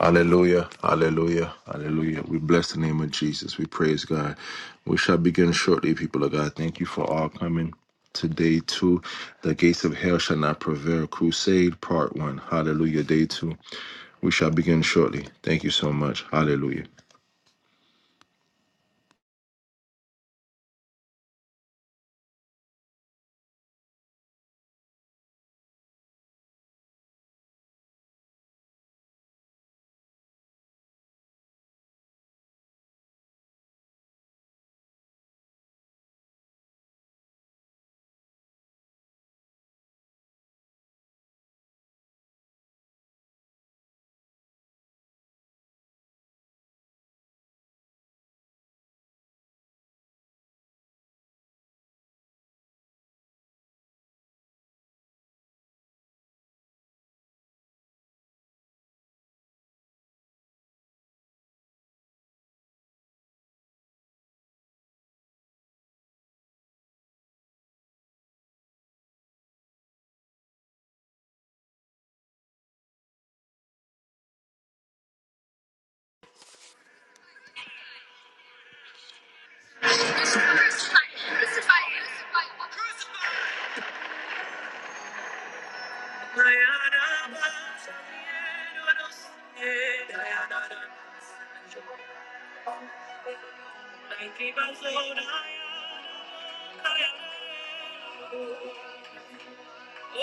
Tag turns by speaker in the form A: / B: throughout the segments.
A: Hallelujah, hallelujah, hallelujah. We bless the name of Jesus. We praise God. We shall begin shortly, people of God. Thank you for all coming today to the gates of hell shall not prevail. Crusade part one. Hallelujah, day two. We shall begin shortly. Thank you so much. Hallelujah. Oh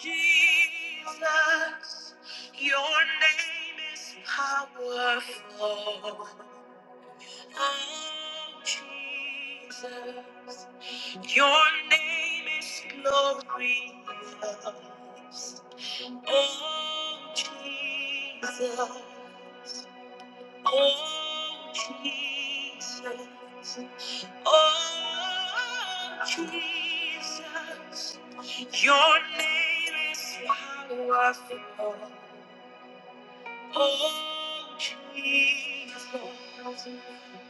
A: Jesus, your name is powerful. Oh Jesus, Your name is glorious. Oh, Jesus. Oh, Jesus. Oh, Jesus. Your name is powerful. Oh, Jesus.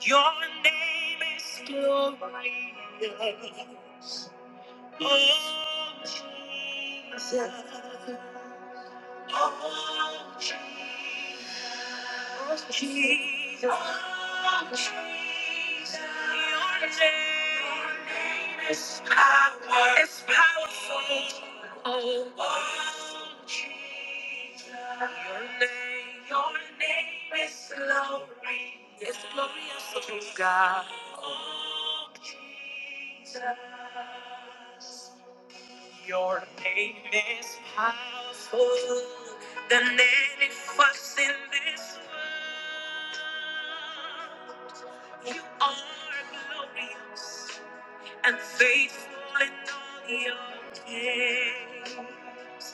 A: Your name is glorious. Oh, Jesus. Yes. Oh, Jesus. Jesus. Oh, Jesus. Your name, Your name is power. It's powerful. Oh, oh, Jesus. Your name, Your name is glory. It's glorious, oh God. Oh, Jesus. Your name is powerful than any fuss in this world. You are glorious and faithful in all your ways.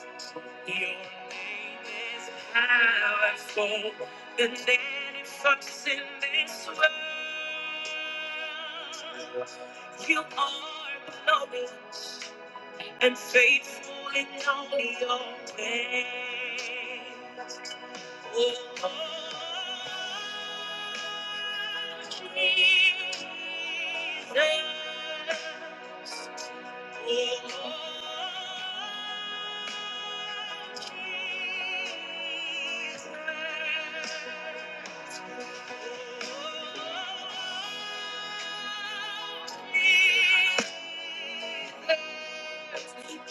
A: Your name is powerful than any fuss in this world. You are glorious and faithful in all your ways. Oh, Jesus.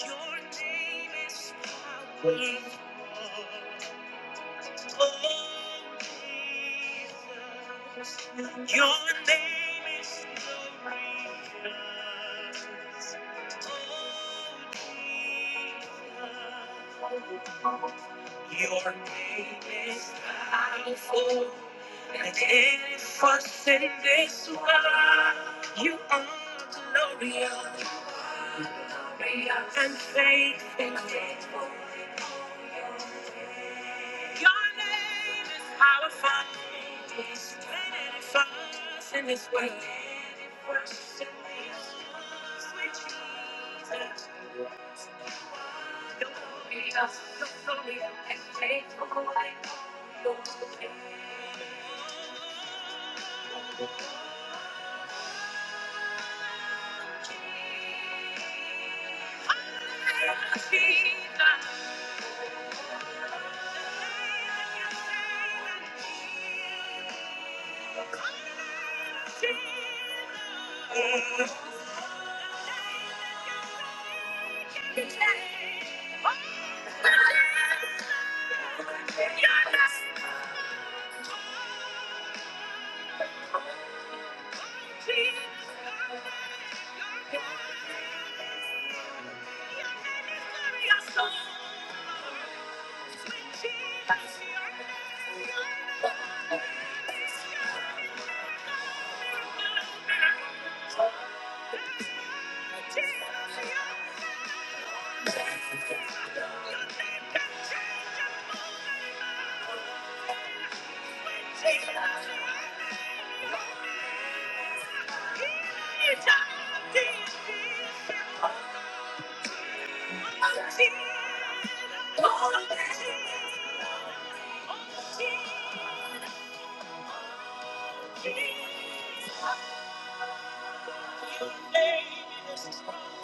A: Your name is power. Oh, Jesus, your name is glorious. Oh, Jesus. Your name is powerful, and it is first in this world. You are glorious, glorious and faithful. faithful. Your name is powerful, it is first in this world. It in this world. Sweet Jesus.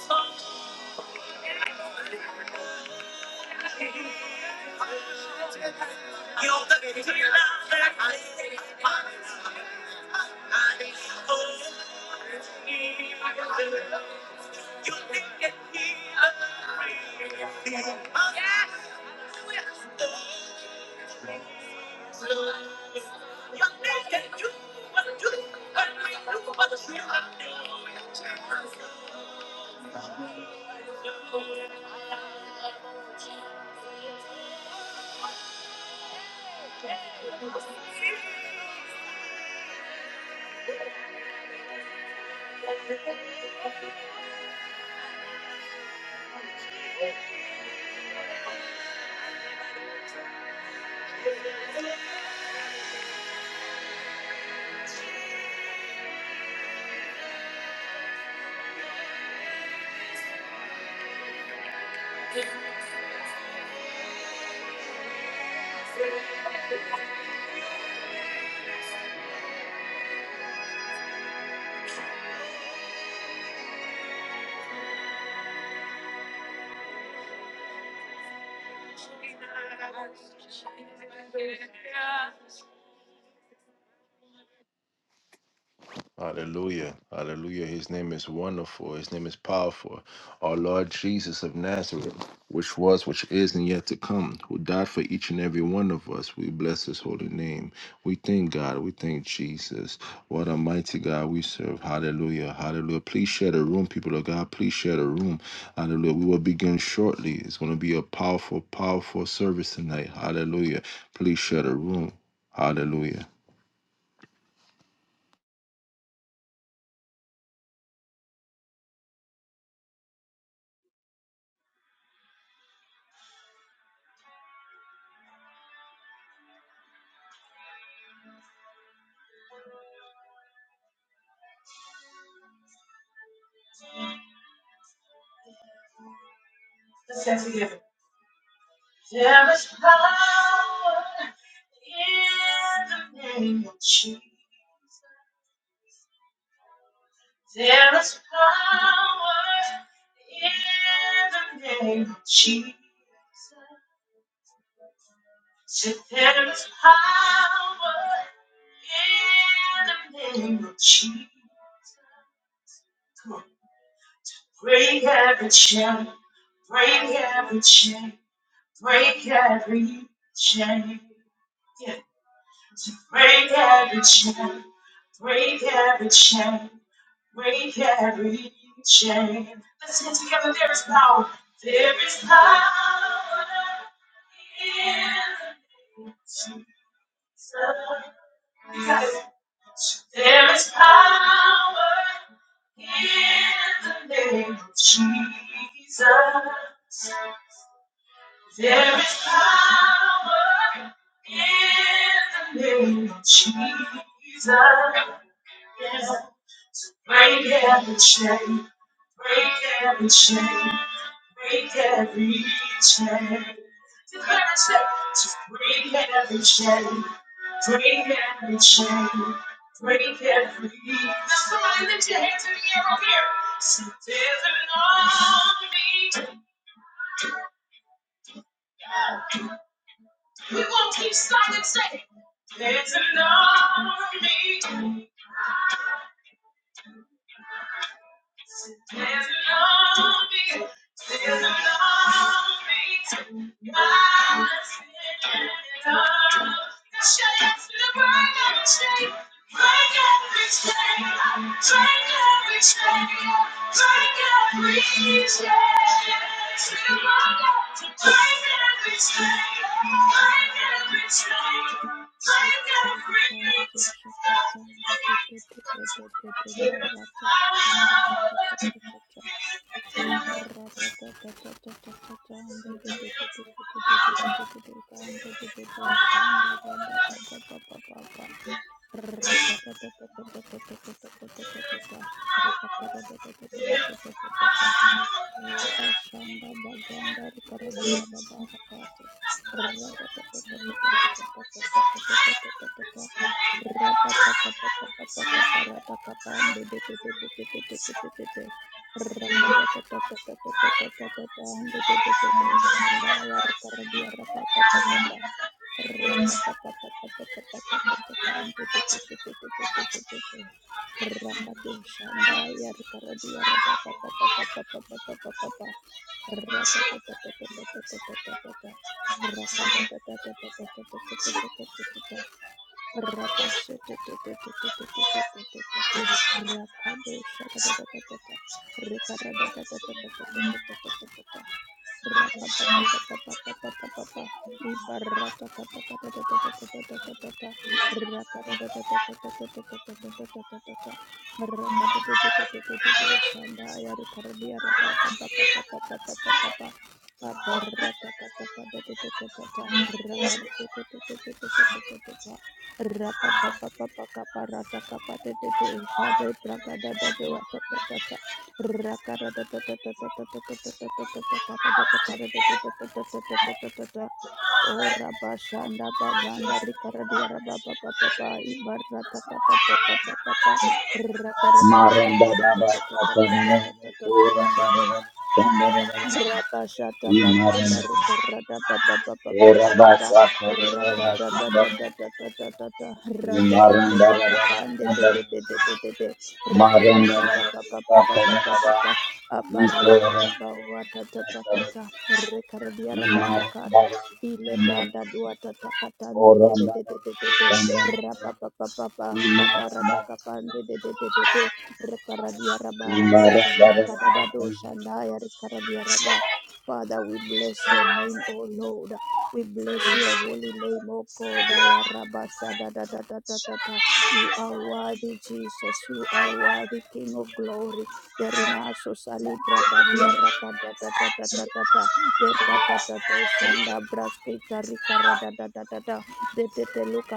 A: Thank you. You're the reason that I I hold you. You make me a free. Yes. You make it you what you what you what you are. Yeah. Hallelujah. Hallelujah. His name is wonderful. His name is powerful. Our Lord Jesus of Nazareth, which was, which is, and yet to come, who died for each and every one of us. We bless his holy name. We thank God. We thank Jesus. What a mighty God we serve. Hallelujah. Hallelujah. Please share the room, people of God. Please share the room. Hallelujah. We will begin shortly. It's going to be a powerful, powerful service tonight. Hallelujah. Please share the room. Hallelujah.
B: Rakata Yapashanda baganda rikarabia rabarakate. Radatatatatatatatatatatatatatatatata. Rapapapapapapapakaparata kapande de de de de de de de de de de de. Rakatatatatatatatatatata ande de de de boshanda ya rikarabia rapapapapapa. Rapapapapapapapakatataka ande de de de de de de de de de de. Rakato Shandaya Karadia Rabba Papa Rakatatata Rakadosha Rapa papa papa caparata capate de shade braga da da da da da da da Rakada da da da da da da da da da
C: Maramba Baba Satana,
B: da da da
C: Oramba, Sandana,
B: Rapashata bakanda
C: Imaranda,
B: rikarada papa papa papa
C: Oraba
B: papa
C: Satana,
B: rakada da da
C: Sandana,
B: da da da da da da rate te te
C: Imaranda,
B: to kapande te te
C: Sandana,
B: te te te te te
C: Maranda
B: rikarada da papa papa
C: Satana,
B: papa papa abarata
C: Ikoranda,
B: kabawa ta ta ta ta
C: Satana,
B: ta rikardia
C: Imaranda,
B: rabarakate ile
C: Sandana,
B: brada dua ta ta katande te te
C: Oramba,
B: te te te te
C: Sandana,
B: rapa papa papa kaparada
C: Imaranda,
B: kapande te te te te te Rekaradia raba
C: Imaranda,
B: rakate makadada dosha
C: Sandana,
B: naya rekaradia raba. Father, we bless your name, O Lord. We bless your holy name, O God. Aya shada da You are worthy, Jesus. You are worthy, King of glory. Derinaso salibra kadia rakada da da da da da da. Der da da da dosha nda braskita rikarada da da da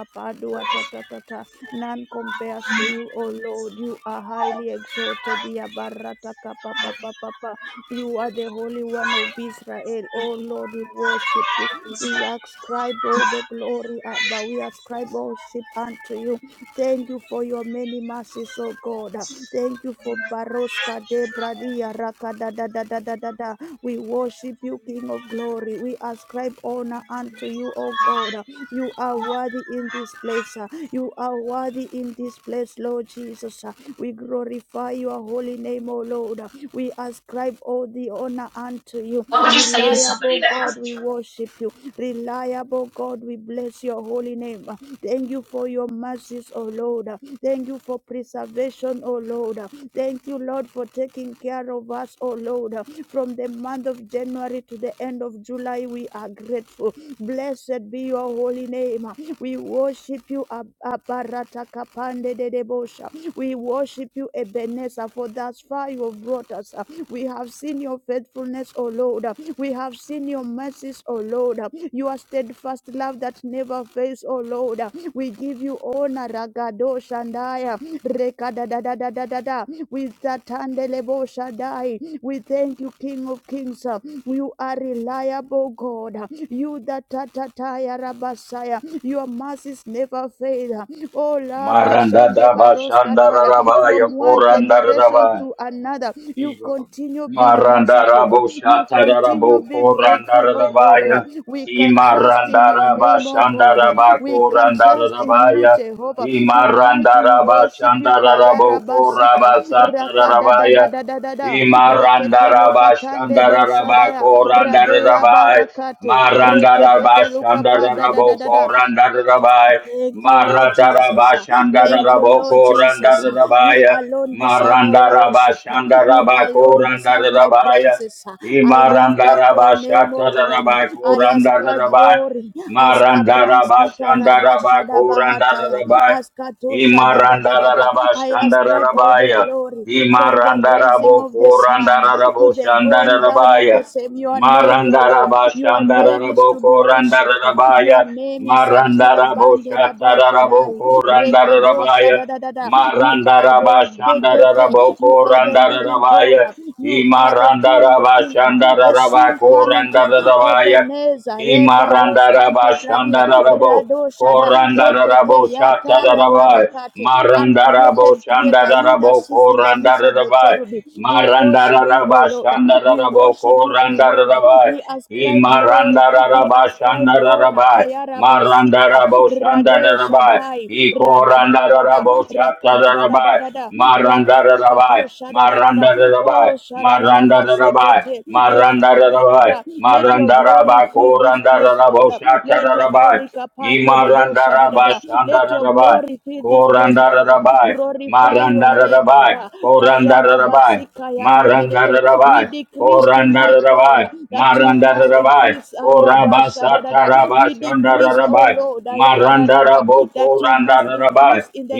B: padua ta ta ta ta. None compares to you, O Lord. You are highly exalted. Yabarataka pa pa pa pa pa. You are the Holy One of Israel. O Lord, we worship you. We ascribe all the glory, uh, but we ascribe worship unto you. Thank you for your many mercies, O God. Thank you for Baroska de Bradia Raka da da da da da da da. We worship you, King of glory. We ascribe honor unto you, O God. You are worthy in this place. You are worthy in this place, Lord Jesus. We glorify your holy name, O Lord. We ascribe all the honor unto you. Reliable God, we worship you. Reliable God, we bless your holy name. Thank you for your mercies, O Lord. Thank you for preservation, O Lord. Thank you, Lord, for taking care of us, O Lord. From the month of January to the end of July, we are grateful. Blessed be your holy name. We worship you, Ab- Abarata Kapande de Debosha. We worship you, Ebenezer, for thus far you have brought us. We have seen your faithfulness, O Lord. We have seen your mercies, O Lord. Your steadfast love that never fails, O Lord. We give you honor, Ragado Shandaya, Rekada da da da da da da. We Satandelebo Shaddai. We thank you, King of Kings. You are reliable, God. You that tatataya rabasaya. Your mercies never fail. Oh, Laba
C: Maranda
B: Shende
C: daba shanda
B: Baroskataya.
C: raraba
B: From one
C: yakoranda
B: generation
C: raraba.
B: to another, you continue continue being
C: Maranda
B: merciful. uh,
C: rabo
B: You
C: shata
B: continue
C: rarabo
B: being
C: koranda
B: faithful, oh
C: raraba
B: God. uh,
C: ya.
B: We can trust in
C: Imaranda
B: your
C: raba
B: name, oh
C: shanda
B: God. uh,
C: raba
B: We can
C: koranda
B: trust in
C: raraba
B: you,
C: ya.
B: Jehovah. Tonight
C: Imaranda
B: we
C: raba
B: worship you,
C: shanda
B: Kayara
C: rarabo
B: Basika,
C: koraba sata raraba ya.
B: Rakadadadadadada, Reketelo Katande Boshadaya, Radea
C: Imarandarabashandararabakorandarabai.
B: Barakate, Reketete Lukapada
C: Marandarabashandararabokorandarabai.
B: Thank you, Lord Jesus. Thank you, Lord Jesus. You
C: Maratarabashandararabokorandararabai.
B: alone deserve our worship. You alone deserve my
C: Marandarabashandarabakorandarabai.
B: praises. I lift up your name, O God. I ascribe
C: Imarandarabashatarabakorandarabai.
B: glory. Askapranskita rabashada bahataya.
C: Marandarabashandarabakorandarabai.
B: Askatosha da da da da da. I ascribe all the
C: Imarandarabashandarabaya.
B: glory from the rising
C: Imarandarabo
B: of the sun to
C: korandarabo
B: the going down of the
C: shandarabaya.
B: same. Your name, Yahweh. Your name is
C: Marandarabashandarabo
B: to be worshipped. Your
C: korandarabaya.
B: name is Atila
C: Marandarabo
B: Bandela
C: shatarabo
B: Bashadai. Rekado
C: korandarabaya.
B: Shadadadada. You are the, the, the, the-
C: Marandarabashandarabo
B: you are the living God.
C: korandarabaya.
B: You are the King of King, the
C: Imarandarabashandarabo
B: soon coming King.
C: korandarabaya.
B: Ebenezer, Rebaros
C: Imarandaraba
B: Kante Bradia,
C: Shandarabo
B: Rado Shada,
C: Korandarabo
B: Etete, Yataya
C: Shatarabai
B: Barakate,
C: Marandarabo
B: uncreated creator. You that
C: Shandarabo
B: sits in the midst of the
C: Korandarabai
B: cherubim. We worship you, O
C: Marandaraba
B: Lord. We
C: Shandarabo
B: worship you, O Lord.
C: Korandarabai
B: We ascribe glory. We
C: Imarandaraba
B: ascribe honor.
C: Shandararabai
B: Ayarabasika.
C: Marandarabo
B: Rade
C: Shandarabai
B: Shaddai. Radadadadada.
C: Ikorandarabo Shatarabai
B: Rakadadadadada.
C: Maranda Rabai,
B: Raparakato
C: Maranda
B: Shadadadada. Oh
C: Rabai, Maranda Rabai,
B: Shalalalabasekete.
C: Maranda Rabai,
B: Rakadadadada. Let your
C: Maranda
B: glory
C: Rabai,
B: fill this
C: Koranda
B: place, Lord.
C: rabo Shata
B: Let it all
C: Rabai,
B: like a
C: Imaranda
B: Pandedebo
C: Rabai,
B: Shadadada. Let
C: Shanda
B: your
C: Rabai,
B: glory fill this place Jesus,
C: Koranda
B: Lord.
C: Rabai,
B: Glorify
C: Maranda
B: your name,
C: Rabai,
B: Abba.
C: Koranda Rabai, Marandara
B: We
C: rabai,
B: decrease
C: Korandara
B: tonight, Lord,
C: rabai,
B: that you
C: Marandara
B: must
C: rabai,
B: increase.
C: Korabasa Marandarabai,
B: We decrease, oh
C: Korandarabai,
B: Lord,
C: Marandarabai, Korabasatarabai, Shandarabai,
B: that you must
C: Marandarabo, rabai,
B: increase in the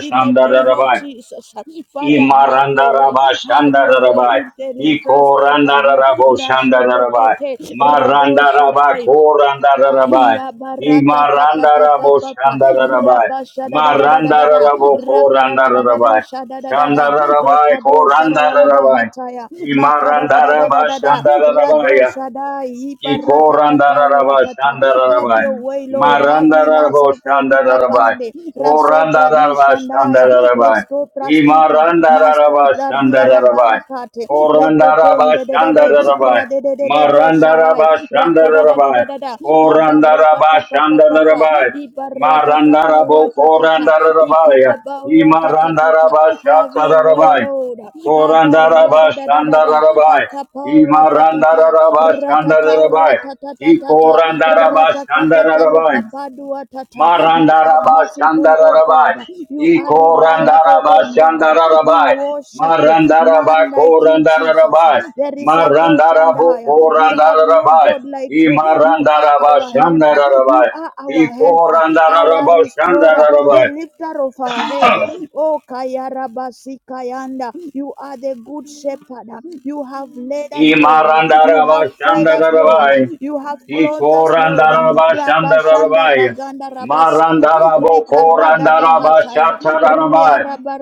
B: in the name of
C: rabai.
B: Jesus. Father, have your way.
C: Imarandaraba
B: Have your way
C: Shandarabai.
B: in the Libras Kotalia.
C: Ikorandarabo Shandarabai.
B: Rashetetete.
C: Marandaraba
B: Radoshadai.
C: Korandarabai.
B: Iya barata kapa papa, pa
C: Imarandarabo Shandarabai.
B: rapa shada da da da da da da
C: Marandarabo
B: rakada da da da da do
C: Korandarabai.
B: shada da da da
C: Shandarabai
B: rekado shada la la
C: Korandarabai.
B: bahataya makada da da da da
C: Imarandaraba
B: da da rado
C: Shandarabaya.
B: shada ibarata kapa
C: Ikorandararaba
B: watata have
C: shandararaba.
B: your way lord have in us
C: Marandararabo
B: ofeli
C: shandararaba.
B: kapande raso
C: Korandararaba
B: pradishandaya
C: shandararaba.
B: resko praskita masko
C: Imarandararaba
B: dardia
C: shandararaba.
B: rabarakate
C: Korandaraba
B: rededende de de de
C: shandararaba.
B: radedede bo shadai
C: Marandaraba
B: rakada da da da
C: shandararaba.
B: da da da. Abarata
C: Korandaraba
B: kapa pa pa pa.
C: shandararaba.
B: Ibarata kapa
C: Marandarabo
B: wata ta ta.
C: korandararaba.
B: Ikababa wata ta ta ta.
C: Imarandaraba
B: Have your way,
C: shandararaba.
B: Lord. Abarada
C: Korandaraba
B: da da da da.
C: Shandarabai.
B: Akapa wata ta ta.
C: Imarandaraba
B: Ratata
C: Shandarabai.
B: wata ta ta
C: I
B: ta ta.
C: Korandaraba Shandarabai.
B: You are
C: Marandaraba
B: merciful, O
C: Shandarabai.
B: God. You
C: I
B: are reliable, O
C: Korandaraba
B: God. We
C: Shandarabai.
B: worship you.
C: Marandaraba
B: None like you, Jesus.
C: Korandarabai.
B: There is a
C: Marandarabu
B: Toshandaya. We have no
C: Korandarabai.
B: God like
C: I
B: you. You are
C: Marandaraba
B: our helper. You
C: Shandarabai.
B: are
C: I
B: our helper, our
C: Korandaraba
B: restorer, the
C: Shandarabai.
B: lifter of our head. Oh, Kayarabasi Kayanda, you are the good shepherd. You have led us, Lord. You have fed us, Lord.
C: Imarandarabashandarabai.
B: You have clothed us, Lord. Rabashanda
C: Ikorandarabashandarabai.
B: Baganda Rabasaya,
C: Marandaraboko
B: Rikarada Bahataya,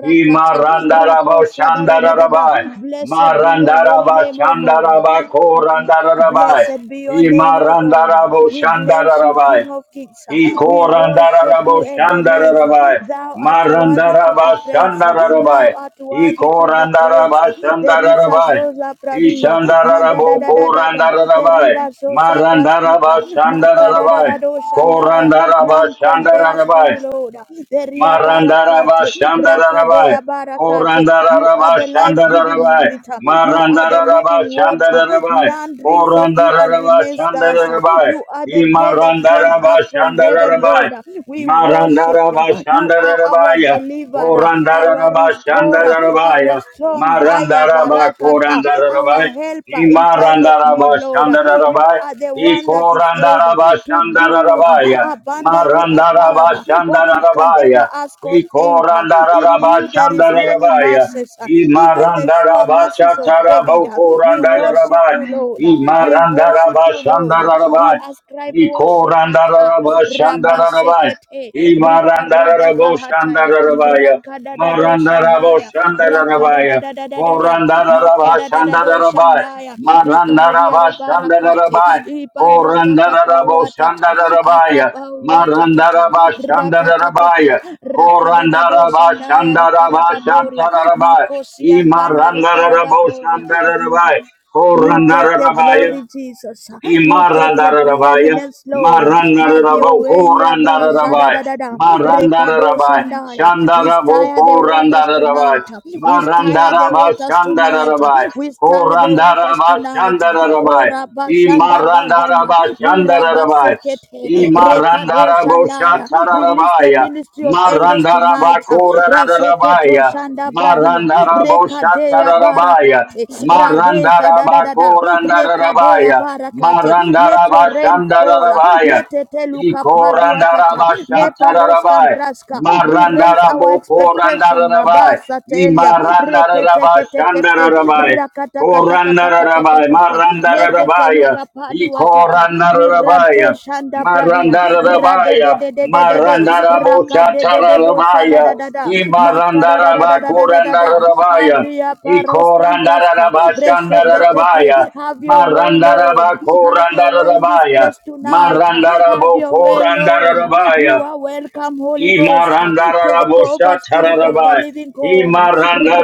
C: He
B: Ratosha da da da da da.
C: Imarandarabashandarabai.
B: Blessed be your holy name, O God.
C: Marandarabashandarabako randarabai.
B: Blessed be your name, O God. We bless you,
C: Imarandarabashandarabai.
B: King of Kings. We worship
C: Ikorandararabo
B: you, Ebenezer.
C: shandarabai.
B: Thou art worthy to be
C: Marandaraba
B: praised. Thou
C: shandarabai.
B: art worthy to be praised.
C: Ikorandaraba
B: There is a
C: shandarabai.
B: sosa pradia. Na da da
C: Ishandararabo
B: da da da da. There is
C: korandarabai.
B: a sosa
C: Marandaraba
B: praskita. Maka da da da
C: shandarabai.
B: do shandaya.
C: Korandaraba
B: None compares to you,
C: shandarabai.
B: Lord. There is a
C: Marandaraba
B: barakate.
C: Shandarabai.
B: Rakadea barakate. You are
C: Korandaraba
B: the life-giving spirit.
C: Shandarabai.
B: You are the
C: Marandaraba
B: living water.
C: Shandarabai.
B: None drinks of you and
C: Korandaraba
B: remains thus.
C: Shandarabai.
B: You are the bread that came
C: Imarandaraba
B: up from heaven,
C: Shandarabai.
B: Lord. We worship you.
C: Marandaraba
B: You are our
C: Shandarabaya.
B: deliverer, our
C: Korandaraba
B: restorer, our
C: Shandarabaya.
B: strong higher
C: Marandaraba
B: barakata, our
C: Korandarabai.
B: helper in time of need, Lord. You
C: Imarandarabashandarabai,
B: are the one that is able to do
C: Ikorandarabashandarabaya,
B: abundantly above what we can
C: Marandarabashandarabaya,
B: ever ask or think. In you there is many
C: Ikorandarabashandarabaya,
B: mercies, even the sure mercies of David. We we worship
C: Imarandarabashatarabokorandarabai,
B: you, Lord. We worship you, Lord. We
C: Imarandarabashandarabai,
B: ascribe worship at
C: Ikorandarabashandarabai,
B: Rabasekete Rikarada Bahataya
C: Imarandarabashandarabaya,
B: Rakadadado
C: Marandarabo
B: Shandaya
C: Shandarabaya.
B: Rakadadadadadada
C: Korandaraba
B: Makadadadado
C: Shandarabai.
B: Shandaya Rikaradia
C: Marandaraba
B: Rabarakate
C: Shandarabai.
B: Ibarataka
C: Korandarabo
B: Pawatata
C: Shandarabaya.
B: Akapawatatata
C: Marandaraba Shandarabaya.
B: Ratatatata Rakadadado
C: Korandaraba
B: Shandaya
C: Shandaraba
B: Rikarababauria
C: Shatarabai.
B: Makosia Kanda
C: Imarandarabo
B: Rikarababoria
C: Shandarabai.
B: you take the
C: Korandarabaya.
B: glory, Jesus. You take the
C: Imarandarabaya,
B: preeminence, Lord. Have your way,
C: Marandaraboko
B: Yabba
C: Randarabai,
B: Shadadadada. Rekado
C: Marandarabai,
B: Shandaya. We stir the
C: Shandaraboko
B: waters tonight.
C: Randarabai,
B: We stir the
C: Marandaraba
B: waters tonight.
C: Shandarabai,
B: We stir the waters
C: Korandaraba
B: tonight. O
C: Shandarabai,
B: Rabba Shanda Baganda.
C: Imarandaraba
B: We Rabba
C: Shandarabai,
B: Sekete. Rekado
C: Imarandarabo
B: Shandaya. Release the
C: Shatarabaya,
B: ministry of angels tonight. Raseketo
C: Marandarabakurarabaya.
B: shanda bradia. Rekadea
C: Marandaraboshatarabaya.
B: barakate. Radesha da da da da. Rekadea
C: Marandarabakurandarabaya.
B: barakate. Let your rain fall.
C: Marandarabashandarabaya.
B: Letete luka padua tata. Leparos
C: Ikorandarabashatarabaya.
B: praska We raise our expectation.
C: Marandarabokurandarabai.
B: Nabasa telia. Rekete kete kete.
C: Imarandarabashandarabaya.
B: Rakata kata kapa papa
C: Korandarabai.
B: papa. Letete
C: Marandarabaya.
B: luka padua tata. We rante
C: Ikorandarabai.
B: shanda bradia
C: Marandara
B: rade
C: rabaya,
B: de de de de de de
C: Marandara
B: raka
C: Bocha
B: de de de bo shada
C: Tarabaya,
B: da da da makara
C: Imarandara
B: da da da da da da da da
C: Bakurandara rabaya,
B: avia paros
C: Ikorandara
B: cambraska
C: Rabashandara
B: resete te
C: rabaya,
B: te have your
C: Marandarabocha
B: way
C: Tararabaya, rabaya,
B: lord have your way in this
C: Ikorandarabashandarabaya,
B: place tonight have your way
C: Marandarabakorandarabaya,
B: lord
C: rabaya.
B: you are welcome holy ghost take over
C: Imarandarabosha
B: spirit of the
C: tararabai.
B: living god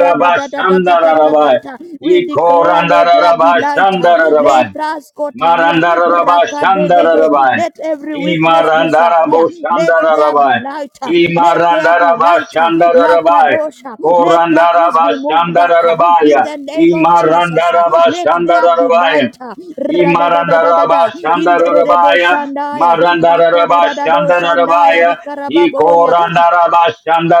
B: rada da da da da da da da we declare, let there be light. Le
C: Ikorandarabashandarabai.
B: praskotalia rakadedede.
C: Marandarabashandarabai.
B: Let every weakness disappear. Let there be
C: Imarandaraboshandarabai.
B: light. Let there be light.
C: Imarandarabashandarabai.
B: Lakadosha. Let darkness be moved back.
C: Korandarabashandarabaya.
B: In the name of Jesus. Let there be light.
C: Imarandarabashandarabai. Imarandaraba
B: Radadadadada. In the Rebo
C: Shandarabaya,
B: Shandaya.
C: Marandaraba
B: Makadadadado Shandaya.
C: Shandarabaya,
B: Rikarababoria.
C: Ikorandaraba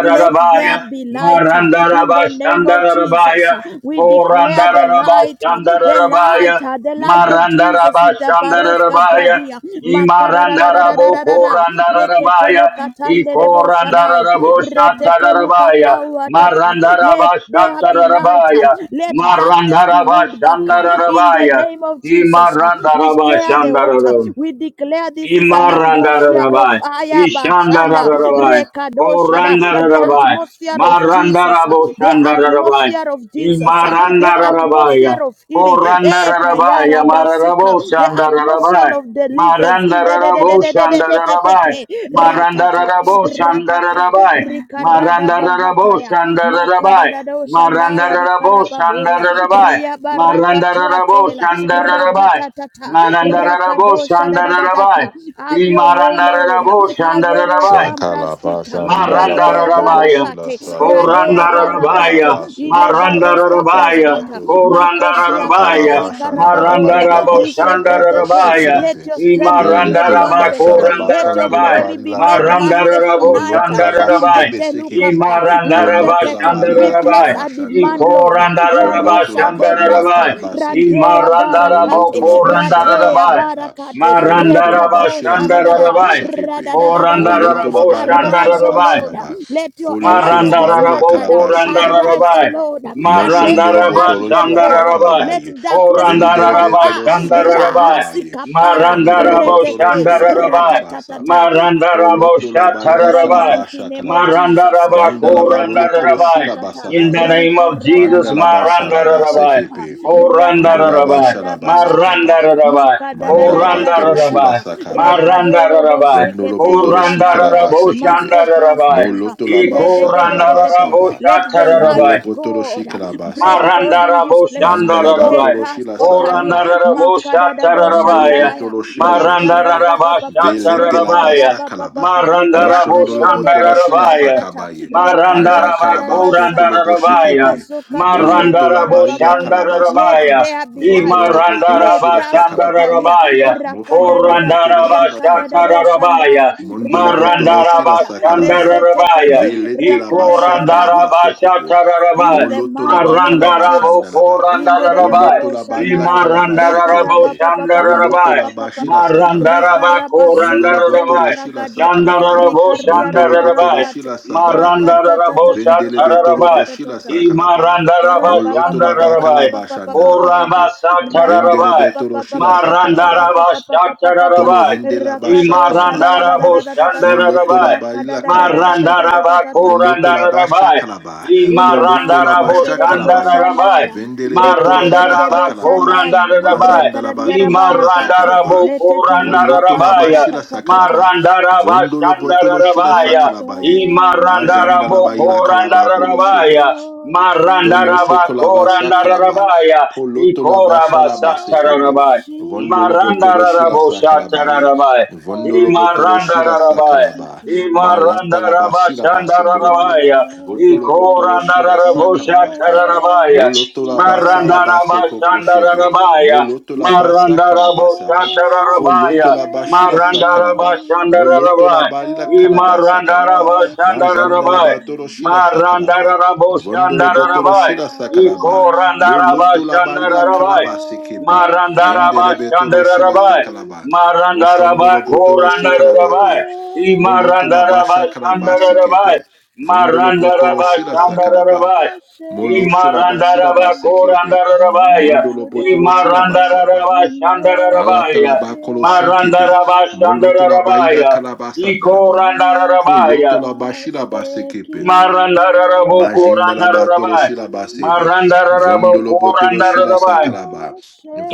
B: Let there be light uh, in
C: Marandaraba
B: the name of
C: Shandarabaya,
B: Jesus. uh, We declare the
C: Korandaraba
B: light, uh, the
C: Shandarabaya,
B: light, uh, the light of Jesus
C: Marandaraba
B: in the Baroska
C: Shandarabaya,
B: Bradia.
C: Imarandarabo
B: Makararararararara,
C: Korandarabaya,
B: Reketelo katande rebo shadai,
C: Ikorandarabo
B: reteteluka
C: Shatarabaya,
B: pawa tata. Let
C: Marandaraba
B: there be light. uh,
C: Shatarabaya,
B: Let darkness be
C: Marandaraba
B: moved back uh, in the
C: Shandarabaya,
B: name of Jesus. uh, We stir the water.
C: Imarandarabashandararo.
B: We declare this this is an atmosphere of
C: Imarandarabai,
B: fire, Bashanda,
C: Ishandarabai,
B: Rekadoshada, the
C: Korandarabai,
B: atmosphere of Jesus, uh,
C: Marandarabo
B: the
C: Shandarabai,
B: atmosphere of Jesus, uh, the
C: Imarandarabaya,
B: atmosphere of healing, Eh,
C: Korandarabaya,
B: Kayara Basika,
C: Mararabo
B: the atmosphere
C: Shandarabai,
B: of deliverance in the de- de- de-
C: Marandarabo
B: de- de- de- de- de- de-
C: Shandarabai,
B: ratata,
C: Marandarabo
B: ratata,
C: Shandarabai,
B: Rikarada
C: Marandarabo
B: Bahataya,
C: Shandarabai,
B: Makadadado Shandaya,
C: Marandarabo
B: Rikarababoria,
C: Shandarabai,
B: Ria Barakat.
C: Marandarabo
B: Matuatela
C: Shandarabai,
B: Ratatatata
C: Marandarabo
B: Rakadosha
C: Shandarabai.
B: Dadadata. Have your way, Lord.
C: Imarandarabai
B: Averos
C: Shandarabai.
A: Shakalaba
B: Campraskita Radea
A: Sandalaba Tolo
C: Marandarabaya.
A: Shila
B: Barakate Radea
A: Sakalaba
B: Barakate
C: Korandarabaya,
A: Fandalaba Sula
B: Ile Baros
A: Shalaba
C: Marandarabaya,
A: Talaba
B: Campraskita
A: Tolo
B: Makosia
C: Korandarabaya,
A: Akalaba
B: Kandari
A: Shandalaba
B: Karababoria
A: Lilaba Sondolo
B: Risetetete.
C: Marandaraboshandarabaya,
B: Let
A: Boshekirebe
B: your strength be made
A: Velete Laba
C: Imarandaraba
B: manifest.
A: Shalaba
B: Let your
A: Sondola
C: Korandarabaya,
B: glory be
A: Balila
B: made
A: Kalaba
B: manifest tonight.
A: Moloto Laba
B: In
A: Shilebe
C: Marandaraboshandarabaya,
A: Sekebe
B: Tetelukapa. With the
A: Poloto Laba
B: we
A: Lila
B: place
C: Imarandarabashandarabaya,
A: Kalaba
B: a demand,
A: Shandalaba
B: Lord. We are
A: Foloto
B: Rosa
A: Laba Lila
B: Tebraska,
C: Ikorandarabashandarabaya,
A: Kalaba Sekebe
B: Rantea
A: Moloto
B: Barakate,
A: Laba Shalaba
B: Ratea
C: Imarandarabokorandarabaya,
A: Salaba
B: Barakate,
A: Foloto la
B: Rekato
A: bashira
B: Shadadada,
A: sakaraba
C: Marandarabashandarabai,
A: sekepe.
B: Radadadadata.
A: Moloto la barila
B: Arise, O
A: karaba
C: Korandaraboshandarabai,
B: Lord.
A: sharaba.
B: Let your
A: Foloto la
B: enemies be
A: barila
B: scattered.
C: Marandaraboko
A: karaba sekepe.
B: Arise, O
C: Randarabai.
B: Lord, and let
A: Moshondolo
B: your light
C: Marandaraba
A: botolo
B: break
A: shila
B: forth.
C: Shandarabai.
B: Let
A: sakalabaye.
B: darkness be
A: Vendele
C: Korandaraba
B: copper.
A: betolo shila
C: Shandarabai.
B: Rahasi
A: sakalabaye.
B: kapaya.
A: Vandolo
C: Marandarabo
A: botolo
B: Retete.
A: shila
C: Shandarabai.
A: sakalabasapa.
B: Ratatata.
C: Marandarabo
A: Poloto la
B: In
A: barila
B: the
C: Shatarabai.
B: mighty
A: kalabasha
B: name of
A: kalaba.
B: Jesus.
C: Marandaraba
A: Vanda la balolo kolo
C: Korandarabai.
A: shila
B: Ratatatatata.
C: In the
A: basakaba.
C: name of
B: Rikarada
C: Jesus,
A: Vanda la
B: papa papa papa
A: basharaba
C: Marandarabai.
B: papa.
A: sekepe. Vandola
B: Rakado
C: Korandarabai.
B: shada
A: basharaba
B: bahataya.
A: sakaba.
C: Marandarabai.
B: Makada da da
A: Mandala
B: da da da da da
A: batoroshi la
C: Korandarabai.
B: da.
A: sakabaye.
B: Rekado robo
C: Marandarabai.
A: Vondolo
B: sekete
A: potoroshi
B: libragadia.
A: kalabase
C: Korandarabai.
A: kebe.
B: Masko
C: Shandarabai.
B: praskita.
A: Moloto la
B: Rede
A: basha
B: de de de de
A: kalabasa
B: de.
A: ba.
B: Let the light
A: Fondolo
C: Ikorandaraboshatarabai.
B: of
A: potoroshi
B: God
A: kalabase
B: break forth
A: kebe.
B: in this place.
A: Mandala
B: Le
C: Marandaraboshandarabai.
A: batoroshi la
B: praskotalia.
A: sakaba.
B: Makadadado
A: Mondolo
C: Korandaraboshatarabai.
B: Shandaya,
A: botolo shirebe sebe.
B: Rikarabababa,
A: Velete la
C: Marandarabashatarabai.
A: basa kalaba.
B: Rikarabababa,
A: Moshondolo botolo
B: Rakadedebo
A: shila
C: Marandaraboshandarabai.
B: Shadadata,
A: sakabaye. Aja
B: Rekado
A: kalabaso tolo
B: Shadabasaya,
C: Marandarabakorandarabai.
A: boshekebe.
B: Makazokataya,
A: Moloto la bari la
B: Rikarababoria. Let
C: Marandaraboshandarabai.
A: kalabasaba.
B: there be light.
A: Vondolo botolo
B: Le
A: shila sakalabaye.
B: praskotalia,
C: Imarandarabashandarabai.
A: Mofondolo
B: Rakadadada,
A: botolo shila
B: Rakadadado
A: sakalaba.
C: Korandarabashakarabaya.
B: Shandaya,
A: Mondolo botolo shila
B: Riabarakata,
A: sakalaba.
C: Marandarabashandarabaya.
B: Resetetele,
A: Velete la basha
B: Rakadadada,
A: kalaba sokopo.
C: Ikorandarabashakarabaya.
B: in the
A: Moloto la ba
B: mighty name of
A: kalaba
C: Marandarabo
B: Jesus.
A: shandalaba.
B: In the re- re-
C: korandarabaya.
A: Voloto
B: rebo
A: la bali la
B: shandaya.
A: kalaba
C: Imarandarabo
B: Rikaraba
A: shekelebe.
B: pa pa pa pa pa
A: Moloto
B: pa
C: shandarabaya.
A: la
B: pa pa pa
A: bashila
B: pa.
A: sakalaba.
C: Marandaraba
B: Rikaraba
A: Vondolo
B: seketeli
A: botolo
C: korandarabaya.
A: shila
B: bragadia.
A: sakalaba.
C: Shandarabo
B: Rikaria
A: Montolo botolo
C: shandarabai.
B: rabarakate.
A: shila sakalaba.
B: Rakata ta ta ta ta ta
A: Vendele
B: ta ta
A: betolo
C: Marandaraboshatarabai.
B: ta ta ta
A: boshila
B: ta.
A: sakalaba.
B: Rapa pa
A: Moloto
B: pa
A: la
B: pa
A: ba
B: pa pa
C: Imarandarabashandarabai.
B: pa
A: kalaba
B: pa pa pa pa
A: shandalaba
B: pa pa.
A: ibe.
B: Rapa pa
A: Vendele
B: pa
C: Korabasatarabai.
B: pa
A: betolo
B: pa pa
A: shila
B: pa pa pa pa pa
A: sakalaba.
B: pa pa
A: Tolo
C: Marandarabashatarabai.
A: hende la basha
B: Rakado shala la
A: kalabasa
B: la la
A: ba.
B: la la la la la,
A: Foloto la
C: Imarandaraboshandarabai.
A: ba
B: Rakada
A: ila
B: da da da da da
A: kalabase
B: da
A: be.
B: da da da ta.
A: Moloto la basha
C: Marandarabakorandarabai.
A: kalaba.
B: In the
A: Poloto la
B: mighty de de
A: basha
B: de de bo
A: kalabaye.
C: Imarandaraboshandarabai.
B: shandaya,
A: Vendele be
B: reke
A: tolo
B: de de de
A: shila
B: de
A: sa
B: bo
C: Marandaraba
A: kalaba.
B: shandaya,
C: Korandarabai.
A: Mazanda la ba
B: rekaradia
A: tolo shila sa
B: rabarakate,
A: kalaba.
C: Imarandarabu
B: letete luka
A: Moloto la ba
B: padua
C: Korandarabaya.
B: ta
A: shila
B: ta
A: sa
B: ta ta.
A: kalaba.
C: Marandaraba
A: Vondolo botolo shila sa
B: We
C: Shandarabaya.
A: kalabaye.
B: bow
A: Majanda
C: Imarandarabu
A: la ba ila
B: down
A: kalaba bolo
B: and
A: shebe.
C: Korandarabaya.
A: Tolo
B: worship
C: Marandaraba
A: shokolaba sakalaba.
B: thee,
C: Korandarabaya.
A: Polotolaba
C: Ikoraba
A: shalaba sekebe.
C: Satarabai.
A: Vondolo
B: worship
A: botolo shila
C: Marandarabu
B: thee,
A: sakalabaye.
C: Satarabai.
A: Vondolo botolo shila
B: oh
C: Imarandarabai.
B: worship
A: sakalaba.
B: thee.
A: Malatalaba silaba sekelebe.
C: Imarandarabashandarabaya.
B: Bow
A: Botolo botolo
B: down
A: shila
B: and
A: sakala bakebe.
C: Ikorandaraboshatarabaya.
A: Olotola basara
B: worship
A: basoko poshebe.
C: Marandarabashandarabaya.
B: thee,
A: la basa kalabasa ba.
B: worship
C: Marandaraboshatarabaya.
A: Folotola bashila sakala ba.
B: thee,
A: Moloto la
C: Marandarabashandarabaya.
A: barila kalabasa
B: oh
A: kalaba.
B: worship
A: Majanda la
C: Imarandarabashandarabaya.
A: batolo
B: thee.
A: shila sakala ba. Vondolo botolo
C: Marandaraboshandarabaya.
A: shila
B: Bow
A: sakala ba. Moloto
B: down
A: la barila
B: and
C: Ikorandarabashandarabaya.
A: kalabase kebe.
B: worship
A: Vendele
C: Marandaraba
A: betolo shila
C: Shandarabai.
A: sakala
B: thee,
A: ba.
C: Marandaraba
A: Moshondolo botolo shikala ba
B: we
C: Korandarabai.
A: ba. Molotola
C: Imarandaraba
A: basha
B: worship
A: kalabase
B: thee.
C: Shandarabai.
A: kebe. Vondolo botolo
C: Marandaraba
A: shira sakaraba.
C: Shandarabai.
B: all
A: Molo
B: worship
A: shuraba
C: Imarandaraba
A: siraba
B: thee.
A: sekirebe.
C: Korandarabai.
A: Mondolo
B: Bow
A: botolo shiraba
B: down
A: saba.
C: Imarandaraba
B: and
A: Ala
C: Shandarabai.
B: worship
A: talaba kolo shinkebe.
C: Marandaraba
B: thee.
A: Moloto laba
C: Shandarabai.
A: ila kalaba sandalaba.
B: Jesus,
A: Poloto
C: Ikorandarabai.
A: la shiraba
B: the
A: sekebe.
B: King
C: Marandarabo
B: of
A: Majinda la batolo
C: Korandarabai.
A: shila basebe.
B: Kings,
C: Marandarabo
A: Vondolo botolo
B: we
A: shila
C: Korandarabai.
A: sakalaba.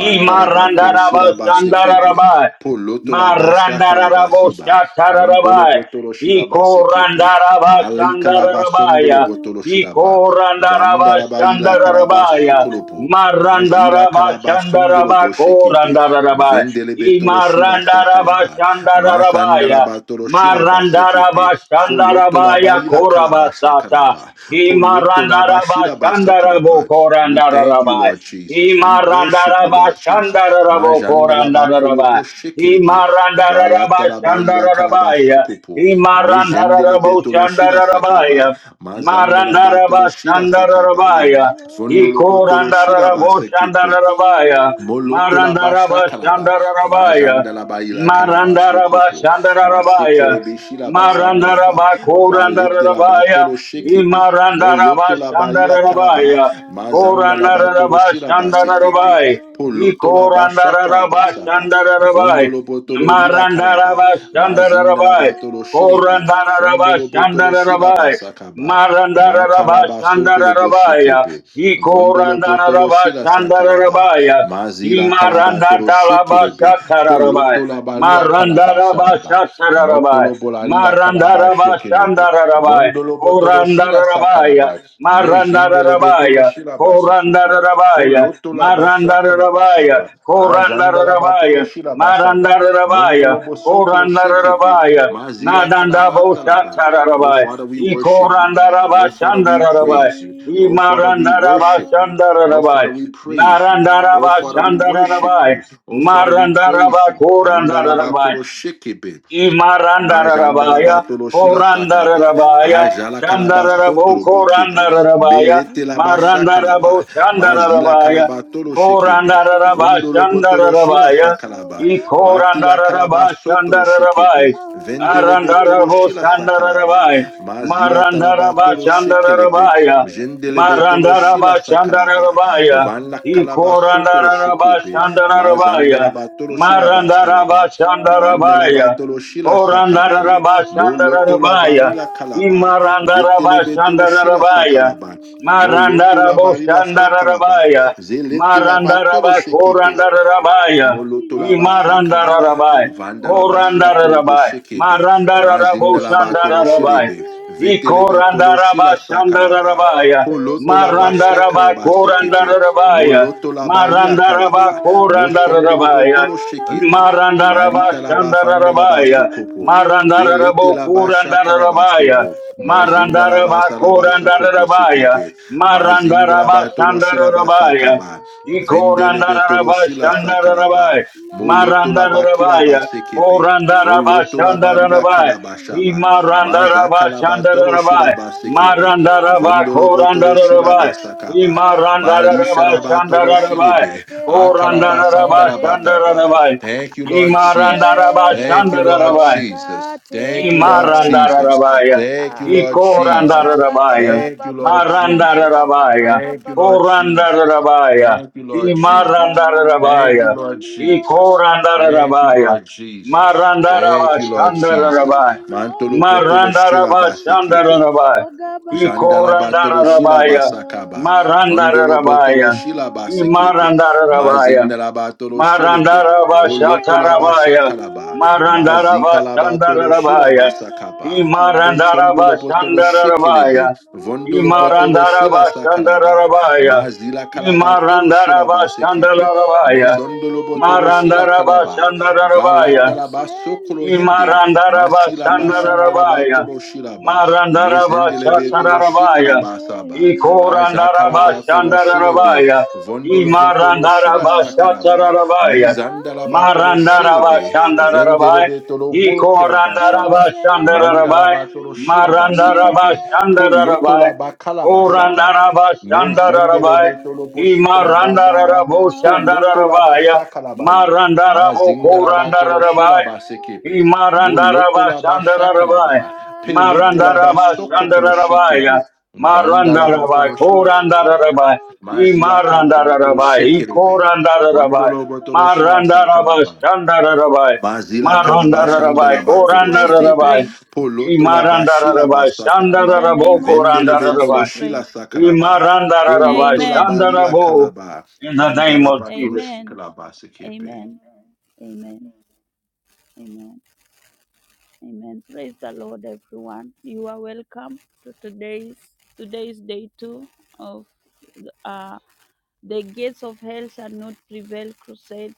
C: I'm
A: la batolo shila
C: Imarandaraba
B: thee.
A: basekebe.
C: Shandararabai.
A: Poloto la basha
C: Marandararabo
A: kalabasiba. Mondolo
C: Shatararabai.
A: botolo shila
C: Iko
A: basekepe.
C: Randaraba
A: Ali kalaba sondolo
C: Shandararabaya.
B: We
A: botolo shilaba.
C: Iko
A: Vanda
C: Randaraba
A: la baila kalaba
C: Shandararabaya.
B: worship.
A: sokolopo. Majila
C: Marandaraba
A: kalaba sondolo
C: Shandaraba Ko
A: boshekepe.
C: Randararabai.
A: Vendele betolo shila
C: Imarandaraba
A: sakalaba. Masanda la
C: Shandararabaya.
A: batolo shilaba sekepe.
C: Marandaraba
A: Foloto la ba
C: Shandarabaya
A: ila kalabasha
C: Korabasata.
A: kalaba. Poloto la ba
C: Imarandaraba
A: shila basa
C: Shandarabo
A: We thank you,
C: Korandarabai.
A: Lord Jesus. We worship you,
C: Imarandaraba
A: Lord Jesus.
C: Shandarabo
A: Majanda la ba
C: Korandarabai.
A: kolobo shekelebe.
C: Imarandaraba
A: Valata la ba ila kalaba
C: Shandarabaya.
A: sokopo.
C: Imarandarabo
A: Mejendelebe tolo shila sakaba.
C: Shandarabaya.
A: Mazanda la ba
C: Marandaraba
A: tolo shila sakaba
B: and
C: Shandarabaya.
A: Fondolo potolo
B: worship
A: shila
C: Ikorandarabo
A: basekepe.
C: Shandarabaya.
A: Moloto
B: thee,
A: la basha
C: Marandaraba
A: kalaba,
B: worship
C: Shandarabaya.
A: majanda la ba ila kalaba
C: Marandaraba
B: thee,
A: sokopo,
C: Shandarabaya.
A: masekele beshila
B: oh
A: la basanda la
B: worship
C: Marandaraba
A: ba, valete
B: thee.
A: la
C: Korandarabaya.
A: batolo shekebe,
C: Imarandaraba
A: Moloto la ba ila
B: We
A: kalaba,
C: Shandarabaya.
B: bow
A: mazanda la
B: down
A: batolo
C: Korandaraba
A: shiraba
B: and
C: Shandarabai. I
A: Poloto la
B: worship
A: basha
C: Korandaraba
A: kalaba saba,
B: thee,
C: Shandarabai.
A: vondolo botolo lila
C: Marandaraba
A: kalaba, mazinda la
C: Shandarabai.
A: batolo shekepe.
B: worship
C: Korandaraba
A: Fondolo botolo shila
C: Shandarabai.
A: basakaba.
C: Marandara Rabba
A: Makalaba
C: Shandara
A: sotolo
C: Rabaya,
A: boshekepe. Vondolo
C: Ikorandana
A: botolo
C: Rabba
A: shila
C: Shandara
A: sakalaba.
C: Rabaya,
A: Mazila kalabatolo
C: Imarandata Rabba
A: shekelebe.
C: Shatara Rabaya,
A: Poloto la balila
C: Marandara
A: kalaba
C: Rabba
A: shalaba.
C: Shatara Rabaya,
A: Motolo bolari la kalaba
C: Marandara Rabba
A: shekelebe.
C: Shandara Rabaya,
A: Vondolo botolo shila
C: Korandara Rabaya,
A: sakalaba.
C: Marandara
A: Mejendelebe tolo
C: Rabaya,
A: shila
C: Korandara
A: basekepe.
C: Rabaya,
A: Folotola basha
C: Marandara Rabaya,
A: kalabasaba.
C: Korandara
A: Ajandala batolo
C: Rabaya,
A: shilabasaba.
C: Marandarabaya,
A: Mondolo bosokolo shekebe.
C: Korandarabaya,
B: thee,
A: Mazila
C: Nadandabo
A: kalabatalaba.
B: Oh,
A: Oh,
C: Shatarabaya,
A: Father, we
C: E
B: worship
A: worship you.
B: thee,
A: Oh,
C: Korandaraba
A: Father, we
C: Shandarabaya,
A: praise you.
C: E
A: Oh,
B: Jesus
A: Father, we
C: Marandaraba
A: worship you. Oh, Father,
C: Shandarabaya,
A: we praise you. Oh,
C: Narandaraba
A: Father, we
B: the
A: worship
C: Shandarabaya,
A: you. Oh, Father,
B: King.
A: we praise
C: Marandaraba
A: you.
C: Korandarabaya,
A: Andalabakolo shekebe. Majandala
C: Imarandarabaya,
A: batolo shila sakaba.
C: Korandarabaya,
B: Oh,
A: Ajala kalaba
C: Shandarabo,
A: sotro bokepe.
B: worship
C: Korandarabaya,
B: thee,
A: Belete la basha kalaba.
C: Marandarabo,
B: Jesus the
A: Mazila
C: Shandarabaya,
B: King
A: kalabatolo
B: of
A: shekepe.
C: Korandaraba,
A: Vondolo
B: Kings.
A: botolo shila
C: Shandarabaya,
A: sakalaba. Matila
B: Oh,
A: kalaba
C: Ikorandaraba,
A: sotro shekepe.
C: Shandarabai,
B: hallelujah.
A: Vendele betolo
C: Arandarabo
A: shila sakalaba.
C: Shandarabai.
A: Mazila
C: Marandaraba
A: talabatolo shekelebe.
C: Shandarabaya.
A: Jendelebe tolo
B: Amen.
C: Marandaraba
A: shila sakalaba,
C: Shandarabaya.
A: vanla kalaba sotolo
B: Hallelujah.
C: Ikorandaraba
A: shikebe,
C: Shandarabaya.
A: mazandalaba tolo shilaba
C: Marandaraba
A: salaba,
C: Shandarabaya.
A: vandalaba tolo
B: Amen.
A: shila sakabaye,
B: My
C: Korandaraba
A: molotola
C: Shandarabaya.
A: balila
B: hallelujah
A: kalaba,
C: Imarandaraba
A: vetelebe tolo
B: belongs
A: shila
B: to
C: Shandarabaya.
A: sakalaba, molotola
B: you.
C: Marandarabo
A: balila shakalaba,
C: Shandarabaya.
A: zelete zeletela
B: My
A: batolo
C: Marandaraba
A: shikebe,
C: Korandarabaya.
B: hallelujah
A: Molotolaba
B: belongs to
A: sakalaba,
C: Imarandarabai.
A: vandalaba
B: you.
A: sila kolobo
C: Korandarabai.
A: shekebe,
B: You
C: Marandarabo
A: mazindalaba tolo
C: Shandarabai.
B: deserve
A: shirebe,
C: I
A: vetelebe tolo
C: Korandaraba
B: it.
A: shila sakalaba,
B: You
C: Shandarabaya.
A: polotolaba
C: Marandaraba
B: deserve
A: sakalaba sekebe,
C: Korandarabaya.
B: it.
A: molotolaba
C: Marandaraba
A: yakalaba,
B: Glory and
A: mosondolobo
C: Korandarabaya.
A: tolo shekebe,
B: honor
C: Marandaraba
A: malitalaba
B: belongs to
A: vandalaba
C: Shandarabaya.
A: sokopo,
C: Marandarabo
B: you.
A: veletelaba sakalaba
C: Kurandarabaya.
B: You
A: sobo, Mazinda la
C: Marandaraba
A: basa la
B: deserve
A: baso kopo shila
C: Kurandarabaya.
B: it.
A: la
C: Marandaraba
A: batolo
B: You
A: shila basa
C: Shandarabaya.
A: kaba.
B: deserve
A: Vendele betolo
C: Ikorandaraba
A: shila
B: it.
A: sakalaba.
C: Shandarabaya.
B: My
A: Moloto la bakila
C: Marandarabaya.
A: base
B: hallelujah
A: kebe.
C: Korandaraba
A: Voloto
B: belongs
A: la Mazindaraba Sarabasoko Poshekebe. Mazindaraba Toloshila Basakaba. kebe. Toloshila Sakaraba. Molotolaba Kilaba Sekebe.
B: to
A: Volotolaba Lila
C: Shandarabaya.
B: you.
A: Karabashaba.
C: Imarandaraba
A: Mazakalaba
B: My
A: Toloshila
C: Shandarabaya.
A: Basekebe.
B: hallelujah
C: Marandaraba
A: Vondolobo Toloshila
C: Korandarabaya.
A: Basakaba.
B: belongs.
A: Malisha
B: You
C: Imarandaraba
B: are te
A: Rabatolo
C: Shandarabaya.
A: Shirebe.
B: abate kapele de de de.
A: Shalabataba.
C: Korandarabashandarabai.
A: Thank you, Lord Jesus. Thank you,
B: Era
A: Lord
B: te
C: Imarandarabashandarabai.
A: Jesus. Thank you, Lord
B: katea.
A: Jesus.
C: Imarandarabaya,
A: Thank you, Lord
B: Ora
A: Jesus.
B: pa pa pa
C: Ikorandarabaya,
A: Thank
B: pa
A: you,
B: pa
A: Lord
B: pa pa pa
A: Jesus.
B: pa pa pa
C: Marandarabaya,
B: pa
A: Thank you,
B: pa
A: Lord
B: pa.
A: Jesus.
C: Korandarabaya,
A: Thank you, Lord
B: O
A: Jesus.
B: gaba
A: Thank you,
C: Imarandarabaya,
A: Lord
B: olua
A: Jesus. Thank you,
C: Ikorandarabaya,
A: Lord Jesus.
B: lae
A: Thank you, Lord Jesus.
C: Marandarabashandarabaya,
A: Mantolo
B: atilolu.
A: potolo shilabase
C: Marandarabashandarabaya,
B: O gaba
A: Jandala batolo shila
C: Ikorandarabaya,
B: olua.
A: basakaba, vondolo
B: O
A: potolo
C: Marandarabaya,
B: gaba
A: shila basekebe,
B: olua.
C: Imarandarabaya,
A: mazindala batolo shilebe,
C: Marandaraba
B: láyé
A: voloto la
C: Shatarabaya.
B: àti
A: bashakalaba,
C: Marandaraba
A: mazika la
B: lọ́run
A: batolo shila
C: Shandarabaya.
B: ọ̀gá bá
C: I
A: basakaba,
C: Marandaraba
B: olúwa
A: posondolo potolo shikelebe,
C: Shandarabaya.
B: mo
C: I
A: vondolo
B: sí
A: potolo
B: ọ
A: shila
C: Marandaraba
B: kò má
A: sakalaba,
B: sí
C: Shandarabaya.
B: ọ
A: mazila
C: I
A: kalabatolo shila
C: Marandaraba
A: basekebe,
C: Shandarabaya.
A: mosondolo
B: àrímáyé o
A: potolo Masila
C: Marandaraba
A: kalaba
B: kò
C: Shandarabaya.
A: valatalaba
B: sẹ́ni
A: sokolo hende
C: Imarandaraba
A: masilaba
B: mìíràn
A: shandalaba
C: Shandarabaya.
B: o
A: toro shilaba
C: Marandaraba
A: mezendelebe toro
C: Shatarabaya.
A: shikalaba
B: àrímáyé o
A: saba aja
B: kò
C: Ikorandaraba
A: kalaba
B: sí
A: toro
B: ọ
A: shilebe
C: Shandarabaya.
B: kò
A: vondolobo
B: sí
A: toro
C: Imarandaraba
A: shilasa
B: ọ.
A: kalaba
C: Shatarabaya.
A: mizandalaba toro
C: Marandaraba
A: shilebe
B: Alimayo
C: Shandarabaya.
A: vendelebe toro boro kilaba
C: Ikorandaraba
A: shaba
B: koseni
C: Shandarabaya.
A: mandalaba toro shilaba
C: Marandaraba
A: sekepe
B: mireu
C: Shandarabaya.
A: Etola bakala bashaka ba.
C: Korandaraba
B: alimayo
C: Shandarabaya.
A: Mejendelebe tolo poshikala
B: ogaba
A: basa ba.
C: Imarandarabo
B: olua
A: Polotola
C: Shandarabaya.
A: bashaka la ba ye.
C: Marandarabo
B: laye
A: Mazindala batolo
B: ati
A: shila
C: Korandarabaya.
A: basekepe.
B: lorun
A: Molotola bashaka la
C: Marandarabashandarabai.
B: ogaba
A: ba. Pelete la
B: olua
A: basokotolo
C: Marandarabashandarabai.
A: shekebe. Vanda la
C: Marandarabai.
A: batolo shila shakaba.
C: Korandarabai.
A: Mazila kalabatolo
C: Imarandarabai.
A: shekelebe.
C: Ikorandarabai.
A: Vondolo botolo
B: ogaba
A: shila sakalaba.
C: Marandarabashandarabai.
A: Mazila
B: In the name of
A: kalabashanda
C: Marandarabai.
A: la
B: Jesus
A: batolo
B: Christ, we
A: shekebe.
C: Korandarabai.
B: pray.
A: Poloto la bashila
C: Imarandarabai.
A: basa
B: In
A: kalaba.
B: the
C: Shandarabo
B: name of
A: Vendele
B: Jesus, we
A: betolo
C: Korandarabai.
B: pray.
A: shila sakalaba.
C: Imarandarabai.
A: Poloto la
B: Amen.
A: balila
C: Shandarabo.
A: kalaba.
C: In the name
A: Vandala
C: of
A: batolo
C: Jesus.
B: Amen.
A: shikalaba sekepe.
B: Amen. Amen. Amen. Amen. Praise the Lord, everyone. You are welcome to today's today's day two of uh, the gates of hell shall not prevail crusade.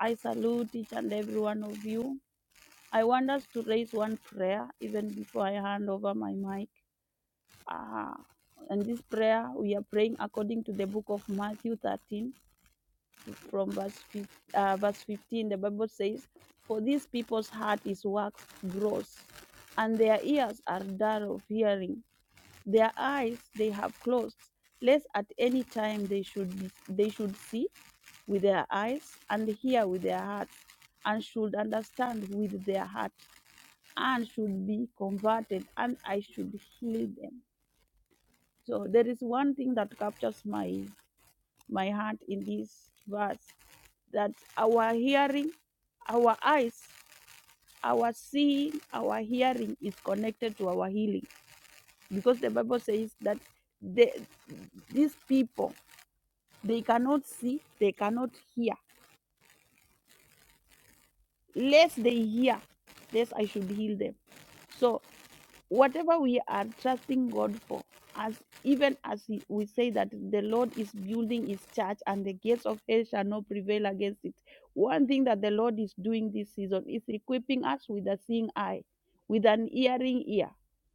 B: I salute each and every one of you. I want us to raise one prayer even before I hand over my mic. Uh, and this prayer, we are praying according to the book of Matthew 13, from verse, uh, verse 15. The Bible says, For these people's heart is waxed gross, and their ears are dull of hearing. Their eyes they have closed, lest at any time they should, be, they should see with their eyes and hear with their hearts and should understand with their heart and should be converted and I should heal them. So there is one thing that captures my my heart in this verse that our hearing, our eyes, our seeing, our hearing is connected to our healing because the Bible says that the, these people they cannot see, they cannot hear. Lest they hear, lest I should heal them. So. whatever we are trusting God for, as even as he- we say that the Lord is building his church and the gates of hell shall not prevail against it. One thing that the Lord is doing this season is equipping us with a seeing eye, with an hearing ear.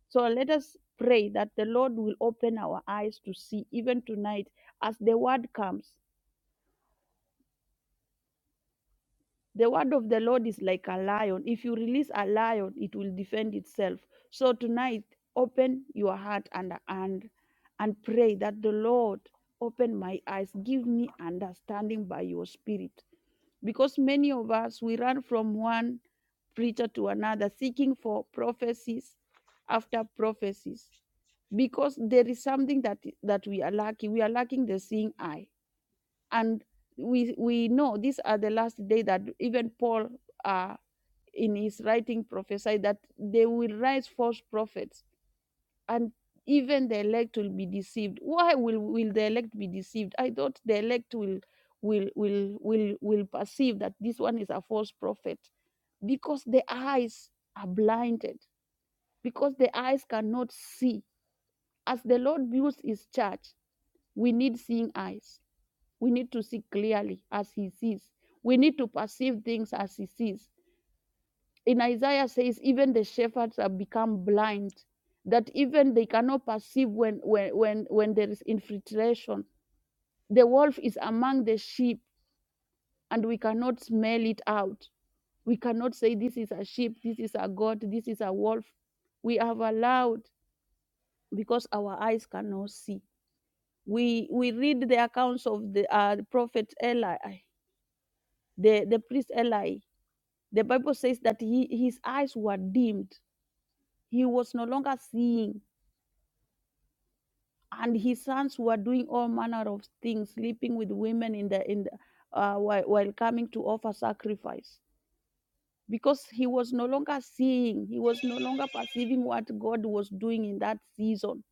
B: So let us pray that the Lord will open our eyes to see, even tonight, as the word comes. The word of the Lord is like a lion. If you release a lion, it will defend itself. So tonight, open your heart and and and pray that the Lord open my eyes, give me understanding by your spirit. Because many of us we run from one preacher to another seeking for prophecies after prophecies because there is something that that we are lacking. We are lacking the seeing eye and we we know these are the last day that even paul uh, in his writing prophesied that they will rise false prophets and even the elect will be deceived why will will the elect be deceived i thought the elect will will will will will perceive that this one is a false prophet because the eyes are blinded because the eyes cannot see as the lord builds his church we need seeing eyes we need to see clearly as he sees. We need to perceive things as he sees. In Isaiah says, even the shepherds have become blind, that even they cannot perceive when, when, when, when there is infiltration. The wolf is among the sheep, and we cannot smell it out. We cannot say, This is a sheep, this is a goat, this is a wolf. We have allowed because our eyes cannot see. We, we read the accounts of the uh, prophet Eli, the, the priest Eli, The Bible says that he, his eyes were dimmed. He was no longer seeing, and his sons were doing all manner of things, sleeping with women in the in the, uh, while, while coming to offer sacrifice. Because he was no longer seeing, he was no longer perceiving what God was doing in that season,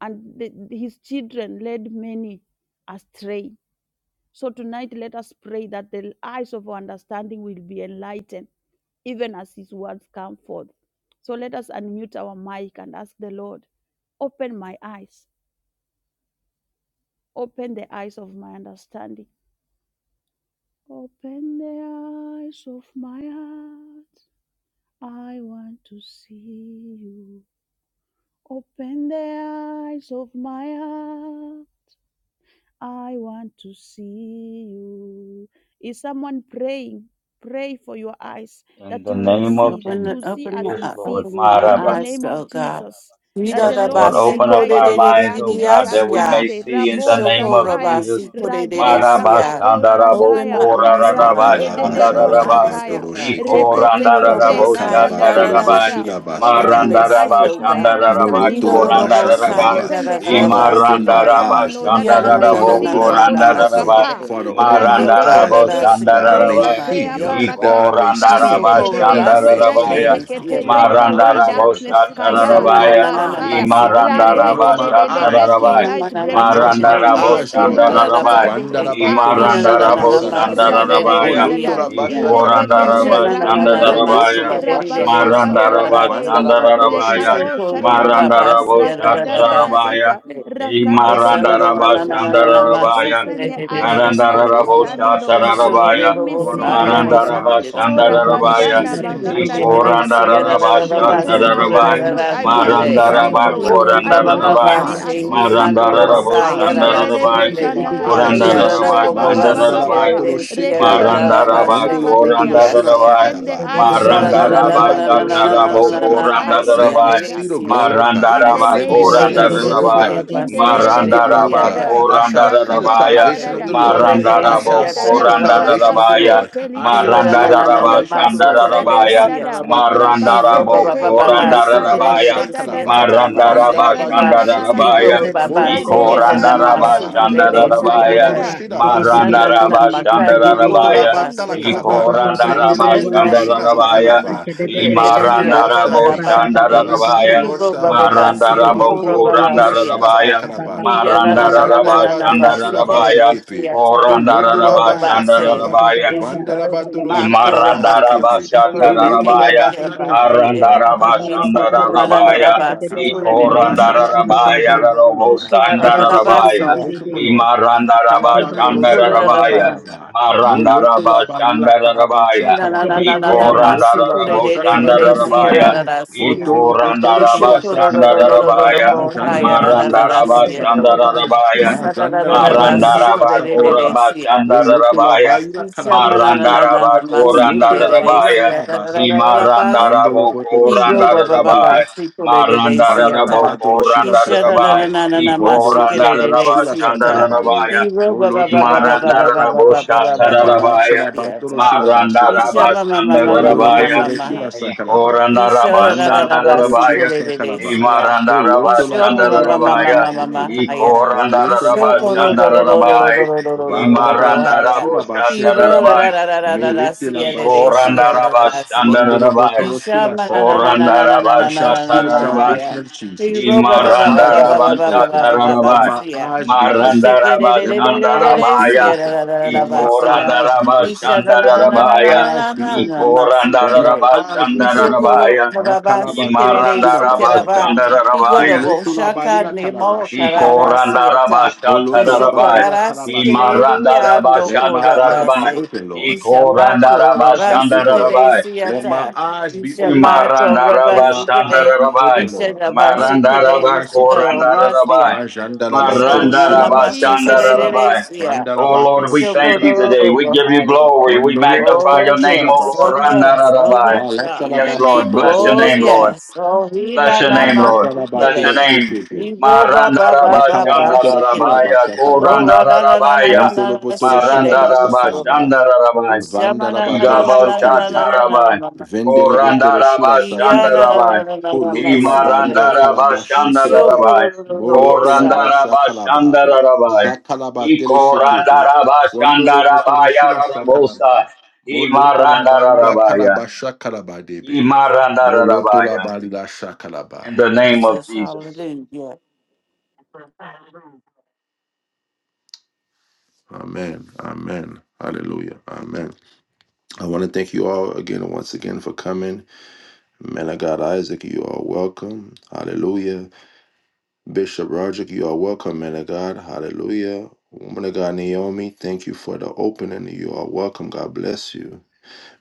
B: and the, his children led many astray So tonight, let us pray that the eyes of our understanding will be enlightened, even as His words come forth. So let us unmute our mic and ask the Lord, open my eyes, open the eyes of my understanding, open the eyes of my heart. I want to see you. Open the eyes of my heart. I want to see you. Is someone praying? Pray for your eyes
C: In
B: that
C: the
B: you will
C: name of
B: see, that
D: Open
B: you
C: Jesus.
D: the
B: will see
D: open
B: as
D: my
C: Yes,
B: He
D: uh,
C: Lord.
B: sees
D: open my
B: in the
C: Marabash.
D: eyes,
B: name
D: oh
B: of
D: God.
B: Jesus. That
D: Rida
B: the
C: Yes,
D: da
B: Lord
C: Lord.
B: will
C: Open up
D: basiko de
C: our
B: enlighten
D: de
B: your
D: de de
C: lives,
D: de
C: O
D: de
B: darkness.
C: God, that we
D: ashia.
C: may
B: Satande
C: see in the
B: rabo
C: name
D: Kishoko
C: of
B: shataya,
C: Jesus.
D: rabasiko de de de
B: rade
D: siya.
B: shakato
E: Jesus, we
D: Open
B: shandaya,
D: my
E: pray that you
D: eyes,
E: open the
B: rade
D: God.
B: de
E: eyes
B: de
D: Open
E: of
D: uh,
E: our
B: debo
D: our
A: Makalabashanda la
C: Marabashandarabokora
D: eyes,
E: understanding,
B: shataya,
D: oh
A: batolo
D: God.
E: that you
A: shekebe.
E: open
B: rekete
D: Rida
E: our
D: da
E: eyes
B: tete
E: that we
B: rada
D: bosai
E: may
B: da
D: da
B: da
D: da
A: Zakalabatolo
B: da
D: da
E: see.
B: da
C: Ikorandaraboshatarabai.
E: May
B: da.
E: you
D: siya.
A: boshila
E: open the
D: That I
B: Open
E: eyes
B: the
D: may
A: basakaba.
E: of our
B: eyes
D: see,
B: of
D: oh
E: hearts,
B: my
E: O
D: God.
E: God,
C: Marandarabashandarabai.
B: understanding, O
D: Rida
E: that
D: da
E: we
D: da
B: Lord.
E: may see
D: bosai
C: Korandarabai.
A: Molotolabashakalaba.
D: da
E: things
B: Open
D: da
B: the
E: as
D: da
E: you
D: da
B: eyes
A: Father,
B: of
E: see
B: my
A: open
D: basike
A: my
E: Jesus
D: de.
B: understanding,
A: eyes,
E: Christ.
B: Lord,
A: Lord.
B: that
D: Iya
B: I
D: na na
B: may
A: Father,
D: na na na
B: see
A: open
D: na
C: Imarandarabashandarabokora
D: na
A: my
D: na
E: Rakobena
A: eyes, Lord.
D: masike
B: lokotokapa
D: de.
E: Fernande
A: Father,
E: de
A: open my
D: Iyo kara
A: eyes,
D: da da
A: Lord,
B: radedededede
D: sike
A: that
E: keeper
A: I may
E: that
D: de
C: Marandaraboshandarabai.
E: will
A: see
D: imandi
E: shut
B: rekatea
A: you,
E: a
A: that I
C: Iko
E: kappa,
B: barakate
A: may
E: that we
A: see
D: Isho
C: randaraba
A: you,
E: will not
A: that
B: shandedededede
A: I may
D: korabase
E: be
A: see
C: shandarabaya,
A: you.
E: forever
D: kererisia
B: reketekete.
D: da
A: Open
B: Take
D: da
E: hearing,
A: my
D: da.
E: O
B: away
A: eyes,
D: Yeah.
E: God.
C: marandarabo
A: Father God.
B: darkness,
E: That
D: Isha
E: Jesus
B: kaya
A: Anoint
E: will
A: my
E: be
C: shatarabaya,
D: mananana
A: eyes,
E: doers
B: rabasaya
E: of
A: Lord.
E: your
D: masi
E: word, O God.
A: Anoint
C: imarandaraba
A: my
D: kererisia.
E: May
B: radedededede.
E: you
B: Let
A: eyes,
E: open the
B: your
D: Iya
C: shatarabaya,
A: Jesus.
E: eyes
B: light
E: of
B: break
E: our
D: manana
E: heart,
B: forth.
A: Anoint
E: O
A: my
E: God.
C: marandarabo
A: eyes,
D: kererisia
A: Lord
E: Open
D: da
E: the
B: Intetelua
D: da
A: God.
D: da
E: eyes of
C: shandarabaya,
E: our
B: kabe
D: base.
E: heart, O God.
A: Vandalabatoro
D: Ina na na na
E: Ila
C: imarandarabo
B: aparatata
D: na
E: tosha
D: masi
A: shilabasakaba.
E: telika
C: shandarabaya,
E: pakate
B: radadadadada
D: kererisia. Yeah.
E: shatale,
C: Iko
D: Isha
B: intetetete
C: randaraba
D: na
E: ianosa
D: na
A: Molotolabashakalabasakete.
D: na na na
E: telika.
B: rakadadada
D: masi
C: shandarabaya,
A: Molotolabashakalaba.
D: kererisia da
B: rabasakatoa
C: marandaraba
D: da
B: tela
D: se.
A: Vandalabatoro
C: shandarabaya,
D: Isho
B: rekado
A: shilabasakete.
B: shada da da da
D: korabase
C: marandarabo
D: da da
B: Rakada
D: da
B: da da da
D: base.
C: shatarabaya,
B: da. Rakade
D: He
B: de
A: Mazanda
B: de
A: la
B: de
A: ba
B: bo
C: imarandaraba
A: do shi la
B: shanaya.
A: ba se ke
C: shandarabaya,
A: do.
B: Open
F: Thank
B: the eyes of
A: Ko
B: my
A: lo to
C: narandarabo
A: la ba
B: understanding,
A: sha
B: Lord.
C: shatarabaya,
B: Give me
A: Father,
B: seeing
A: open my
B: eyes.
C: Marandaraba
A: eyes,
B: Oh,
A: Lord. Let me see
C: Shandarabaya,
B: Rabashanda
A: the things in the
B: Baganda
A: spirit. Let me
B: Rikarababoria.
C: Ikorandaraba
A: see your
B: Open
A: glory.
B: my eyes,
C: Shatarabai,
A: Let me
B: Lord. I
A: see the
B: want
A: will
B: to
A: of God
B: see you,
A: for my
C: Marandaraba
B: Lord.
A: life.
B: I
A: Open
B: want
A: my
B: to
C: Korandarabai,
B: see
A: eyes,
B: as you
A: Lord.
B: see, oh
A: Open my
B: Lord.
C: Marandarabo
A: eyes,
B: In the
A: Lord.
B: de de bo
C: Shandarabai,
A: Open my
B: shanaya.
A: eyes,
B: shandaya.
A: Jesus.
C: Korandaraba
A: Majandala
C: Shandarabai,
B: Rikarabababababa.
A: batolo shekelebe.
C: Marandaraba
A: Vondolo potolo
B: Rekarabashadabahataya.
A: shira
C: Korandarabai
B: Open the
A: sakaraba.
D: I
B: eyes of my
A: Mazandala
C: Marandaraba
B: understanding,
A: batolo
B: Lord
A: shira
C: Satarabo
A: basakapa.
B: enlighten
D: see,
A: Let
D: I
B: my
A: me
C: Korandarabai
D: didn't
A: see the
D: see.
B: darkness
A: glory
B: uh,
A: of God.
B: in
D: I
B: the
C: Marandaraba
D: see,
A: Let me
B: name
D: put
B: of
D: it,
A: see
D: I
A: the
D: see,
A: glory
B: Jesus.
A: of
B: uh,
C: Korandarabai
A: God.
B: In the
A: Let
B: re-
A: me
D: I
B: re- re-
A: see the
B: re-
D: didn't
B: bo-
A: glory
D: see.
A: of
C: Marandaraba
A: God.
D: it.
B: Shaddai,
A: I shall see
D: My
A: the
B: Rakada da da
C: Korandarabaya
B: da
A: salvation
B: da
D: father,
A: of
B: da,
A: the
D: he told
A: Lord.
D: they didn't
A: I
B: Rakada
F: you.
B: da
D: see
C: Marandarabo
A: shall
B: da
D: a
B: da
D: ta
A: see
B: da,
D: da
A: the
D: da
A: salvation
D: si
A: of the
C: Korandarabaya
D: today.
A: Lord.
B: Rabaseketeli
A: I
D: He
A: shall
D: went na na
A: see
B: kapaya,
A: the
D: na na na
C: Marandaraba
A: salvation
D: ma
A: of the
D: si
A: Lord.
D: today
B: Rekadosha da
D: they
B: da
C: Shandarabaya
D: see
B: da
D: a
B: da,
D: ta.
A: Mandalabatoro
D: He roba
C: Marandarabo
A: Shekebe,
D: ba ba ba
B: Rabasetete,
D: ba si today
A: Polotolaba
C: Korandarabaya
B: Rakadosha
D: they
B: da
D: see
B: da
D: a
B: da
D: ta
A: Shakalaba,
B: da,
D: da ba say
C: Marandaraba
D: ke
B: Rikaradia
A: Vandalabatoro
D: ba.
F: Da
D: He
F: da
A: Shekebe,
C: Shandarabaya
D: roba
F: da
B: rabarakate,
D: ba
F: da da
D: ba
F: da
D: si
F: da da.
B: Lade
F: Da
A: Molotolaba
F: Ba
D: today
F: ba
D: da
F: ba ba
D: ma
F: ba ba
C: Ikorandaraba
F: ba ba
B: Shandaya,
D: su
F: ba
A: Sikalaba,
D: today
F: ba.
D: they
B: Radosha
D: see
B: da
D: a
B: da
C: Shandarabaya
A: Vondolobotoro
D: ta.
B: da.
F: Di di
D: He
A: Shilaba
F: di di
D: said
F: di di
A: Sepe,
F: di
D: na na na
F: di di di di di. Ba
D: ma
F: ba ba
D: ka
F: ba
D: he
F: ba ba ba
C: Marandarabashandarabaya,
A: Polotolaba
D: ba si.
B: Jesus, uh,
A: Talakalaba,
D: He says na
B: in
A: Vendelebetoro
B: the
D: na
F: ba.
A: Shila
D: na
B: mighty
C: Ikorandarabashandarabaya,
B: name of
A: Sakalaba.
F: Ashka da
D: si
F: da
A: Let
F: da
A: me
F: da da
A: see the
D: see
F: da
D: a
A: Lord's
D: ta da
F: Ba
D: da
F: ba ba
D: ba
A: salvation.
F: ba ba
A: Let
F: ba ba
A: me
D: si.
F: ba
A: see
F: ba
A: the
C: Imarandaraboshandarabaya,
D: He
F: ba
A: Lord's
D: roba ba ba
F: ba.
D: ba
A: salvation.
F: Di
D: si
F: di
B: Father,
D: o
B: we
D: pura
B: thank
F: di
D: ba
F: di
B: you.
F: di di di.
D: ba
A: Makolobotoro
D: si a
A: Shila
D: ta.
C: Marandarabokorandarabaya,
F: Ba ba ba
B: In
A: Sakalaba,
F: ba
D: Iya
F: ba
D: na
F: ba
D: na
F: ba
D: na na na na
F: ba.
D: na
F: da
A: Majandalabatoro
D: ba.
F: da
D: basi
A: Shilaba
F: da. Da
C: Marandarabashandarabaya,
D: kerere
F: da
A: Sekepe,
F: da
D: tiyata
F: Ba ba ba ba ba
D: roba
A: Polotolaba
F: ba.
D: ba
F: da
D: basi
F: da
A: Shakalaba.
F: da. Da
C: Korandarabashandarabaya,
F: da
D: is you
F: da
D: urging
F: Ba ba
A: Vandalabatolo
F: ba
D: ma
F: ba ba
A: Shikalaba
F: ba.
D: kora ba baka si
A: Sekepe,
B: karata
F: Ashka
B: pa
D: kura
F: di
B: pa
F: di di
B: pa
F: di
B: pa
A: Molotola
F: di
D: bekege
B: pa
C: Imarandarabashatarabaya,
B: pa
F: di
D: ba
F: di.
A: Bashakalaba,
B: ra
D: bahaye
F: Ba ba ba ba ba
D: isi
F: ba
D: ke
F: ba
A: Vandalabatolo
F: ba.
D: marana
C: Arandarabashandarabaya,
D: na
F: da da
A: Shilaba
D: ba
F: da. Da da Ashididididididididi. Abababababababa.
D: basi
F: Shadadadada.
A: Sakaba.
D: kura rere
A: I shall
D: siya
A: see the
C: Ikorandarabaya,
F: Ababababababa.
A: salvation of the Lord.
B: kate
D: kura
A: I
B: te
D: na
A: shall
B: te
D: na
B: te
A: see
D: ba
A: the
B: te
D: basi
C: Rarobosandarabaya,
D: ya
A: salvation of the Lord.
B: ra
A: Matalabatolo
D: kura
B: te
D: na
A: Shilaba
D: na
C: Imarandarabashandarabaya,
B: kato
D: ba
A: Sakaba, Malila
C: Marandarabashandarabaya,
A: Karabasha
D: ina na na
A: Karaba,
D: na na
B: te
D: na
B: kato to
D: basi
A: Molotola
D: kura
A: Basha
D: rere
A: Karaba
D: rere siya
C: Ikorandarabashandarabaya,
A: Sepede,
D: na na na siya
A: Vondolo Botoro
D: isi
A: Shila
F: Ba-ba-ba-ba-ba-ba-ba.
D: kura na
A: Sakalaba,
D: na na ba si tere
C: Ikorandarabashandarabaya,
D: de de de de si ya
A: Mazandala
D: na na na bahaya na na
B: to
D: na
A: Batoro
D: na
A: Shila
D: siya na
B: te
A: Sakalaba,
B: te te
C: Marandarabashandarabaya,
D: isi na
B: ka
D: na na
A: Mazandala
D: na
A: Batoro
D: basi
A: Shila
D: kura
C: Marandarabakora
D: rere
A: Sakalaba,
D: siya
A: Volotola
C: Bashandarabaya.
D: He
A: Baila Karaba
D: roba ba
A: Sepede,
D: ba ba
C: Marandarabakora
D: siko de
A: Kolotola
D: de
A: Baila
C: Ndarabaya.
A: Karabasaba, Vondolo Botoro
C: Imarandarabokora
A: Shila Basekede,
C: Ndarabaya.
D: de
A: Mandala
D: siata.
A: Badoro
C: Marandarabokora
A: Shila
D: na
A: Sakaraba,
D: na
C: Ndarabaya.
D: na na na ma
C: Ikora
A: Vondolo
D: siko de
A: Botoro Shila Sakarabaye,
C: Ndarabashandarabaya.
D: He roba ba
A: Moloto
D: ba
A: La
D: ba ba ba
A: Magla
D: ba ba ba ba ba
A: Karaba,
B: the
D: ba ba
B: name
D: ba
B: of
A: Vala
D: ba
C: Imarandaraboshatarabaya.
B: Jesus
A: Shalabatoro
D: siata.
A: Shila
D: He
A: Basikiti,
D: shama ma ma ma ma
B: in
A: Vondolo
D: ma ma
C: Marandarabashandarabaya.
D: ma ma
A: Botoro
B: Jesus
D: ma
A: Shila
B: name
D: ha.
A: Sakaraba,
D: He show da da da
A: Vandala
D: da
A: Batoro
D: bassy for
A: Shila
C: Ikorandarabashandarabaya.
D: the the the
A: Sakaraba,
D: sia. He
A: Moloto La
D: show ma ma
A: Balia
D: ma ma ma
C: Imarandarabashandarabaya.
A: Karaba
D: ma ma
B: in the
D: ma
A: Sikiti,
B: name of
D: higher.
B: Jesus
D: He
A: Moloto La
D: show ko lo
A: Balia
D: lo lo lo lo lo
A: Sakaraba,
C: Ikorandarabashandarabaya.
D: lo lo lo
A: Vala
D: lo lo higher.
A: Shalabasila
D: He roll da
A: Bashikuruko,
D: da
C: Imarandaraboshatarabaya.
D: da da da da
A: Melete La
D: sia the the sia
A: Bashakaraba,
D: da da da sia.
A: Vondolo
C: Ikorandarabashandarabaya.
D: He
A: Botoro
D: show
A: Shila
D: ma na na na
A: Sakaba.
D: na na na
A: I
D: na
A: shall see
D: na
A: the
D: na
C: Korandarabashatarabaya.
A: salvation
D: higher.
A: of
D: He
A: Jesus.
D: roll ba
A: My
D: ba ba ba
A: eyes
D: ba
A: shall
D: ba ba
A: be
D: ba ba
A: open.
D: ba ba ba
A: Let
D: ba
C: Imarandarabashatarabai.
A: my
D: sia.
A: eyes be
D: He
A: open.
D: shake it it it
A: Let
D: it
A: my
D: it
A: eyes
D: it
A: be
C: Marandarabashandarabaya.
D: sia da
A: open.
D: da da da
A: Let my
D: bassia.
A: eyes be
D: He
A: open.
D: show da da
A: Let
D: da da
A: my
D: da
C: Ikorandarabashandarabaya.
A: eyes
D: da
A: be
D: da da
A: open.
D: ma shake
A: Let my
D: it.
A: eyes be open.
D: Ishoko
C: Ikorandarabashandarabaya.
A: My
D: Baba
A: calabatolo
D: Sikere Sikeraba
A: shilabasakaba.
C: Imarandarabashandarabaya.
D: Igorobo
A: Folletula
D: Shaka Nemo
A: barila
D: Tarara Siata
A: Moloto la
C: Ikorandarabashatarabai.
A: barila
D: Ishokorara
A: kalabasanga
D: Sikere
A: lava.
D: Ando
A: Let my eyes be
C: Imarandarabashatarabai.
D: Korabase
A: open, Lord. Let my
D: Ishamako
A: eyes be
D: Rabasi
A: open, Lord.
D: Kere
C: Ikorandarabashandarabai.
A: Let my
D: Siata
A: eyes be open, Lord.
D: Ishamako
A: Let my
D: Rabasi
A: eyes
D: Kere
A: be open,
C: Marandarabashandarabai.
A: Lord. Let
D: Ishabasi
A: my
D: Kere
A: eyes be open, Lord.
C: Marandarabakorandarabai.
A: My
D: Ishamasia
A: jandala batolo shila
B: in
A: basa
D: Ishanamasi
B: Jesus
A: karaba.
B: name
D: Kere
C: Marandarabashandarabai.
D: Sia
A: Vandala
C: Oh Lord,
A: batolo
C: we thank
A: shikala
C: you
A: basa.
C: today. We
D: Ishokoro
C: give you
D: Haya
C: glory. We
A: Vandolo
C: magnify
A: batolo
D: Oh
C: your name,
A: shila
D: yes,
C: oh Lord.
A: basa
D: oh
A: karaba.
D: yes, oh
A: Ma
C: Randararabai.
D: yes, God.
B: in
A: latala
B: the
C: Yes,
B: name
C: Lord.
A: basuko
B: of
C: Bless your
A: botu
D: Oh
C: name,
B: Jesus We
A: kitu.
C: Lord.
D: yes. Oh he
C: Bless
D: na
C: your
A: Ma
D: na
C: name,
D: ma
C: Lord.
A: zantala
C: Bless your
A: batolo
D: sikere.
C: name.
D: He
A: shikitu.
D: ro ba ba
A: Ma
D: ba ba ba
A: kalabatolo shila
D: sikere.
C: Marandarabashandarabaya,
A: basa
D: Oh
A: karaba.
D: ra na na na na na
C: Korandarabaya,
D: na
A: Montolo
D: na
A: potolo shila
D: sikere. He
A: basa kalaba.
D: solo. He
C: Marandarabashandarabai,
D: shama
A: Vandala
D: na na na
A: batolo
D: na na na na na na
A: shikelebe.
D: na na
C: Igabasharabai,
D: na na.
A: Vendele
D: Aya.
A: betolo shila
D: He ya na
A: sakalaba.
D: na
C: Korandarabashandarabai,
D: na na na na na
A: Poloto la bali la
D: sikere.
A: kalaba
D: He show
A: shikelebe.
C: Imarandarabashandarabai,
D: koro ro ro ro ro
A: Moloto la
D: saya.
A: basha kalaba.
C: Korandarabashandarabai,
A: Sakalaba tele shekebe. Vondolo potolo
C: Ikorandarabashandarabaya,
A: shila
C: Rabosa,
A: sakalaba. Moloto la bali la
C: Imarandarabaya,
A: kalaba shakalaba debe. Moloto la
C: Imarandarabaya.
A: bali la shakalaba.
C: In the name of
D: Jesus,
C: Jesus.
D: hallelujah.
A: Amen. Amen. Hallelujah. Amen. I want to thank you all again and once again for coming. Man of God Isaac, you are welcome. Hallelujah. Bishop Roderick, you are welcome, man of God. Hallelujah. Woman of God Naomi, thank you for the opening. You are welcome. God bless you.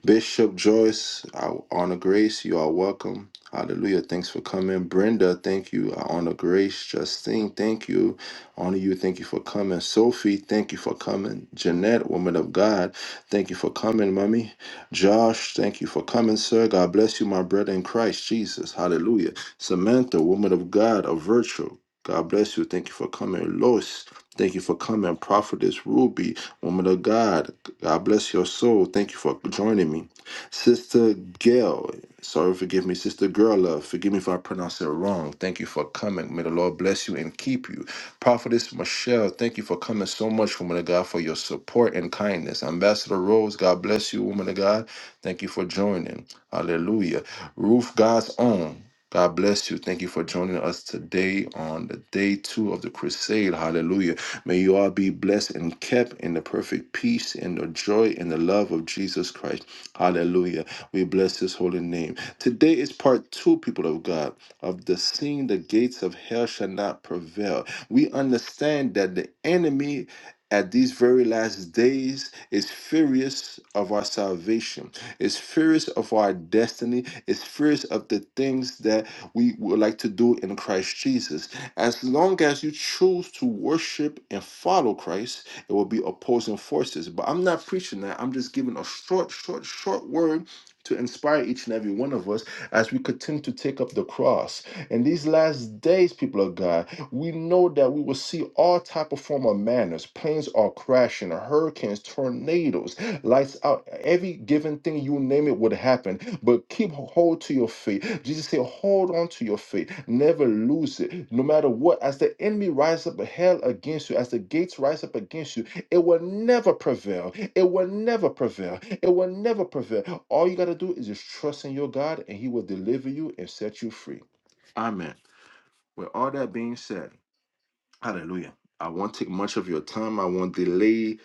A: Bishop Joyce, I honor grace. You are welcome. Hallelujah. Thanks for coming. Brenda, thank you. I honor grace. Justine, thank you. Honor you. Thank you for coming. Sophie, thank you for coming. Jeanette, woman of God, thank you for coming, mommy. Josh, thank you for coming, sir. God bless you, my brother in Christ Jesus. Hallelujah. Samantha, woman of God, a virtue. God bless you. Thank you for coming, Lois. Thank you for coming, Prophetess Ruby, woman of God. God bless your soul. Thank you for joining me, Sister Gail. Sorry, forgive me, Sister Girl Love. Forgive me if I pronounce it wrong. Thank you for coming. May the Lord bless you and keep you. Prophetess Michelle, thank you for coming so much, woman of God, for your support and kindness. Ambassador Rose, God bless you, woman of God. Thank you for joining. Hallelujah. Ruth, God's own. God bless you. Thank you for joining us today on the day two of the crusade. Hallelujah. May you all be blessed and kept in the perfect peace and the joy and the love of Jesus Christ. Hallelujah. We bless his holy name. Today is part two, people of God, of the seeing the gates of hell shall not prevail. We understand that the enemy at these very last days is furious of our salvation, is furious of our destiny, is furious of the things that we would like to do in Christ Jesus. As long as you choose to worship and follow Christ, it will be opposing forces. But I'm not preaching that. I'm just giving a short, short, short word to inspire each and every one of us as we continue to take up the cross. In these last days, people of God, we know that we will see all type of form of manners. Planes are crashing, hurricanes, tornadoes, lights out. Every given thing you name it would happen. But keep hold to your faith. Jesus said, hold on to your faith. Never lose it. No matter what, as the enemy rises up hell against you, as the gates rise up against you, it will never prevail. It will never prevail. It will never prevail. All you got to do is just trust in your God and he will deliver you and set you free. Amen. With all that being said, hallelujah. I won't take much of your time. I won't delay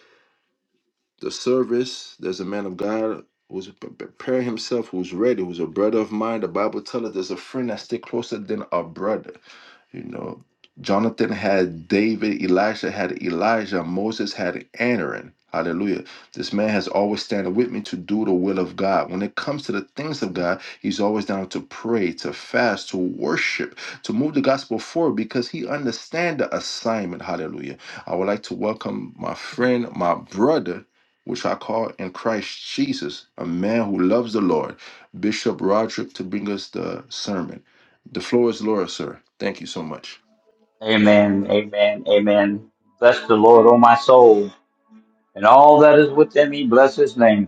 A: the service. There's a man of God who's pre- preparing himself, who's ready, who's a brother of mine. The Bible tells us there's a friend that stick closer than a brother. You know, Jonathan had David, Elisha had Elijah, Moses had Aaron. Hallelujah. This man has always standing with me to do the will of God. When it comes to the things of God, he's always down to pray, to fast, to worship, to move the gospel forward because he understands the assignment. Hallelujah. I would like to welcome my friend, my brother, which I call in Christ Jesus, a man who loves the Lord, Bishop Roderick, to bring us the sermon. The floor is Laura, sir. Thank you so much.
C: Amen. Amen. Amen. Bless the Lord, O my soul, and all that is within me. Bless his name.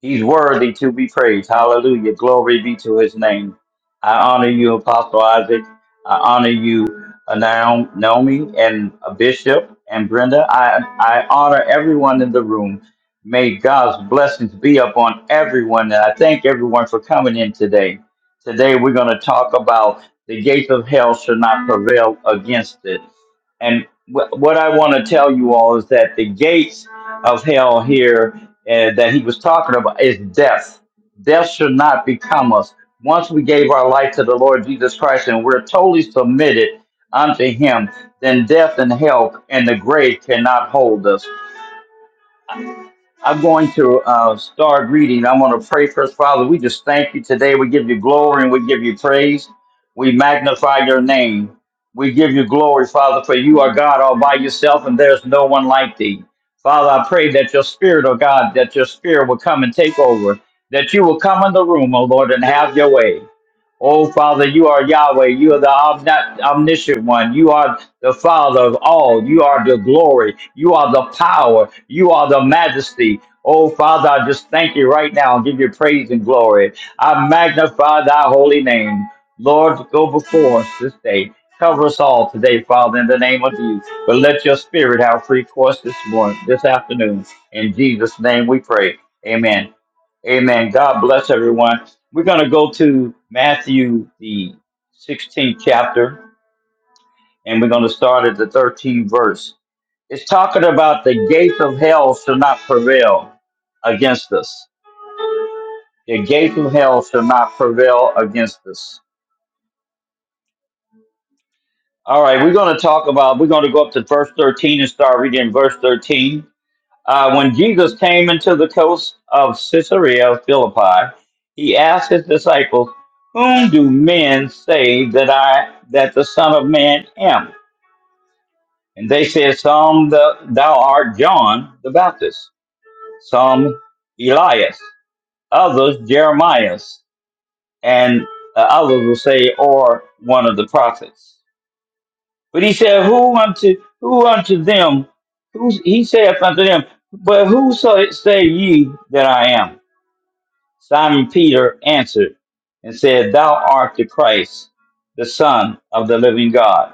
C: He's worthy to be praised. Hallelujah. Glory be to his name. I honor you, Apostle Isaac. I honor you, uh, Naom- Naomi and uh, Bishop and Brenda. I, I honor everyone in the room. May God's blessings be upon everyone. And I thank everyone for coming in today. Today, we're going to talk about the gates of hell should not prevail against it. And wh- what I want to tell you all is that the gates of hell here uh, that he was talking about is death. Death should not become us. Once we gave our life to the Lord Jesus Christ and we're totally submitted unto him, then death and hell and the grave cannot hold us. I'm going to uh, start reading. I'm going to pray first, Father. We just thank you today. We give you glory and we give you praise. We magnify your name. We give you glory, Father, for you are God all by yourself, and there's no one like thee. Father, I pray that your spirit, oh God, that your spirit will come and take over, that you will come in the room, oh Lord, and have your way. Oh, Father, you are Yahweh. You are the omni- omniscient one. You are the Father of all. You are the glory. You are the power. You are the majesty. Oh, Father, I just thank you right now and give you praise and glory. I magnify thy holy name. Lord, go before us this day. Cover us all today, Father, in the name of Jesus. But let your spirit have free course this morning, this afternoon. In Jesus' name we pray. Amen. Amen. God bless everyone. We're going to go to Matthew, the 16th chapter, and we're going to start at the 13th verse. It's talking about the gates of hell shall not prevail against us. The gates of hell shall not prevail against us. All right, we're going to talk about, we're going to go up to verse 13 and start reading verse 13. Uh, when Jesus came into the coast of Caesarea Philippi, he asked his disciples, "Whom do men say that I that the Son of Man am?" And they said, "Some the, thou art John the Baptist, some Elias, others Jeremiah, and uh, others will say, or one of the prophets." But he said, "Who unto who unto them? Who he saith unto them? But who say say ye that I am?" Simon Peter answered and said, Thou art the Christ, the Son of the living God.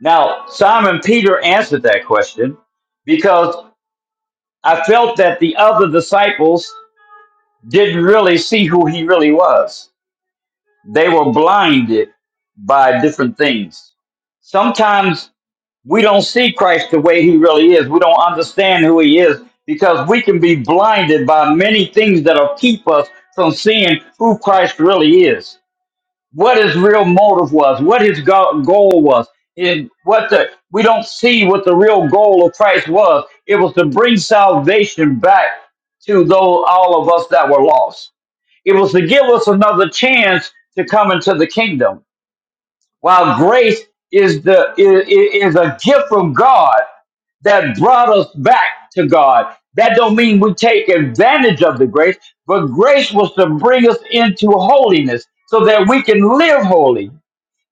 C: Now, Simon Peter answered that question because I felt that the other disciples didn't really see who he really was. They were blinded by different things. Sometimes we don't see Christ the way he really is, we don't understand who he is because we can be blinded by many things that'll keep us from seeing who Christ really is. what his real motive was, what his go- goal was, and what the we don't see what the real goal of Christ was. It was to bring salvation back to those all of us that were lost. It was to give us another chance to come into the kingdom. While grace is the is, is a gift from God that brought us back to God. That don't mean we take advantage of the grace, but grace was to bring us into holiness so that we can live holy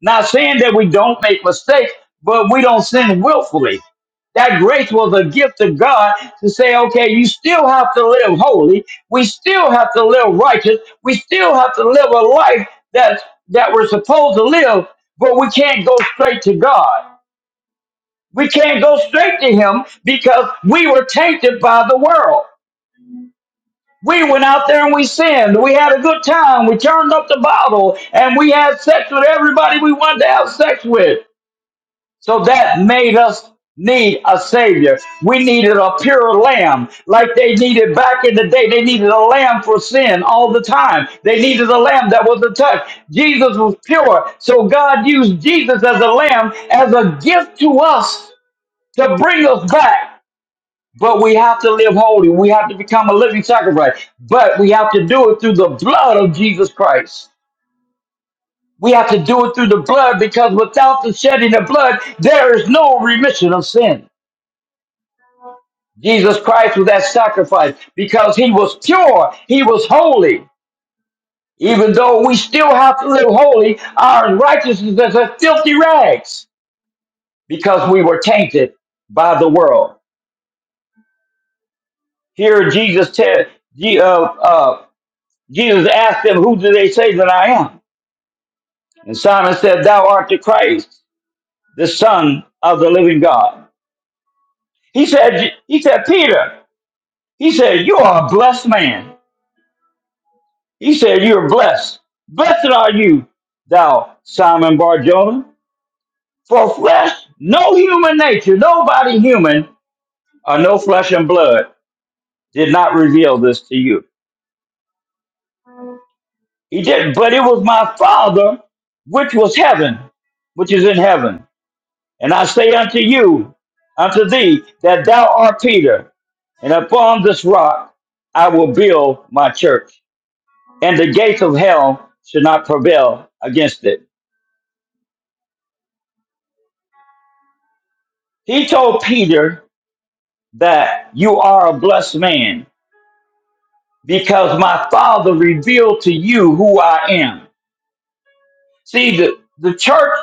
C: not saying that we don't make mistakes, but we don't sin willfully. That grace was a gift to God to say, okay, you still have to live holy. We still have to live righteous. We still have to live a life that that we're supposed to live, but we can't go straight to God. We can't go straight to Him because we were tainted by the world. We went out there and we sinned. We had a good time. We turned up the bottle and we had sex with everybody we wanted to have sex with. So that made us need a savior. We needed a pure lamb, like they needed back in the day. They needed a lamb for sin all the time. They needed a lamb that was a touch. Jesus was pure. So God used Jesus as a lamb as a gift to us to bring us back. But we have to live holy. We have to become a living sacrifice. But we have to do it through the blood of Jesus Christ. We have to do it through the blood because without the shedding of blood, there is no remission of sin. Jesus Christ was that sacrifice because he was pure, he was holy. Even though we still have to live holy, our righteousness is as filthy rags because we were tainted by the world. Here, Jesus said, Je- uh, uh, Jesus asked them, "Who do they say that I am?" And Simon said, "Thou art the Christ, the Son of the Living God." He said, "He said, Peter, he said, you are a blessed man." He said, You're blessed. Blessed are you, thou Simon Barjona. For flesh, no human nature, nobody human, or no flesh and blood did not reveal this to you. He did, but it was my Father which was heaven, which is in heaven. And I say unto you, unto thee, that thou art Peter, and upon this rock I will build my church, and the gates of hell shall not prevail against it. He told Peter that you are a blessed man because my father revealed to you who I am. See, the, the church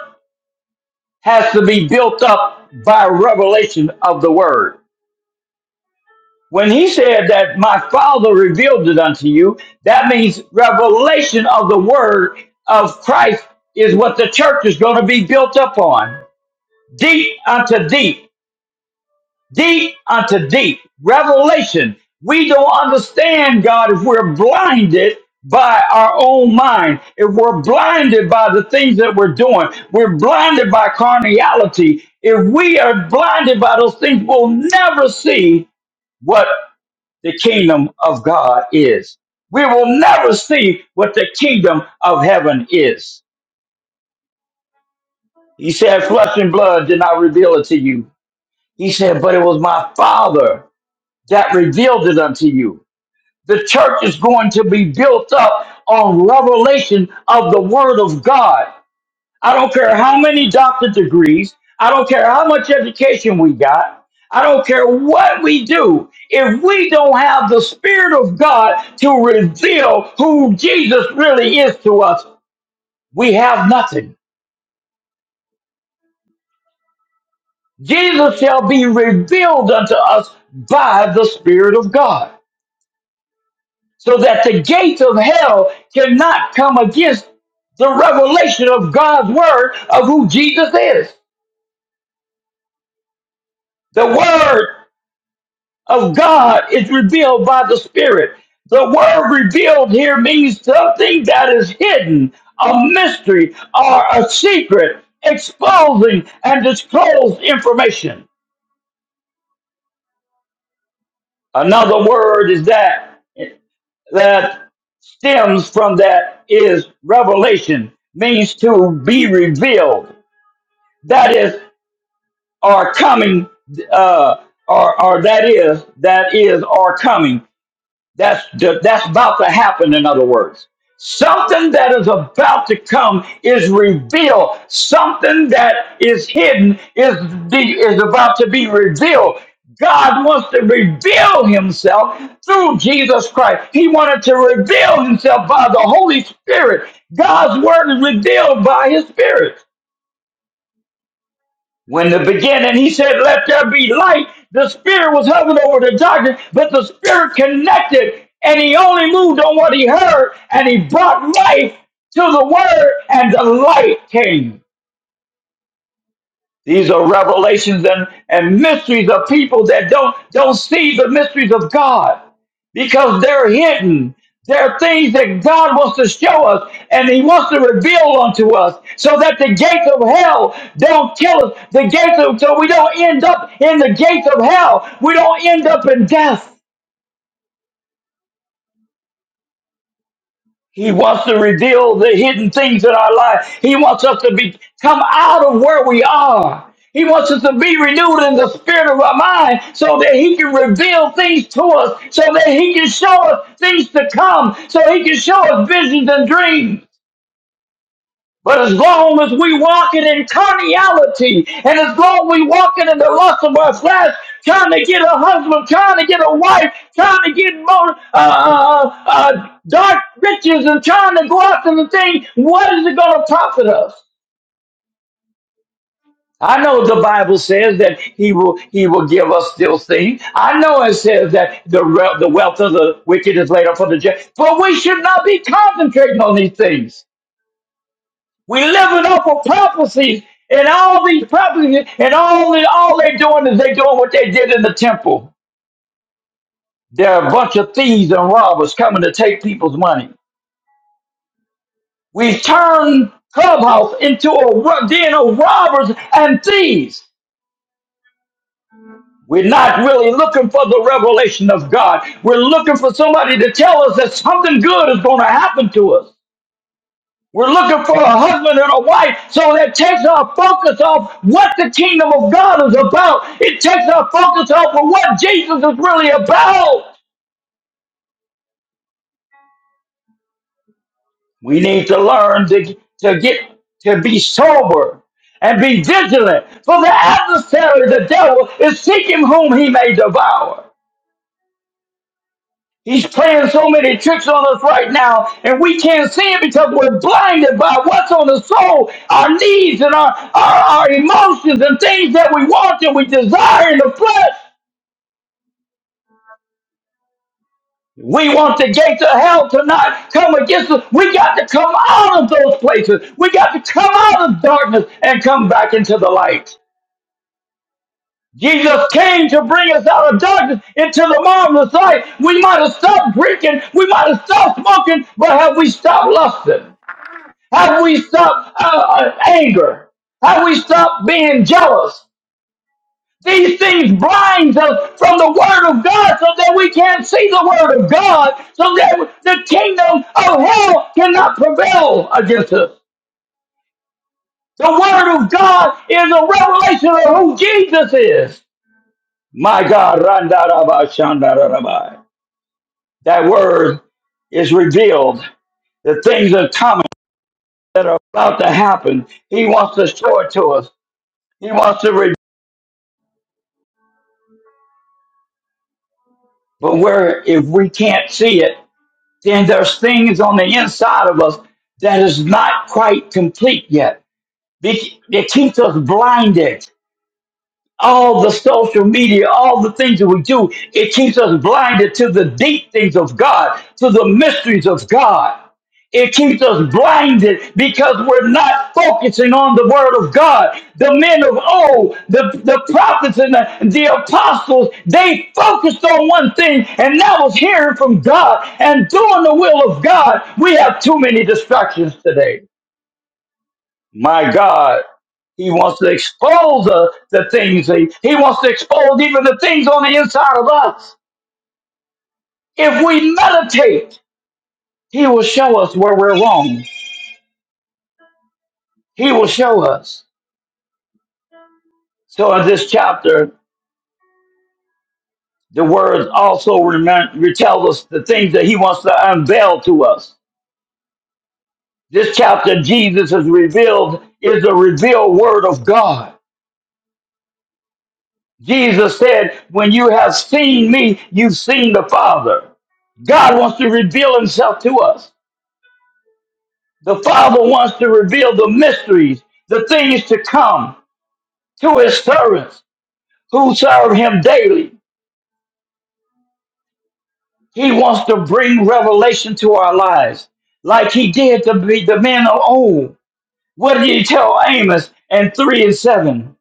C: has to be built up by revelation of the word. When he said that my father revealed it unto you, that means revelation of the word of Christ is what the church is going to be built up on. Deep unto deep. deep unto deep revelation. We don't understand God if we're blinded by our own mind, if we're blinded by the things that we're doing, we're blinded by carnality. If we are blinded by those things, we'll never see what the kingdom of God is. We will never see what the kingdom of heaven is. He said, Flesh and blood did not reveal it to you. He said, But it was my Father that revealed it unto you. The church is going to be built up on revelation of the Word of God. I don't care how many doctorate degrees, I don't care how much education we got, I don't care what we do. If we don't have the Spirit of God to reveal who Jesus really is to us, we have nothing. Jesus shall be revealed unto us by the Spirit of God. so that the gates of hell cannot come against the revelation of God's word of who Jesus is. The word of God is revealed by the Spirit. The word revealed here means something that is hidden, a mystery, or a secret, exposing and disclosed information. Another word is that that stems from that is revelation, means to be revealed. that is our coming uh or or that is that is our coming that's that's about to happen in other words something that is about to come is revealed something that is hidden is is about to be revealed God wants to reveal himself through Jesus Christ. He wanted to reveal himself by the Holy Spirit. God's word is revealed by his spirit. When the beginning, he said, Let there be light. The spirit was hovering over the darkness, but the spirit connected and he only moved on what he heard and he brought life to the word and the light came. These are revelations and, and mysteries of people that don't, don't see the mysteries of God because they're hidden. They're things that God wants to show us and He wants to reveal unto us so that the gates of hell don't kill us. The gates of, so we don't end up in the gates of hell. We don't end up in death. He wants to reveal the hidden things in our life. He wants us to be come out of where we are. He wants us to be renewed in the spirit of our mind so that he can reveal things to us, so that he can show us things to come, so he can show us visions and dreams. But as long as we walking in carnality, and as long we walking in the lust of our flesh, trying to get a husband, trying to get a wife, trying to get more uh, uh, uh, dark riches, and trying to go after the thing, what is it going to profit us? I know the Bible says that He will He will give us those things. I know it says that the re- the wealth of the wicked is laid up for the just, but we should not be concentrating on these things. We living off of prophecies, and all these prophecies, and all they, all they're doing is they're doing what they did in the temple. They're a bunch of thieves and robbers coming to take people's money. We turn clubhouse into a ro- den of robbers and thieves. We're not really looking for the revelation of God. We're looking for somebody to tell us that something good is going to happen to us. We're looking for a husband and a wife. So that takes our focus off what the kingdom of God is about. It takes our focus off of what Jesus is really about. We need to learn to, to get to be sober and be vigilant. For the adversary, the devil, is seeking whom he may devour. He's playing so many tricks on us right now, and we can't see it because we're blinded by what's on the soul, our needs and our, our, our emotions and things that we want and we desire in the flesh. We want the gates of hell to not come against us. We got to come out of those places. We got to come out of darkness and come back into the light. Jesus came to bring us out of darkness into the marvelous light. We might have stopped drinking, we might have stopped smoking, but have we stopped lusting? Have we stopped uh, uh, anger? Have we stopped being jealous? These things blinds us from the Word of God so that we can't see the Word of God, so that the kingdom of hell cannot prevail against us. The Word of God is a revelation of who Jesus is. My God, randaraba, shandarabai. that Word is revealed. The things are coming that are about to happen. He wants to show it to us. He wants to reveal. But where if we can't see it, then there's things on the inside of us that is not quite complete yet. They- It keeps us blinded all the social media, all the things that we do, it keeps us blinded to the deep things of God, to the mysteries of God. It keeps us blinded because we're not focusing on the word of God. The men of old, the, the prophets and the, the apostles, they focused on one thing, and that was hearing from God and doing the will of God. We have too many distractions today. My God. He wants to expose the, the things. He, he wants to expose even the things on the inside of us. If we meditate, he will show us where we're wrong. He will show us. So in this chapter, the words also remem- tells us the things that he wants to unveil to us. This chapter, Jesus is revealed, is the revealed word of God. Jesus said, When you have seen me, you've seen the Father. God wants to reveal himself to us. The Father wants to reveal the mysteries, the things to come to his servants who serve him daily. He wants to bring revelation to our lives, like he did to be the men of old. What did he tell Amos and 3 and 7?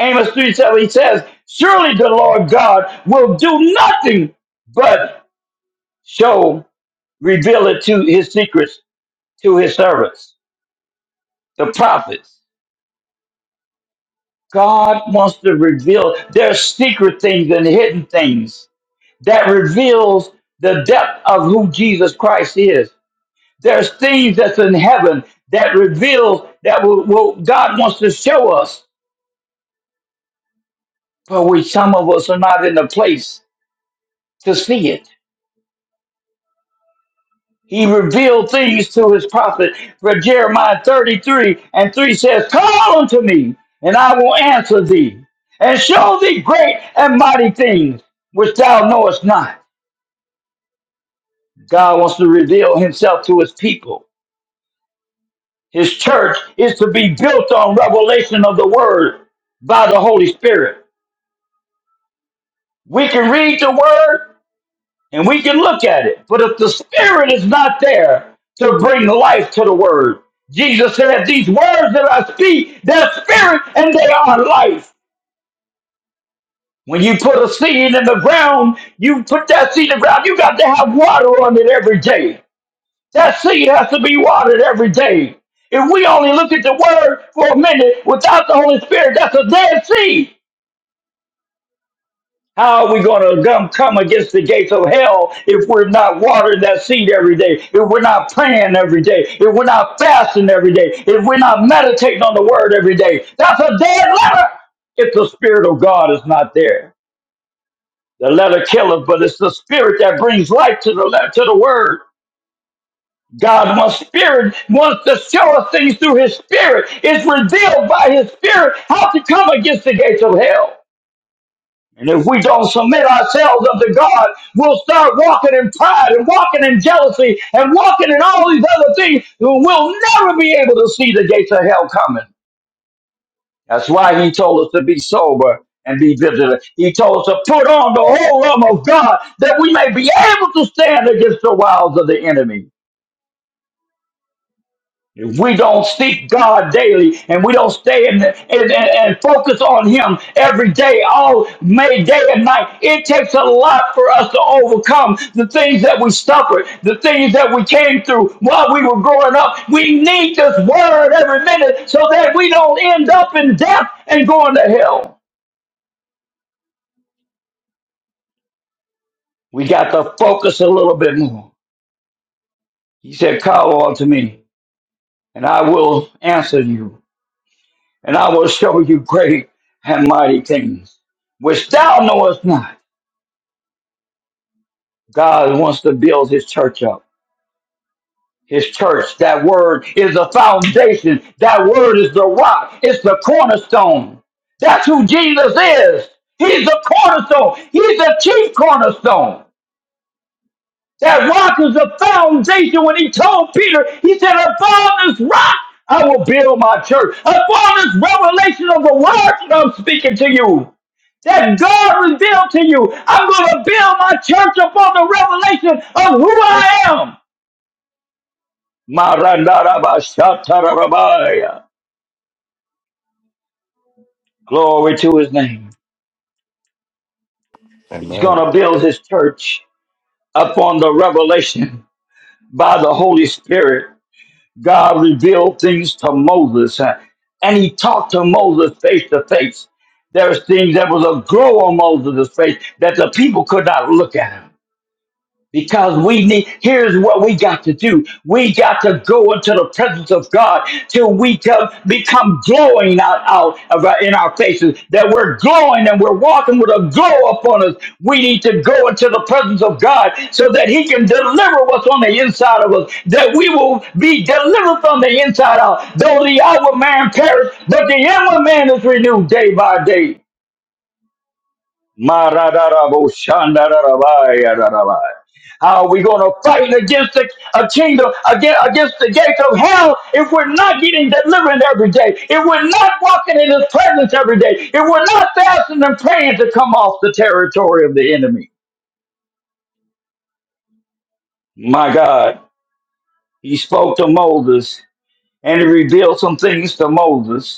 C: Amos 3 7, he says, Surely the Lord God will do nothing but show reveal it to his secrets to his servants, the prophets. God wants to reveal there's secret things and hidden things that reveals the depth of who Jesus Christ is. There's things that's in heaven that reveals that will, will- God wants to show us, but we some of us are not in a place to see it. He revealed things to his prophet. For Jeremiah 33 and 3 says, Call unto me, and I will answer thee, and show thee great and mighty things which thou knowest not. God wants to reveal himself to his people. His church is to be built on revelation of the word by the Holy Spirit. We can read the word, and we can look at it. But if the Spirit is not there to bring life to the Word, Jesus said, These words that I speak, they're Spirit and they are life. When you put a seed in the ground, you put that seed in the ground, you got to have water on it every day. That seed has to be watered every day. If we only look at the Word for a minute without the Holy Spirit, that's a dead seed. How are we going to come, against the gates of hell if we're not watering that seed every day, if we're not praying every day, if we're not fasting every day, if we're not meditating on the word every day? That's a dead letter if the Spirit of God is not there. The letter killeth, but it's the Spirit that brings life to the, le- to the word. God wants spirit, wants to show us things through his spirit. It's revealed by his spirit how to come against the gates of hell. And if we don't submit ourselves unto God, we'll start walking in pride and walking in jealousy and walking in all these other things. We'll never be able to see the gates of hell coming. That's why he told us to be sober and be vigilant. He told us to put on the whole armor of God that we may be able to stand against the wiles of the enemy. If we don't seek God daily and we don't stay in the, and, and, and focus on Him every day, all May, day and night. It takes a lot for us to overcome the things that we suffered, the things that we came through while we were growing up. We need this word every minute so that we don't end up in death and going to hell. We got to focus a little bit more. He said, Call on to me, and I will answer you and I will show you great and mighty things which thou knowest not. God wants to build his church up. His church, that word is the foundation. That word is the rock. It's the cornerstone. That's who Jesus is. He's the cornerstone. He's the chief cornerstone. That rock is the foundation. When he told Peter, he said, Upon this rock, I will build my church. Upon this revelation of the word that I'm speaking to you, that God revealed to you, I'm going to build my church upon the revelation of who I am. Marandarabashatarabaya. Glory to his name. He's going
A: Amen.
C: to build his church upon the revelation by the Holy Spirit God revealed things to Moses, uh, and he talked to Moses face to face. There was things that was a glow on Moses' face that the people could not look at him. Because we need, here's what we got to do. We got to go into the presence of God till we come, become glowing out, out of our, in our faces, that we're glowing and we're walking with a glow upon us. We need to go into the presence of God so that He can deliver what's on the inside of us, that we will be delivered from the inside out. Though the outward man perish, but the inward man is renewed day by day. Ma-ra-da-ra-bo, shan-da-da-ra-ba-ya-da-ra-ba. How are we going to fight against the, a kingdom, against, against the gates of hell, if we're not getting deliverance every day, if we're not walking in His presence every day, if we're not fasting and praying to come off the territory of the enemy? My God, He spoke to Moses and He revealed some things to Moses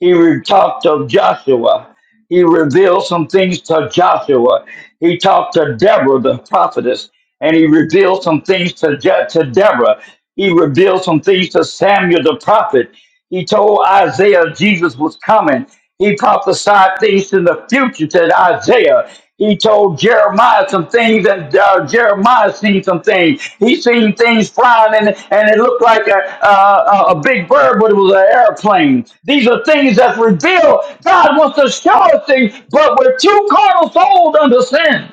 C: He re- talked to Joshua. He revealed some things to Joshua. He talked to Deborah, the prophetess, and he revealed some things to, Je- to Deborah. He revealed some things to Samuel, the prophet. He told Isaiah Jesus was coming. He prophesied things in the future to Isaiah. He told Jeremiah some things, and uh, Jeremiah seen some things. He seen things flying, and, and it looked like a, a, a a big bird, but it was an airplane. These are things that's revealed. God wants to show us things, but we're too carnal sold under sin.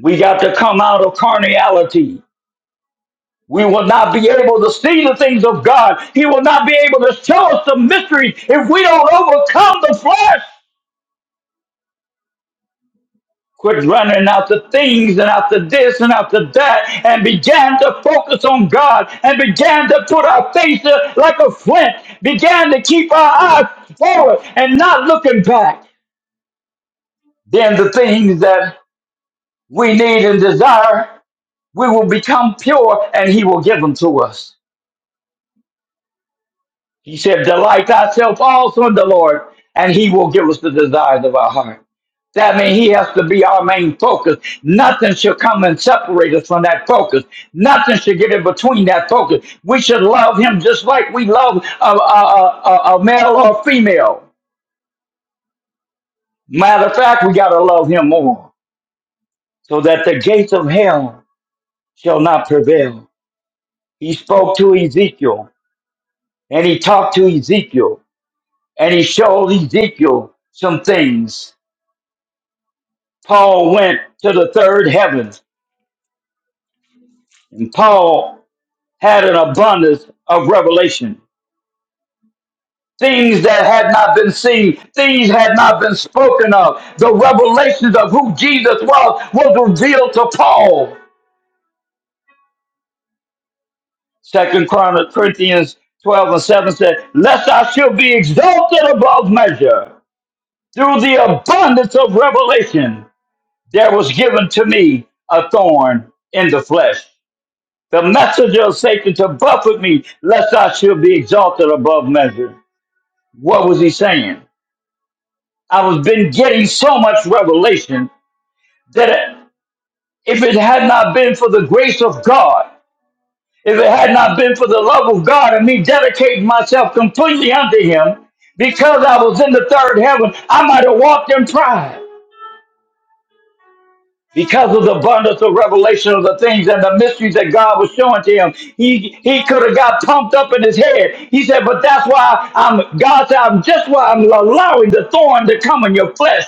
C: We got to come out of carnality. We will not be able to see the things of God. He will not be able to show us the mysteries if we don't overcome the flesh. Quit running after things and after this and after that and began to focus on God and began to put our faces like a flint, began to keep our eyes forward and not looking back. Then the things that we need and desire, we will become pure and He will give them to us. He said, Delight thyself also in the Lord, and he will give us the desires of our heart. That means he has to be our main focus. Nothing should come and separate us from that focus. Nothing should get in between that focus. We should love him just like we love a, a, a, a a male or female. Matter of fact, we got to love him more so that the gates of hell shall not prevail. He spoke to Ezekiel and he talked to Ezekiel and he showed Ezekiel some things Paul went to the third heaven, and Paul had an abundance of revelation. Things that had not been seen, things had not been spoken of. The revelations of who Jesus was was revealed to Paul. Second Corinthians 12 and 7 said, Lest I should be exalted above measure through the abundance of revelation, there was given to me a thorn in the flesh The messenger of Satan to buffet me, lest I should be exalted above measure. What was he saying? I was been getting so much revelation that if it had not been for the grace of God, if it had not been for the love of God and me dedicating myself completely unto him, because I was in the third heaven, I might have walked in pride. because of the abundance of revelation of the things and the mysteries that God was showing to him. He he could have got pumped up in his head. He said, "But that's why I'm." God said, "I'm just why I'm allowing the thorn to come in your flesh."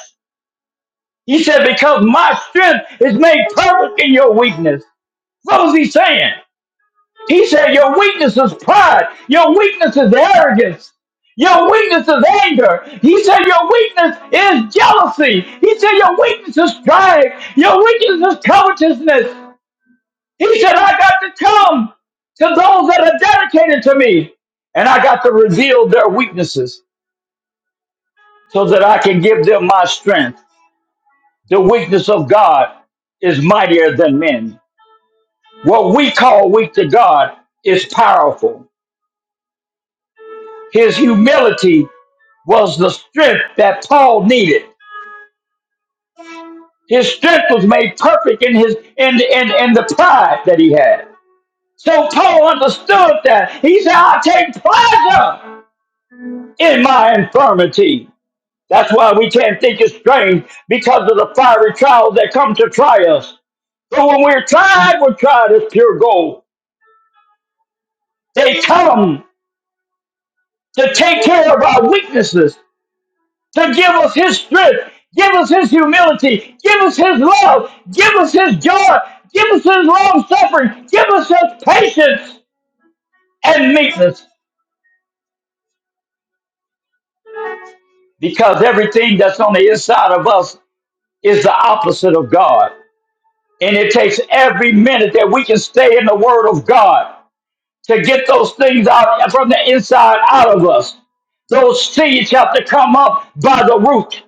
C: He said, "Because my strength is made perfect in your weakness." What was he saying? He said, "Your weakness is pride. Your weakness is arrogance." Your weakness is anger. He said your weakness is jealousy. He said your weakness is strife. Your weakness is covetousness. He said, I got to come to those that are dedicated to me, and I got to reveal their weaknesses so that I can give them my strength. The weakness of God is mightier than men. What we call weak to God is powerful. His humility was the strength that Paul needed. His strength was made perfect in his in in, in the pride that he had. So Paul understood that. He said, I take pleasure in my infirmity. That's why we can't think it's strange because of the fiery trials that come to try us. But when we're tried, we're tried as pure gold. They come to take care of our weaknesses, to give us His strength, give us His humility, give us His love, give us His joy, give us His long suffering, give us His patience and meekness. Because everything that's on the inside of us is the opposite of God. And it takes every minute that we can stay in the Word of God to get those things out from the inside out of us. Those seeds have to come up by the root.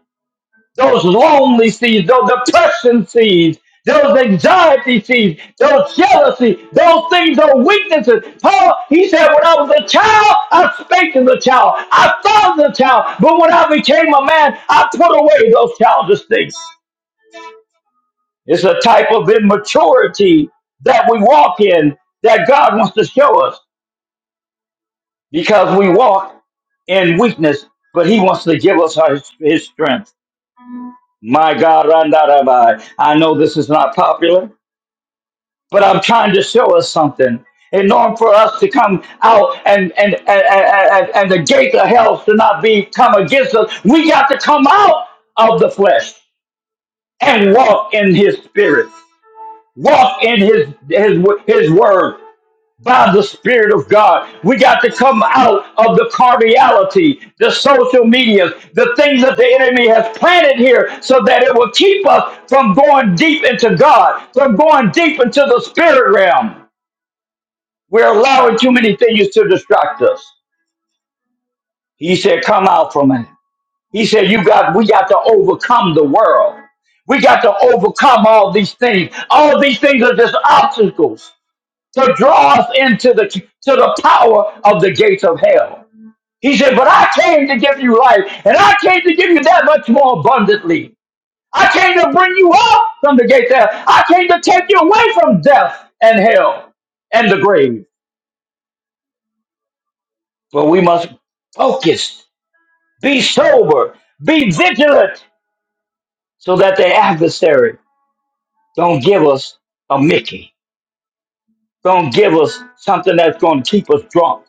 C: Those lonely seeds, those depression seeds, those anxiety seeds, those jealousy, those things those weaknesses. Paul, he said, when I was a child, I spake as a child. I thought as a child. But when I became a man, I put away those childish things. It's a type of immaturity that we walk in that God wants to show us. because we walk in weakness, but he wants to give us our, his strength. My God, Randarabai. I know this is not popular, but I'm trying to show us something. In order for us to come out and and and, and, and the gate of hell to not be come against us, we got to come out of the flesh and walk in his spirit. Walk in his his his word. by the Spirit of God. We got to come out of the carnality, the social media, the things that the enemy has planted here so that it will keep us from going deep into God, from going deep into the spirit realm. We're allowing too many things to distract us. He said, Come out from it. He said, You got we got to overcome the world. We got to overcome all these things. All these things are just obstacles to draw us into the to the power of the gates of hell. He said, "But I came to give you life, and I came to give you that much more abundantly. I came to bring you up from the gates of hell. I came to take you away from death and hell and the grave." But we must focus, be sober, be vigilant, so that the adversary don't give us a Mickey, don't give us something that's going to keep us drunk.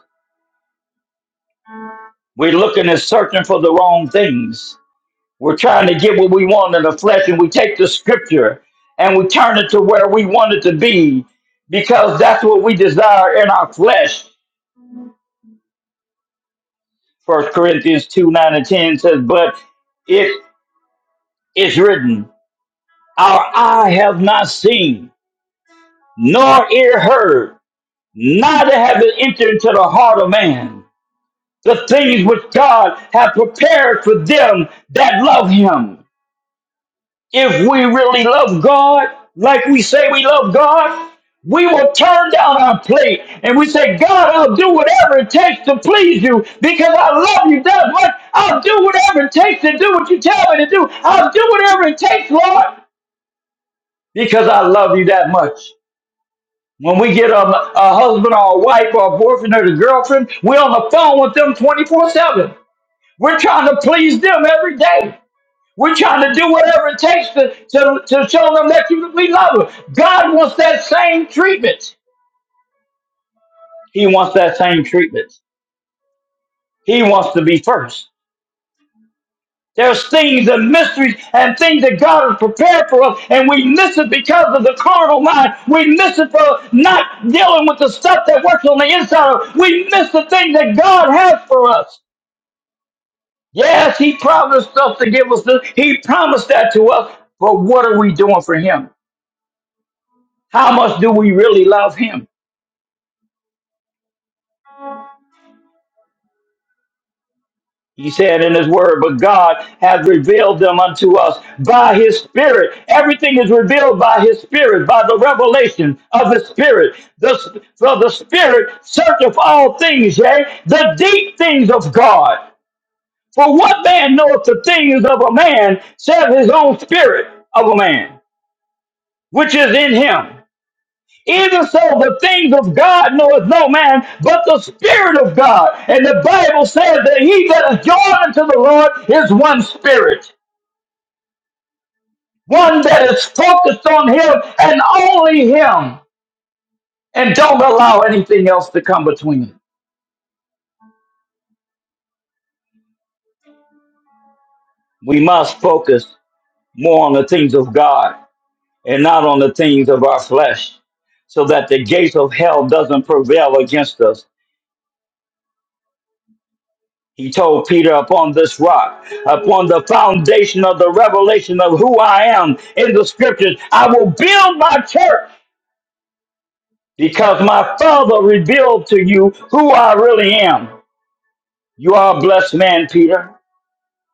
C: We're looking and searching for the wrong things We're trying to get what we want in the flesh, and we take the scripture and we turn it to where we want it to be because that's what we desire in our flesh. First Corinthians 2 9 and 10 says, But it is written, Our eye have not seen, nor ear heard, neither have it entered into the heart of man the things which God hath prepared for them that love him. if we really love God, like we say we love God, we will turn down our plate and we say, God, I'll do whatever it takes to please you because I love you that much. I'll do whatever it takes to do what you tell me to do. I'll do whatever it takes, Lord, because I love you that much. When we get a, a husband or a wife or a boyfriend or a girlfriend, we're on the phone with them 24 7. We're trying to please them every day. We're trying to do whatever it takes to, to, to show them that you, we love them. God wants that same treatment. He wants that same treatment. He wants to be first. There's things and mysteries and things that God has prepared for us, and we miss it because of the carnal mind. We miss it for not dealing with the stuff that works on the inside of us. We miss the thing that God has for us. Yes, He promised us to give us this. He promised that to us. But what are we doing for Him? How much do we really love Him? He said in his word, but God hath revealed them unto us by his spirit. Everything is revealed by his spirit, by the revelation of the spirit. The, for the spirit searcheth all things, yea, the deep things of God. For what man knoweth the things of a man, save his own spirit of a man, which is in him? Even so, the things of God knoweth no man, but the Spirit of God. And the Bible says that he that is joined unto the Lord is one spirit, one that is focused on him and only him, and don't allow anything else to come between. We must focus more on the things of God and not on the things of our flesh, so that the gates of hell doesn't prevail against us He told Peter, Upon this rock, upon the foundation of the revelation of who I am in the scriptures, I will build my church because my Father revealed to you who I really am. You are a blessed man, Peter.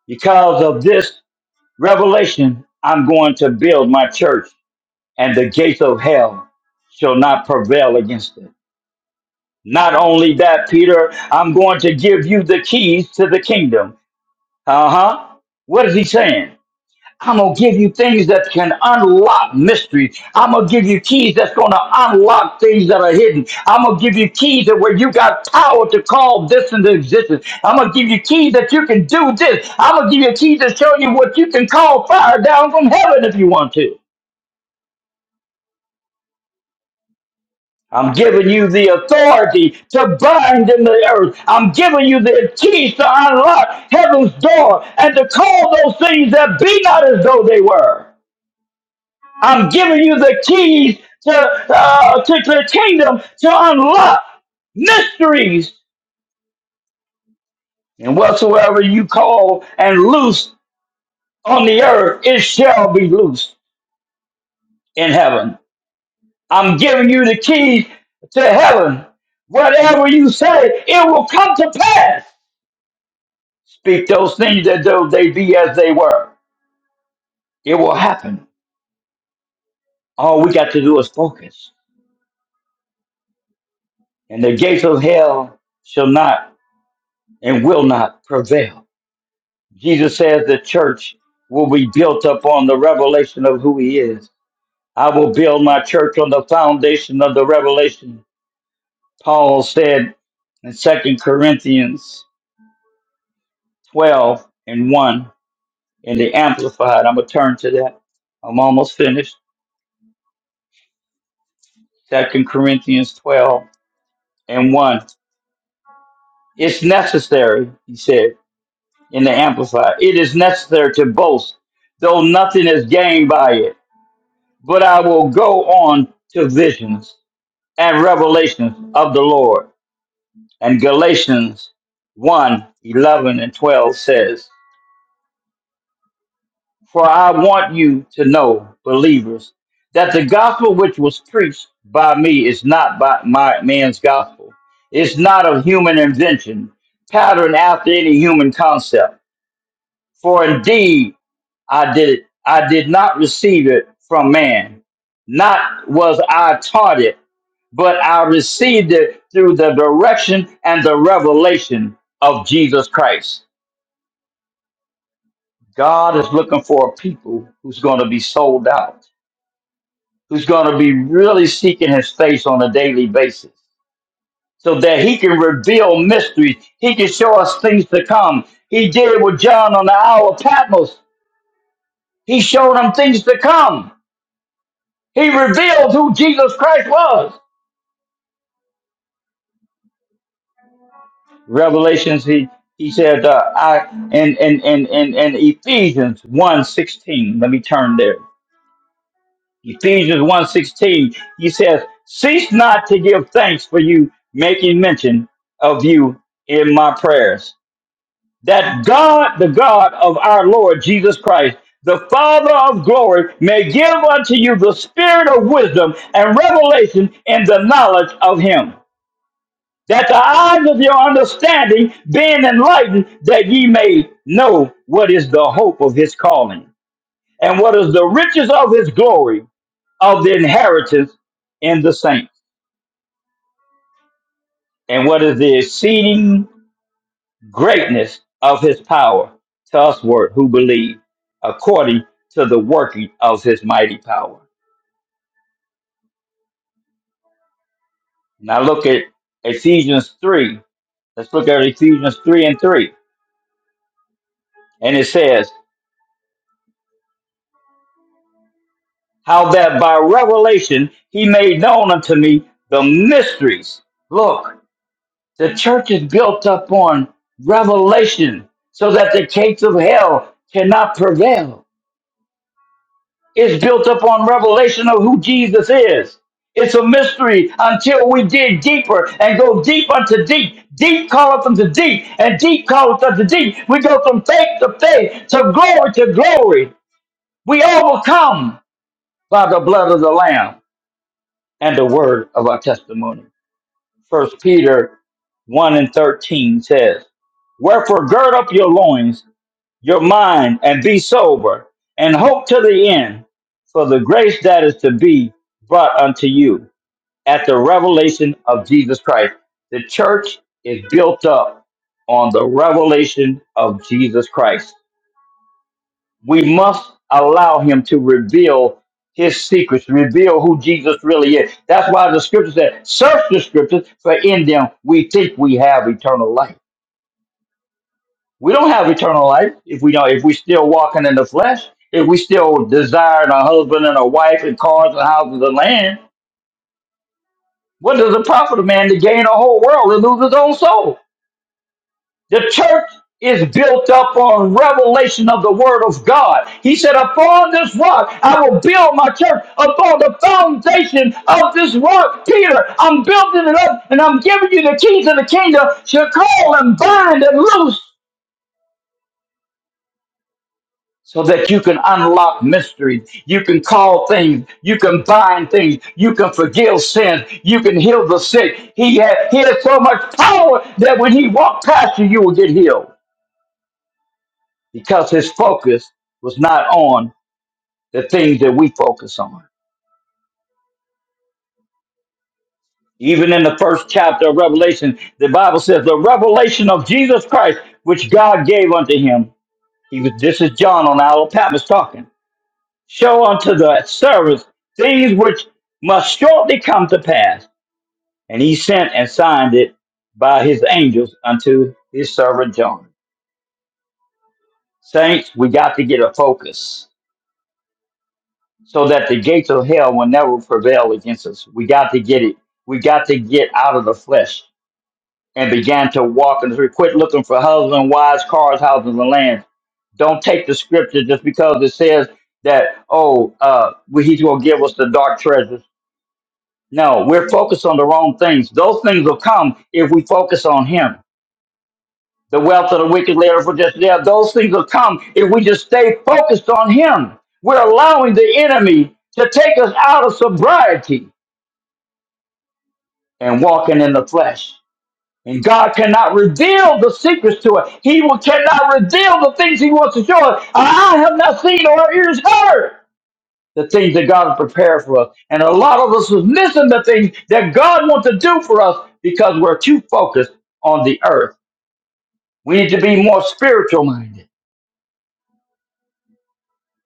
C: Because of this revelation, I'm going to build my church, and the gates of hell shall not prevail against it. Not only that, Peter, I'm going to give you the keys to the kingdom. Uh huh. What is he saying? I'm gonna give you things that can unlock mystery. I'm gonna give you keys that's gonna unlock things that are hidden. I'm gonna give you keys that where you got power to call this into existence. I'm gonna give you keys that you can do this. I'm gonna give you keys that show you what you can call fire down from heaven if you want to. I'm giving you the authority to bind in the earth. I'm giving you the keys to unlock heaven's door and to call those things that be not as though they were. I'm giving you the keys to, uh, to, to the kingdom to unlock mysteries. And whatsoever you call and loose on the earth, it shall be loose in heaven. I'm giving you the keys to heaven. Whatever you say, it will come to pass. Speak those things that though they be as they were. It will happen. All we got to do is focus. And the gates of hell shall not and will not prevail Jesus says the church will be built up on the revelation of who he is. I will build my church on the foundation of the revelation. Paul said in Second Corinthians 12 and 1 in the Amplified. I'm going to turn to that. I'm almost finished. Second Corinthians 12 and 1. It's necessary, he said in the Amplified. It is necessary to boast, though nothing is gained by it. But I will go on to visions. and revelations of the Lord. And Galatians one 11 and 12 says, For I want you to know, believers, that the gospel which was preached by me is not by my man's gospel. It's not of human invention, patterned after any human concept. For indeed I did I did not receive it from man, not was I taught it but I received it through the direction and the revelation of Jesus Christ. God is looking for a people who's going to be sold out, who's going to be really seeking his face on a daily basis so that he can reveal mysteries. He can show us things to come. He did it with John on the Isle of Patmos. He showed him things to come. He revealed who Jesus Christ was. Revelations, he he said, uh, I in in in in in Ephesians one sixteen. Let me turn there. Ephesians one sixteen. he says, Cease not to give thanks for you, making mention of you in my prayers. That God, the God of our Lord Jesus Christ, the Father of glory, may give unto you the spirit of wisdom and revelation in the knowledge of him that the eyes of your understanding being enlightened, that ye may know what is the hope of his calling, and what is the riches of his glory, of the inheritance in the saints, and what is the exceeding greatness of his power to usward who believe, according to the working of his mighty power. Now look at Ephesians 3. Let's look at Ephesians 3 and 3. And it says, how that by revelation he made known unto me the mysteries. Look, the church is built up on revelation so that the gates of hell cannot prevail. It's built up on revelation of who Jesus is. It's a mystery until we dig deeper and go deep unto deep. Deep calleth unto deep, and deep calleth unto deep. We go from faith to faith, to glory to glory. We overcome by the blood of the Lamb and the word of our testimony. First Peter 1 and 13 says, Wherefore gird up your loins, your mind, and be sober, and hope to the end for the grace that is to be brought unto you at the revelation of Jesus Christ. The church is built up on the revelation of Jesus Christ we must allow him to reveal his secrets, reveal who Jesus really is. That's why the scripture said, search the scriptures, for in them we think we have eternal life. We don't have eternal life if we don't, if we still walking in the flesh, if we still desiring a husband and a wife and cars and houses and land. What does it profit a man to gain a whole world and lose his own soul? The church is built up on revelation of the word of God. He said, Upon this rock, I will build my church upon the foundation of this rock. Peter, I'm building it up and I'm giving you the keys of the kingdom. So call and bind and loose so that you can unlock mysteries. You can call things. You can bind things. You can forgive sins. You can heal the sick. He has he had so much power that when he walked past you, you will get healed. because his focus was not on the things that we focus on. Even in the first chapter of Revelation, the Bible says the revelation of Jesus Christ, which God gave unto him. He was this is John on our Patmos talking. Show unto the servants things which must shortly come to pass. And he sent and signed it by his angels unto his servant John. Saints, we got to get a focus. so that the gates of hell will never prevail against us. We got to get it. We got to get out of the flesh and began to walk and to quit looking for husbands, wives, cars, houses, and lands. Don't take the scripture just because it says that, oh, uh, we- he's going to give us the dark treasures. No, we're focused on the wrong things. Those things will come if we focus on him the wealth of the wicked layer for just there. Those things will come if we just stay focused on Him. We're allowing the enemy to take us out of sobriety and walking in the flesh. And God cannot reveal the secrets to us. He will, cannot reveal the things He wants to show us. I have not seen or our ears heard the things that God has prepared for us. And a lot of us is missing the things that God wants to do for us because we're too focused on the earth. We need to be more spiritual minded.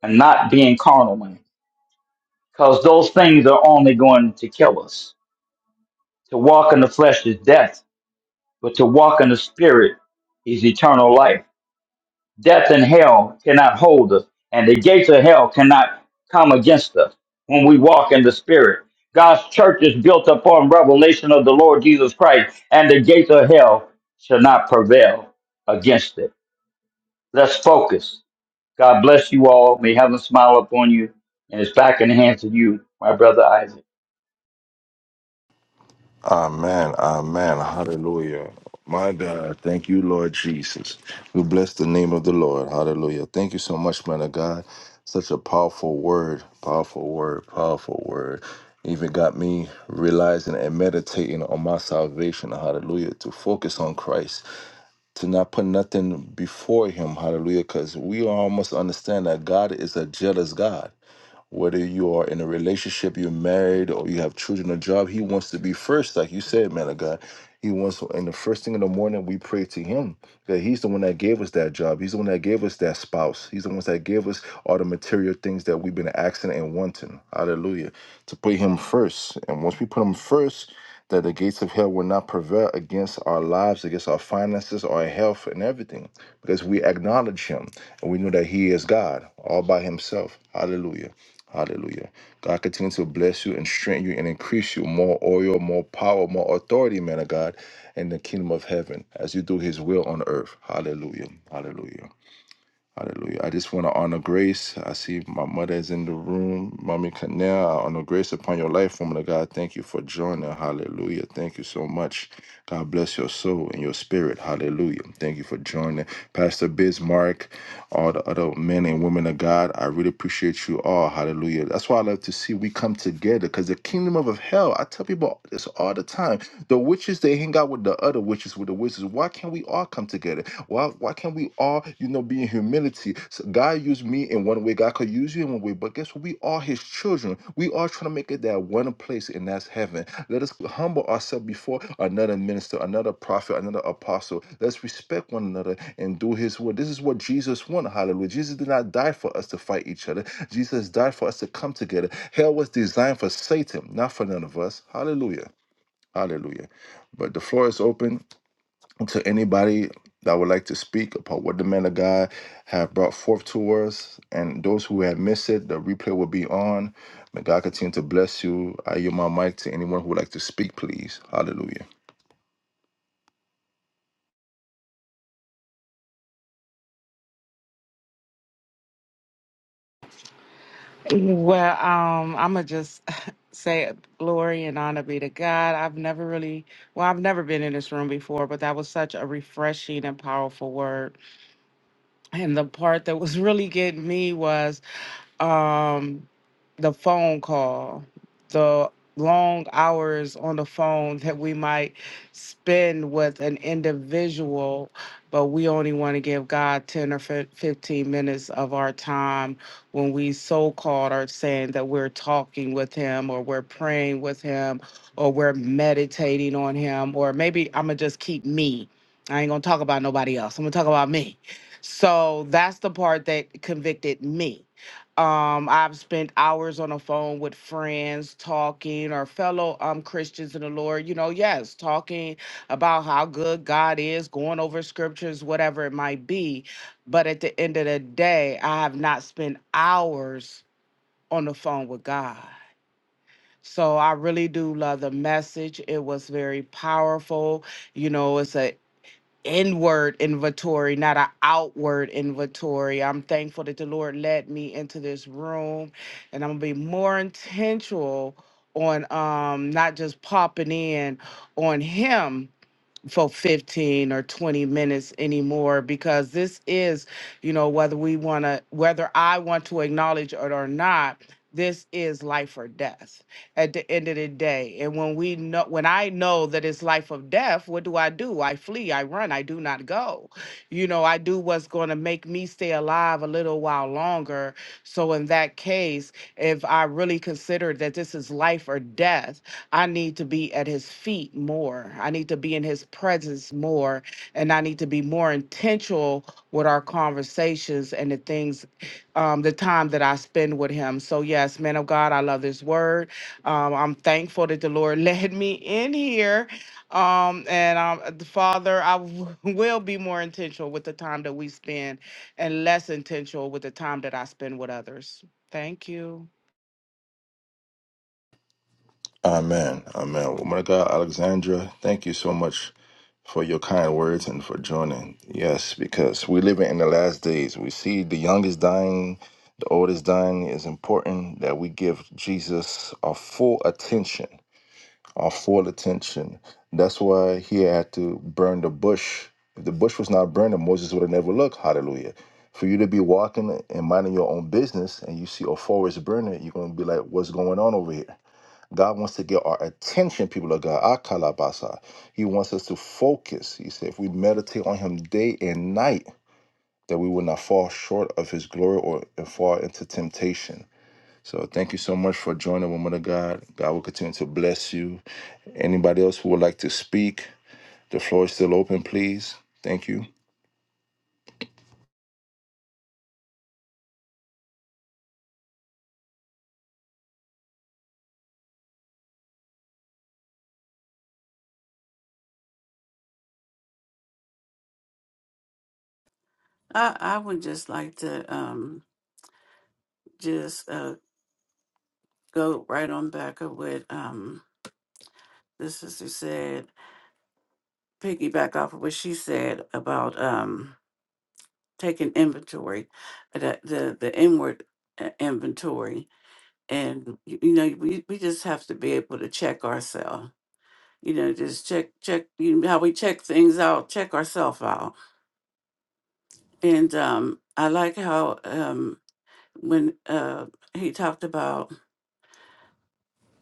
C: and not being carnal minded. Because those things are only going to kill us. To walk in the flesh is death, but to walk in the spirit is eternal life. Death and hell cannot hold us, and the gates of hell cannot come against us when we walk in the spirit. God's church is built upon revelation of the Lord Jesus Christ, and the gates of hell shall not prevail against it. Let's focus. God bless you all. May heaven smile upon you, and it's back in the hands of you, my brother Isaac.
A: Amen. Amen. Hallelujah. My God, thank you, Lord Jesus. We bless the name of the Lord. Hallelujah. Thank you so much, man of God. Such a powerful word, powerful word, powerful word. Even got me realizing and meditating on my salvation. Hallelujah. To focus on Christ. to not put nothing before him hallelujah because we all must understand that god is a jealous god whether you are in a relationship you're married or you have children a job he wants to be first like you said man of god he wants and the first thing in the morning we pray to him that he's the one that gave us that job he's the one that gave us that spouse he's the one that gave us all the material things that we've been asking and wanting hallelujah to put him first and once we put him first that the gates of hell will not prevail against our lives, against our finances, our health, and everything, because we acknowledge Him and we know that He is God all by Himself. Hallelujah. Hallelujah. God continue to bless you and strengthen you and increase you more oil, more power, more authority, man of God, in the kingdom of heaven as you do His will on earth. Hallelujah. Hallelujah. Hallelujah. I just want to honor grace. I see my mother is in the room. Mommy Canal, I honor grace upon your life, woman of God. Thank you for joining. Hallelujah. Thank you so much. God bless your soul and your spirit. Hallelujah. Thank you for joining. Pastor Bismarck, all the other men and women of God, I really appreciate you all. Hallelujah. That's why I love to see we come together because the kingdom of hell, I tell people this all the time. The witches, they hang out with the other witches, with the wizards. Why? Why can't we all come together? Why why can't we all, you know, be in humility? So God used me in one way, God could use you in one way, but guess what? We are his children. We are trying to make it that one place, and that's heaven. Let us humble ourselves before another minister, another prophet, another apostle. Let's respect one another and do his will. This is what Jesus wanted. Hallelujah. Jesus did not die for us to fight each other. Jesus died for us to come together. Hell was designed for Satan, not for none of us. Hallelujah. Hallelujah. But the floor is open to anybody that would like to speak about what the men of God have brought forth to us. And those who have missed it, the replay will be on. May God continue to bless you. I yield my mic to anyone who would like to speak, please. Hallelujah.
G: Well, um, I'm gonna just say glory and honor be to God. I've never really, well, I've never been in this room before, but that was such a refreshing and powerful word. And the part that was really getting me was um the phone call the long hours on the phone that we might spend with an individual but we only want to give god 10 or fif- 15 minutes of our time when we so called are saying that we're talking with him or we're praying with him or we're meditating on him or maybe i'm gonna just keep me i ain't gonna talk about nobody else i'm gonna talk about me so that's the part that convicted me um, I've spent hours on the phone with friends talking or fellow um Christians in the Lord, you know, yes, talking about how good God is, going over scriptures, whatever it might be. But at the end of the day, I have not spent hours on the phone with God. So I really do love the message. It was very powerful. You know, it's a inward inventory, not an outward inventory. I'm thankful that the Lord led me into this room and I'm gonna be more intentional on um not just popping in on him for 15 or 20 minutes anymore because this is, you know, whether we want to, whether I want to acknowledge it or not, this is life or death at the end of the day. And when we know, when I know that it's life or death, what do I do? I flee, I run, I do not go. You know, I do what's going to make me stay alive a little while longer. So in that case, if I really consider that this is life or death, I need to be at his feet more. I need to be in his presence more. And I need to be more intentional with our conversations and the things, um, the time that I spend with him. So, yes, man of God, I love this word. Um, I'm thankful that the Lord led me in here. Um, and um, the Father, I w- will be more intentional with the time that we spend and less intentional with the time that I spend with others. Thank you.
A: Amen. Amen. Woman of God, Alexandra, thank you so much for your kind words and for joining. Yes, because we live in the last days. We see the youngest dying, the oldest dying. It's important that we give Jesus our full attention our full attention. That's why he had to burn the bush. If the bush was not burning, Moses would have never looked. Hallelujah. For you to be walking and minding your own business and you see a forest burning, you're going to be like, what's going on over here? God wants to get our attention, people of God. Akalabasa. He wants us to focus. He said, if we meditate on him day and night, that we will not fall short of his glory or fall into temptation. So thank you so much for joining Woman of God. God will continue to bless you. Anybody else who would like to speak, the floor is still open, please. Thank you.
D: I, I would just like to um just uh go right on back of what um this sister said piggyback off of what she said about um, taking inventory, uh, the the, the inward uh, inventory, and you, you know we, we just have to be able to check ourselves. You know, just check check you know, how we check things out, check ourselves out. And um, I like how um, when uh, he talked about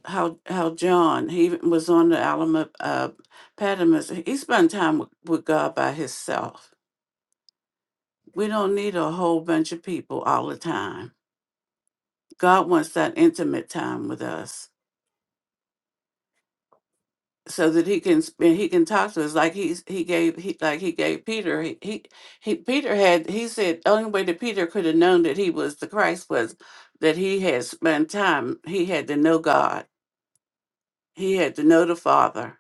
D: how how John he even was on the Alamo uh, Patmos, he spent time with, with God by himself We don't need a whole bunch of people all the time. God wants that intimate time with us so that he can spend he can talk to us like he's he gave he like he gave Peter he, he he Peter had he said only way that Peter could have known that he was the Christ was that he had spent time he had to know God he had to know the Father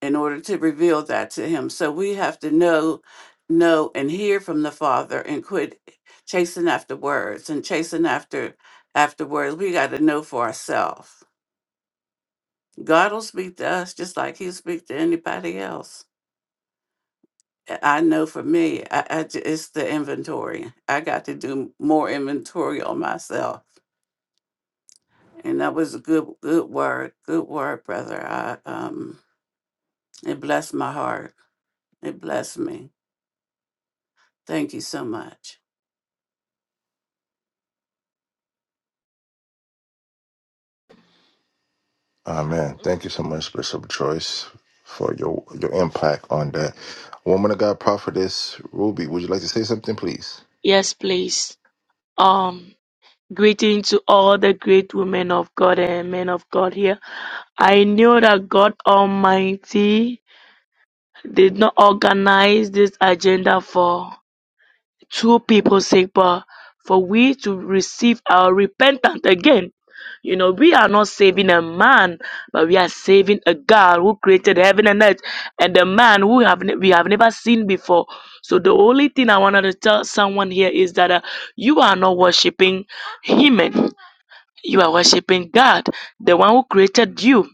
D: in order to reveal that to him. So we have to know, know, and hear from the Father, and quit chasing after words and chasing after after words. We got to know for ourselves. God will speak to us just like He'll speak to anybody else. I I know for me, I, I ju- it's the inventory. I got to do more inventory on myself, and that was a good good word, good word, brother. I um, it blessed my heart. It blessed me. Thank you so much.
A: Amen. Thank you so much, Bishop Joyce, for your your impact on that. Woman of God prophetess Ruby, would you like to say something, please?
H: Yes, please. Um, greeting to all the great women of God and men of God here. I know that God Almighty did not organize this agenda for two people say, but for we to receive our repentance again, you know, we are not saving a man, but we are saving a God who created heaven and earth, and the man who have ne- we have never seen before. So the only thing I wanted to tell someone here is that uh, you are not worshiping Him, you are worshiping God, the one who created you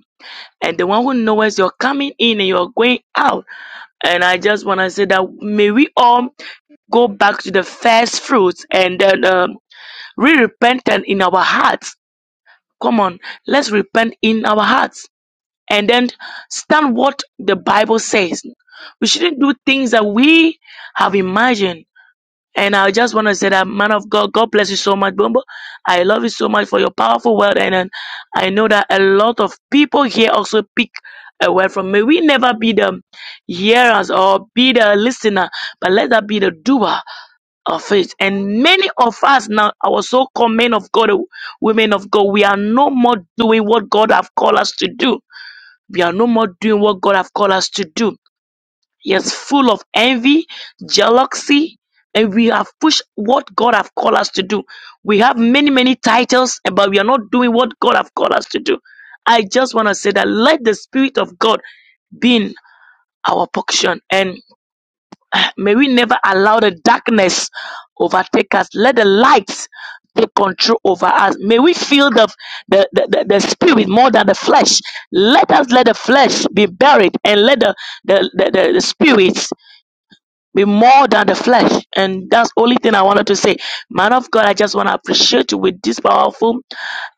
H: and the one who knows you're coming in and you're going out. And I just want to say that may we all go back to the first fruits and then um, we repentant in our hearts. Come on, let's repent in our hearts and then stand what the Bible says. We shouldn't do things that we have imagined and I just want to say that, man of God, God bless you so much, Bumbo. I love you so much for your powerful word. And, and I know that a lot of people here also pick a word from me. We never be the hearers or be the listener, but let that be the doer of it. And many of us now, our so-called men of God, women of God, we are no more doing what God have called us to do. We are no more doing what God have called us to do. Yes, full of envy, jealousy, and we have pushed what God have called us to do. We have many, many titles, eh, but we are not doing what God have called us to do. I just want to say that let the Spirit of God be in our portion and may we never allow the darkness overtake us. Let the light take control over us. May we feel the, the, the, the, the spirit more than the flesh. Let us let the flesh be buried and let the, the, the, the, the spirit be more than the flesh. And that's only thing I wanted to say. Man of God, I just want to appreciate you with this powerful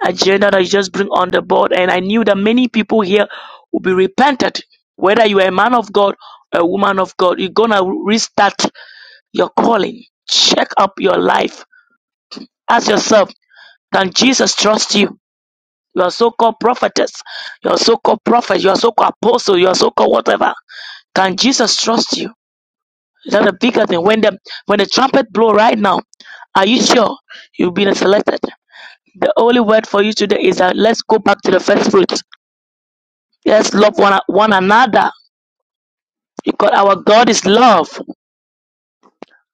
H: agenda that you just bring on the board. And I knew that many people here will be repented. Whether you are a man of God or a woman of God, you're going to restart your calling. Check up your life. Ask yourself, can Jesus trust you? You are so called prophetess. You are so called prophet. You are so called apostle. You are so called whatever. Can Jesus trust you? That's a bigger thing. When the when the trumpet blow right now, are you sure you've been selected? The only word for you today is that let's go back to the first fruit. Let's love one, one another because our God is love.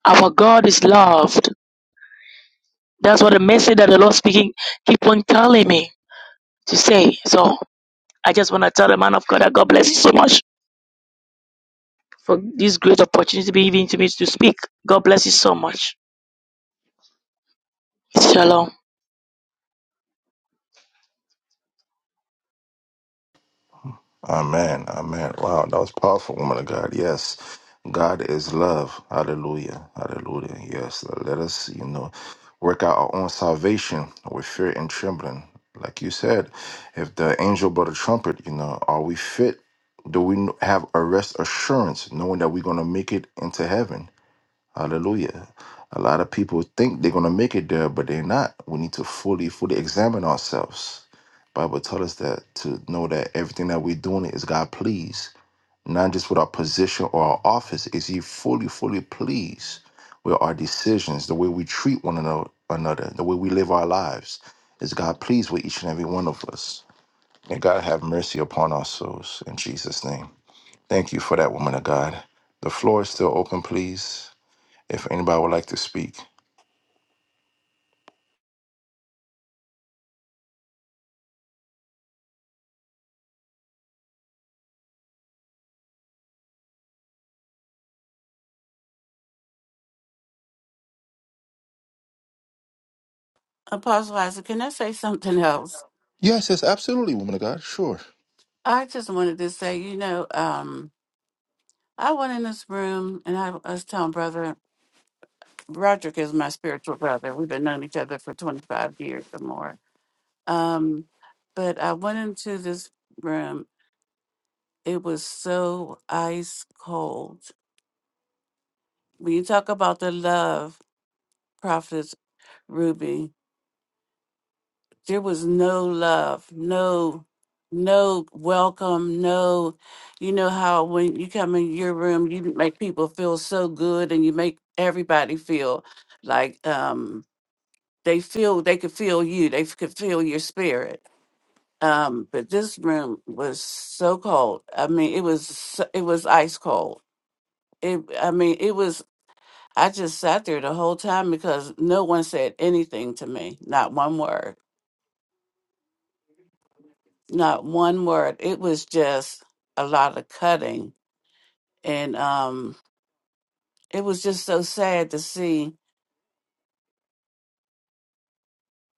H: Our God is loved. That's what the message that the Lord speaking keep on telling me to say. So I just want to tell the man of God that God bless you so much for this great opportunity to be given to me to speak. God bless you so much. Shalom.
A: Amen. Amen. Wow, that was powerful, woman of God. Yes. God is love. Hallelujah. Hallelujah. Yes. Let us, you know, work out our own salvation with fear and trembling. Like you said, if the angel brought a trumpet, you know, are we fit? Do we have a rest assurance knowing that we're going to make it into heaven? Hallelujah. A lot of people think they're going to make it there, but they're not. We need to fully, fully examine ourselves Bible tell us that to know that everything that we're doing is God pleased, not just with our position or our office. Is He fully, fully pleased with our decisions, the way we treat one ano- another, the way we live our lives? Is God pleased with each and every one of us? And God have mercy upon our souls in Jesus' name. Thank you for that, woman of God. The floor is still open, please. If anybody would like to speak.
D: Apostle Isaac, can I say something else?
A: Yes, yes, absolutely, woman of God. Sure.
D: I just wanted to say, you know, um, I went in this room and I, I was telling brother Roderick is my spiritual brother. We've been knowing each other for 25 years or more. Um, but I went into this room. It was so ice cold. When you talk about the love, Prophetess Ruby, there was no love, no no welcome, no you know how when you come in your room you make people feel so good and you make everybody feel like um they feel they could feel you, they could feel your spirit. Um but this room was so cold. I mean, it was so- it was ice cold. It I mean, it was I just sat there the whole time because no one said anything to me, not one word not one word. It was just a lot of cutting. And um, it was just so sad to see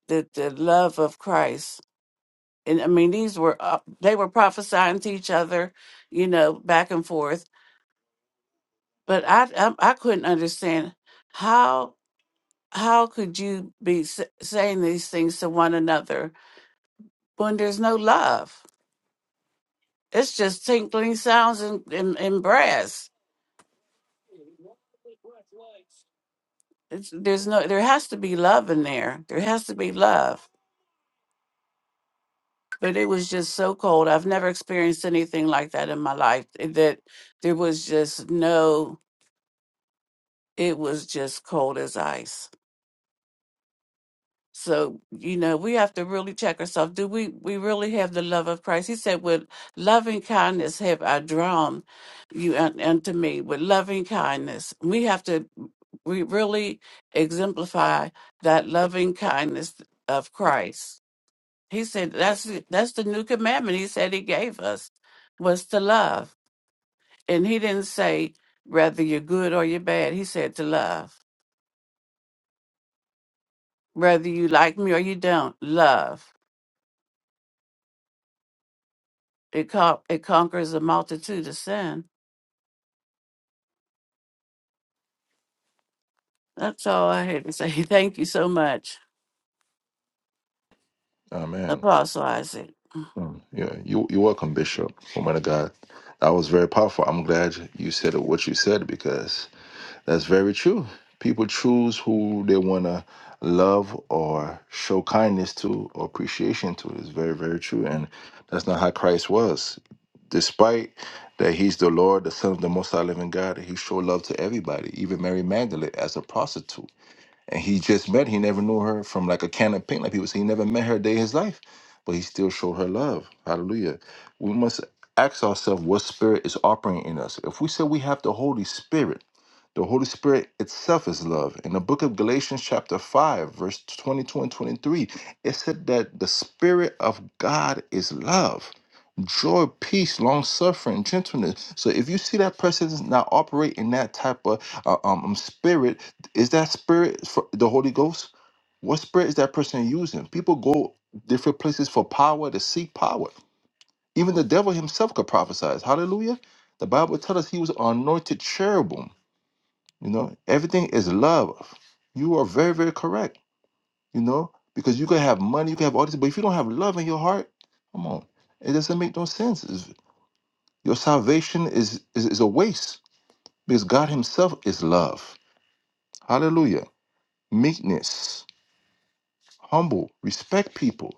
D: the, the love of Christ. And I mean, these were, uh, they were prophesying to each other, you know, back and forth. But I, I, I couldn't understand how, how could you be s- saying these things to one another when there's no love? It's just tinkling sounds and, and, and brass. it's, there's no there has to be love in there there has to be love but it was just so cold i've never experienced anything like that in my life eh, that there was just no it was just cold as ice so you know we have to really check ourselves do we we really have the love of christ he said with loving kindness have i drawn you un- unto me with loving kindness we have to we really exemplify that loving kindness of christ He said that's that's the new commandment he said he gave us was to love. And he didn't say whether you're good or you're bad. He said to love. Whether you like me or you don't, love. It co- it conquers a multitude of sin. That's all I had to say. Thank you so much,
A: Amen.
D: Apostle Isaac.
A: Mm, Yeah, you, you're welcome, Bishop, woman of God. That was very powerful. I'm glad you said what you said because that's very true. People choose who they want to love or show kindness to or appreciation to. It's very, very true. And that's not how Christ was. Despite that he's the Lord, the Son of the Most High Living God, he showed love to everybody, even Mary Magdalene as a prostitute and he just met. He never knew her from like a can of paint, like people say. He never met her a day in his life, but he still showed her love. Hallelujah. We must ask ourselves what spirit is operating in us. If we say we have the Holy Spirit, the Holy Spirit itself is love. In the book of Galatians, chapter 5, verse 22 and 23, it said that the Spirit of God is love, joy, peace, long suffering, gentleness. So if you see that person is not operating in that type of uh, um, um, spirit, is that spirit for the Holy Ghost? What spirit is that person using? People go different places for power to seek power. Even the devil himself could prophesy. Hallelujah. The Bible tells us he was anointed cherubim. You know, everything is love. You are very, very correct. You know, because you can have money, you can have all this, but if you don't have love in your heart, come on, it doesn't make no sense. It's- your salvation is, is is a waste because God Himself is love. Hallelujah. Meekness, humble, respect people,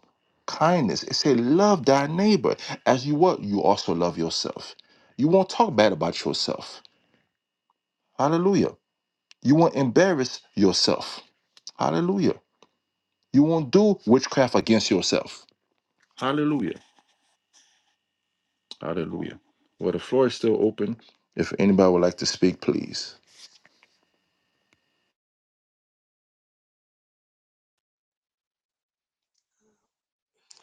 A: kindness. It say, love thy neighbor as you what you also love yourself. You won't talk bad about yourself. Hallelujah. You won't embarrass yourself. Hallelujah. You won't do witchcraft against yourself. Hallelujah. Hallelujah. Well, the floor is still open. If anybody would like to speak, please.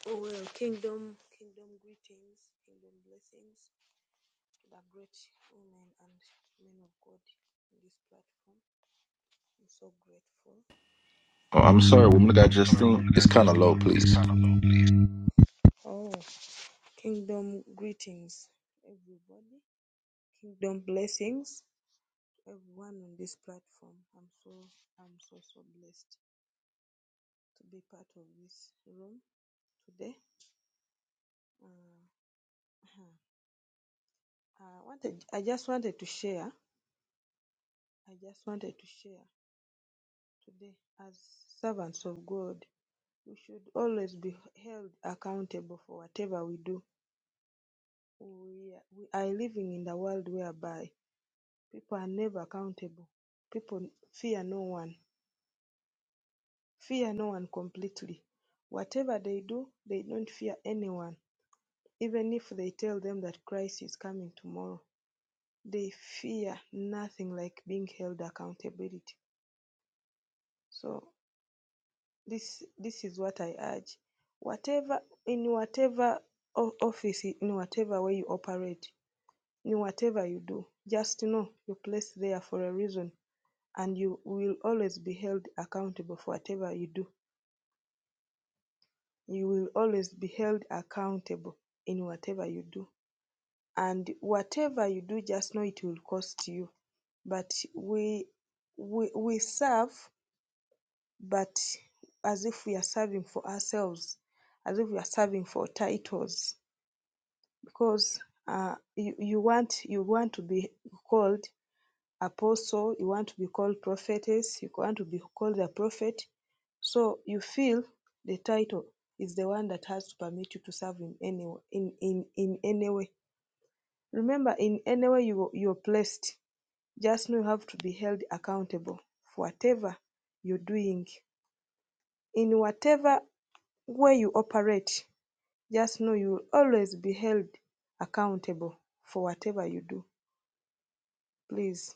I: Oh well, kingdom, kingdom greetings, kingdom blessings to the great women and men of God in this platform. I'm so grateful.
A: Oh, I'm sorry, woman of God, Justine. It's kind of low, please.
I: Oh, kingdom greetings, everybody. Kingdom blessings everyone on this platform. I'm so, I'm so, so blessed to be part of this room today. Uh, I wanted, I just wanted to share. I just wanted to share today as servants of God. We should always be held accountable for whatever we do. We are, we are living in a world whereby people are never accountable. People fear no one, fear no one completely. Whatever they do, they don't fear anyone. Even if they tell them that Christ is coming tomorrow, they fear nothing like being held accountability. So this this is what I urge. Whatever in whatever o- office, in whatever way you operate, In whatever you do, just know you place there for a reason and you will always be held accountable for whatever you do. You will always be held accountable in whatever you do. And whatever you do, just know it will cost you. But we we, we serve, but as if we are serving for ourselves, as if we are serving for titles, because uh, you, you want you want to be called apostle, you want to be called prophetess, you want to be called a prophet. So you feel the title is the one that has to permit you to serve in any in in, in any way. Remember, in any way you you're placed, just know you have to be held accountable for whatever you're doing. In whatever way you operate, just know you will always be held accountable for whatever you do. Please.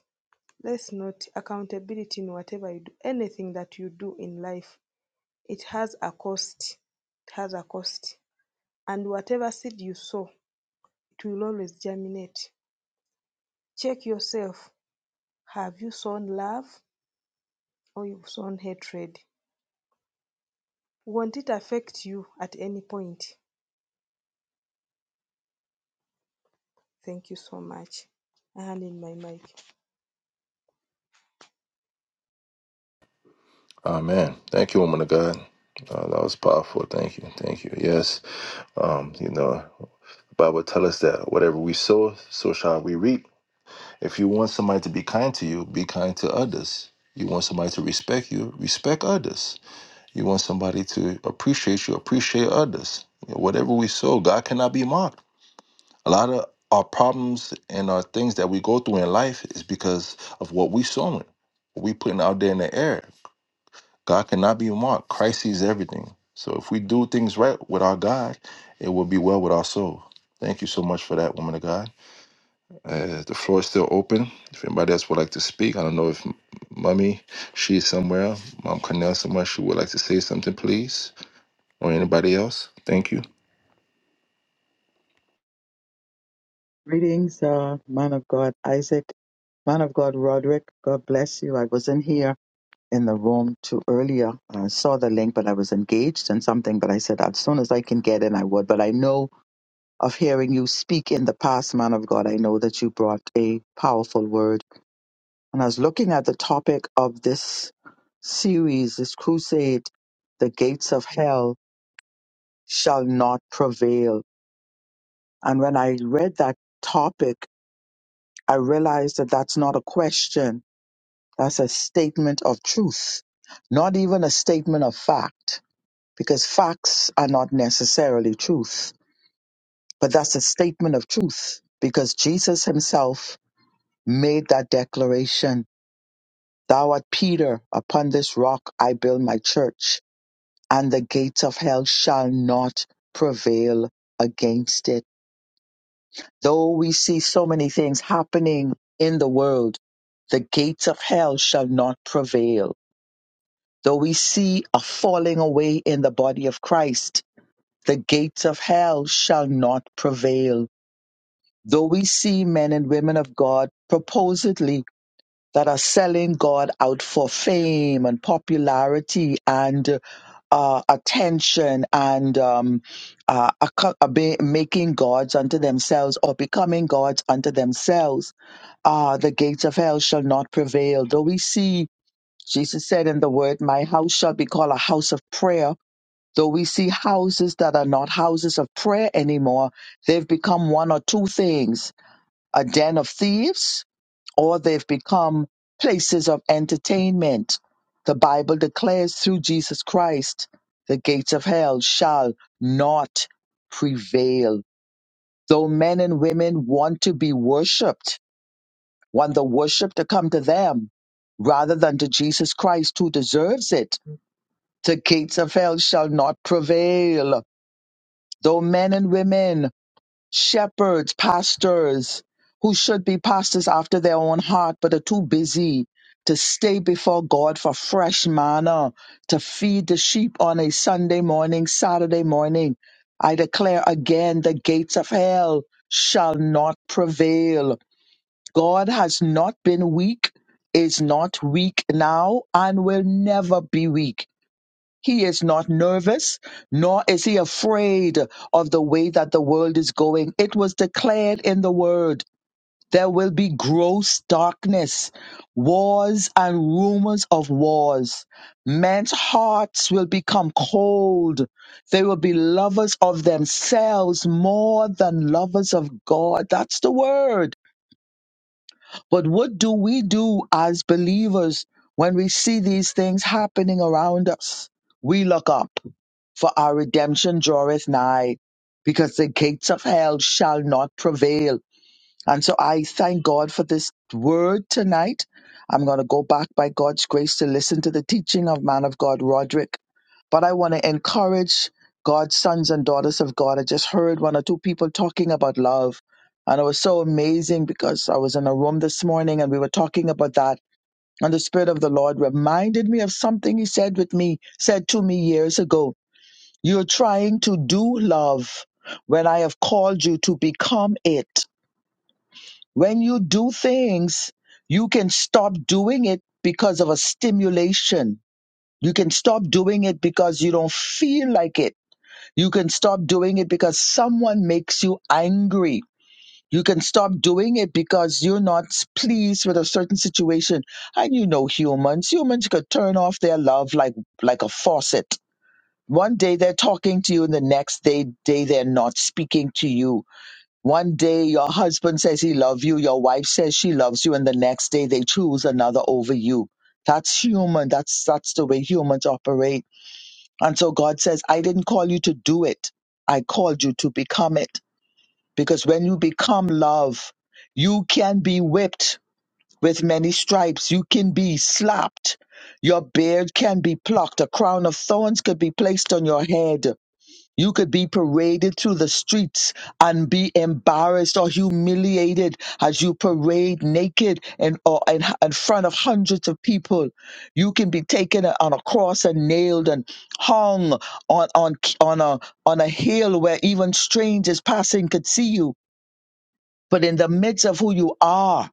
I: let's note accountability in whatever you do anything that you do in life it has a cost it has a cost and whatever seed you sow it will always germinate check yourself have you sown love or you've sown hatred won't it affect you at any point thank you so much i hand in my mic
A: Amen. Thank you, woman of God. Uh, that was powerful. Thank you. Thank you. Yes. Um, you know, Bible tell us that whatever we sow, so shall we reap. If you want somebody to be kind to you, be kind to others. You want somebody to respect you, respect others. You want somebody to appreciate you, appreciate others. You know, whatever we sow, God cannot be mocked. A lot of our problems and our things that we go through in life is because of what we sowing, what we putting out there in the air. God cannot be mocked. Christ sees everything. So if we do things right with our God, it will be well with our soul. Thank you so much for that, woman of God. Uh, the floor is still open. If anybody else would like to speak, I don't know if M- Mummy, she's somewhere, Mom Cornell somewhere, she would like to say something, please. Or anybody else? Thank you.
J: Greetings, uh, man of God, Isaac, man of God, Roderick. God bless you. I wasn't here in the room too earlier. I saw the link, but I was engaged in something. But I said, as soon as I can get in, I would. But I know of hearing you speak in the past, man of God. I know that you brought a powerful word. And I was looking at the topic of this series, this crusade, the gates of hell shall not prevail. And when I read that topic, I realized that that's not a question That's a statement of truth, not even a statement of fact, because facts are not necessarily truth. But that's a statement of truth, because Jesus himself made that declaration Thou art Peter, upon this rock I build my church, and the gates of hell shall not prevail against it. Though we see so many things happening in the world, the gates of hell shall not prevail So we see a falling away in the body of Christ. The gates of hell shall not prevail. Though we see men and women of God proposedly that are selling God out for fame and popularity and uh, attention and um, uh, acco- obe- making gods unto themselves or becoming gods unto themselves, uh, the gates of hell shall not prevail. Though we see Jesus said in the word, My house shall be called a house of prayer Though we see houses that are not houses of prayer anymore. They've become one or two things a den of thieves, or they've become places of entertainment. The Bible declares through Jesus Christ, the gates of hell shall not prevail. Though men and women want to be worshiped, want the worship to come to them rather than to Jesus Christ who deserves it, the gates of hell shall not prevail though men and women, shepherds, pastors, who should be pastors after their own heart, but are too busy to stay before God for fresh manna, to feed the sheep on a Sunday morning, Saturday morning. I declare again, the gates of hell shall not prevail. God has not been weak, is not weak now, and will never be weak. He is not nervous, nor is he afraid of the way that the world is going. It was declared in the word there will be gross darkness, wars and rumors of wars. Men's hearts will become cold. They will be lovers of themselves more than lovers of God. That's the word. But what do we do as believers when we see these things happening around us? We look up, for our redemption draweth nigh, because the gates of hell shall not prevail. And so I thank God for this word tonight. I'm going to go back by God's grace to listen to the teaching of man of God, Roderick but I want to encourage God's sons and daughters of God. I just heard one or two people talking about love, and it was so amazing because I was in a room this morning and we were talking about that. And the Spirit of the Lord reminded me of something He said with me, said to me years ago. You're trying to do love when I have called you to become it. When you do things, you can stop doing it because of a stimulation. You can stop doing it because you don't feel like it you can stop doing it because someone makes you angry. You can stop doing it because you're not pleased with a certain situation. And you know humans, humans could turn off their love like like a faucet. One day they're talking to you and the next day day they're not speaking to you. One day your husband says he loves you, your wife says she loves you and the next day they choose another over you. That's human. That's that's the way humans operate and so God says, I didn't call you to do it. I called you to become it. Because when you become love, you can be whipped with many stripes. You can be slapped. Your beard can be plucked. A crown of thorns could be placed on your head. You could be paraded through the streets and be embarrassed or humiliated as you parade naked and or in, in front of hundreds of people. You can be taken on a cross and nailed and hung on on on a on a hill where even strangers passing could see you. But in the midst of who you are,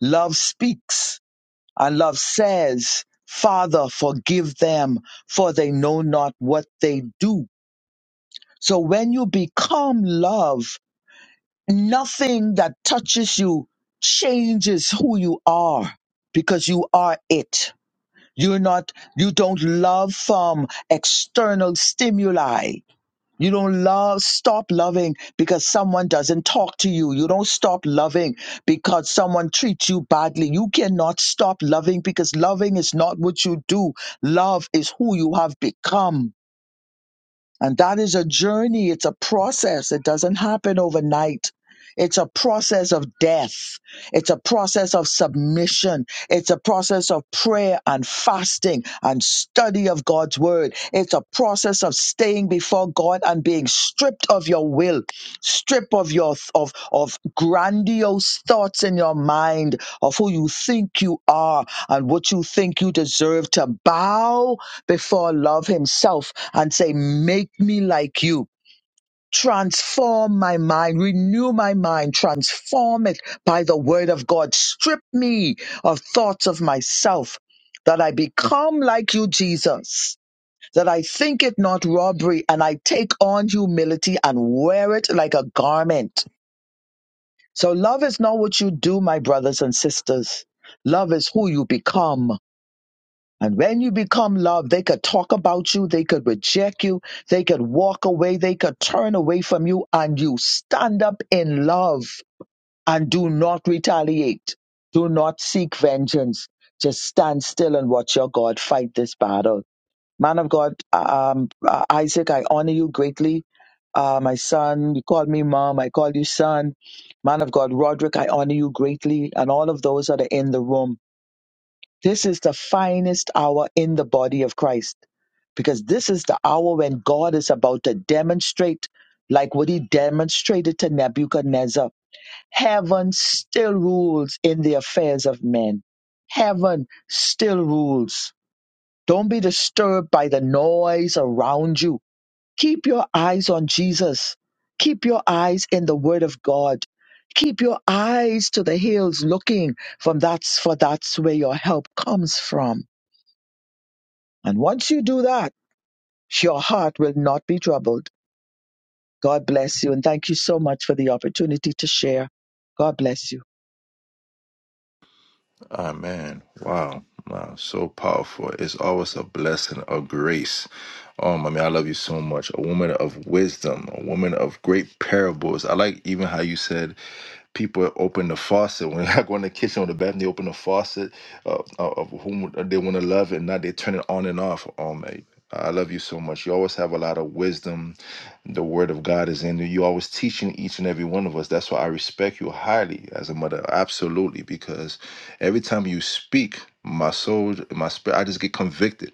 J: love speaks and love says, "Father, forgive them, for they know not what they do." So when you become love, nothing that touches you changes who you are because you are it. You're not, you don't love from external stimuli. You don't love, stop loving because someone doesn't talk to you. You don't stop loving because someone treats you badly. You cannot stop loving because loving is not what you do. Love is who you have become and that is a journey, it's a process. It doesn't happen overnight. It's a process of death. It's a process of submission. It's a process of prayer and fasting and study of God's word. It's a process of staying before God and being stripped of your will, stripped of your of of grandiose thoughts in your mind of who you think you are and what you think you deserve to bow before love himself and say, Make me like you. Transform my mind, renew my mind, transform it by the word of God. Strip me of thoughts of myself that I become like you, Jesus, that I think it not robbery and I take on humility and wear it like a garment. So love is not what you do, my brothers and sisters. Love is who you become. And when you become loved, they could talk about you, they could reject you, they could walk away, they could turn away from you, and you stand up in love and do not retaliate. Do not seek vengeance. Just stand still and watch your God fight this battle. Man of God, um, uh, Isaac, I honor you greatly. Uh, my son, you call me mom, I call you son. Man of God, Roderick, I honor you greatly, and all of those that are in the room. This is the finest hour in the body of Christ because this is the hour when God is about to demonstrate, like what he demonstrated to Nebuchadnezzar. Heaven still rules in the affairs of men. Heaven still rules. Don't be disturbed by the noise around you. Keep your eyes on Jesus. Keep your eyes in the Word of God. Keep your eyes to the hills looking from that's for that's where your help comes from. And once you do that, your heart will not be troubled. God bless you. And thank you so much for the opportunity to share. God bless you.
A: Amen. Wow. Wow. So powerful. It's always a blessing, a grace. Um, I mean, I love you so much. A woman of wisdom, a woman of great parables. I like even how you said people open the faucet when I go in the kitchen or the bathroom. They open the faucet uh, uh, of whom they want to love, and not they turn it on and off. Oh man, I love you so much. You always have a lot of wisdom. The word of God is in you. You always teaching each and every one of us. That's why I respect you highly as a mother. Absolutely. Because every time you speak, my soul, my spirit, I just get convicted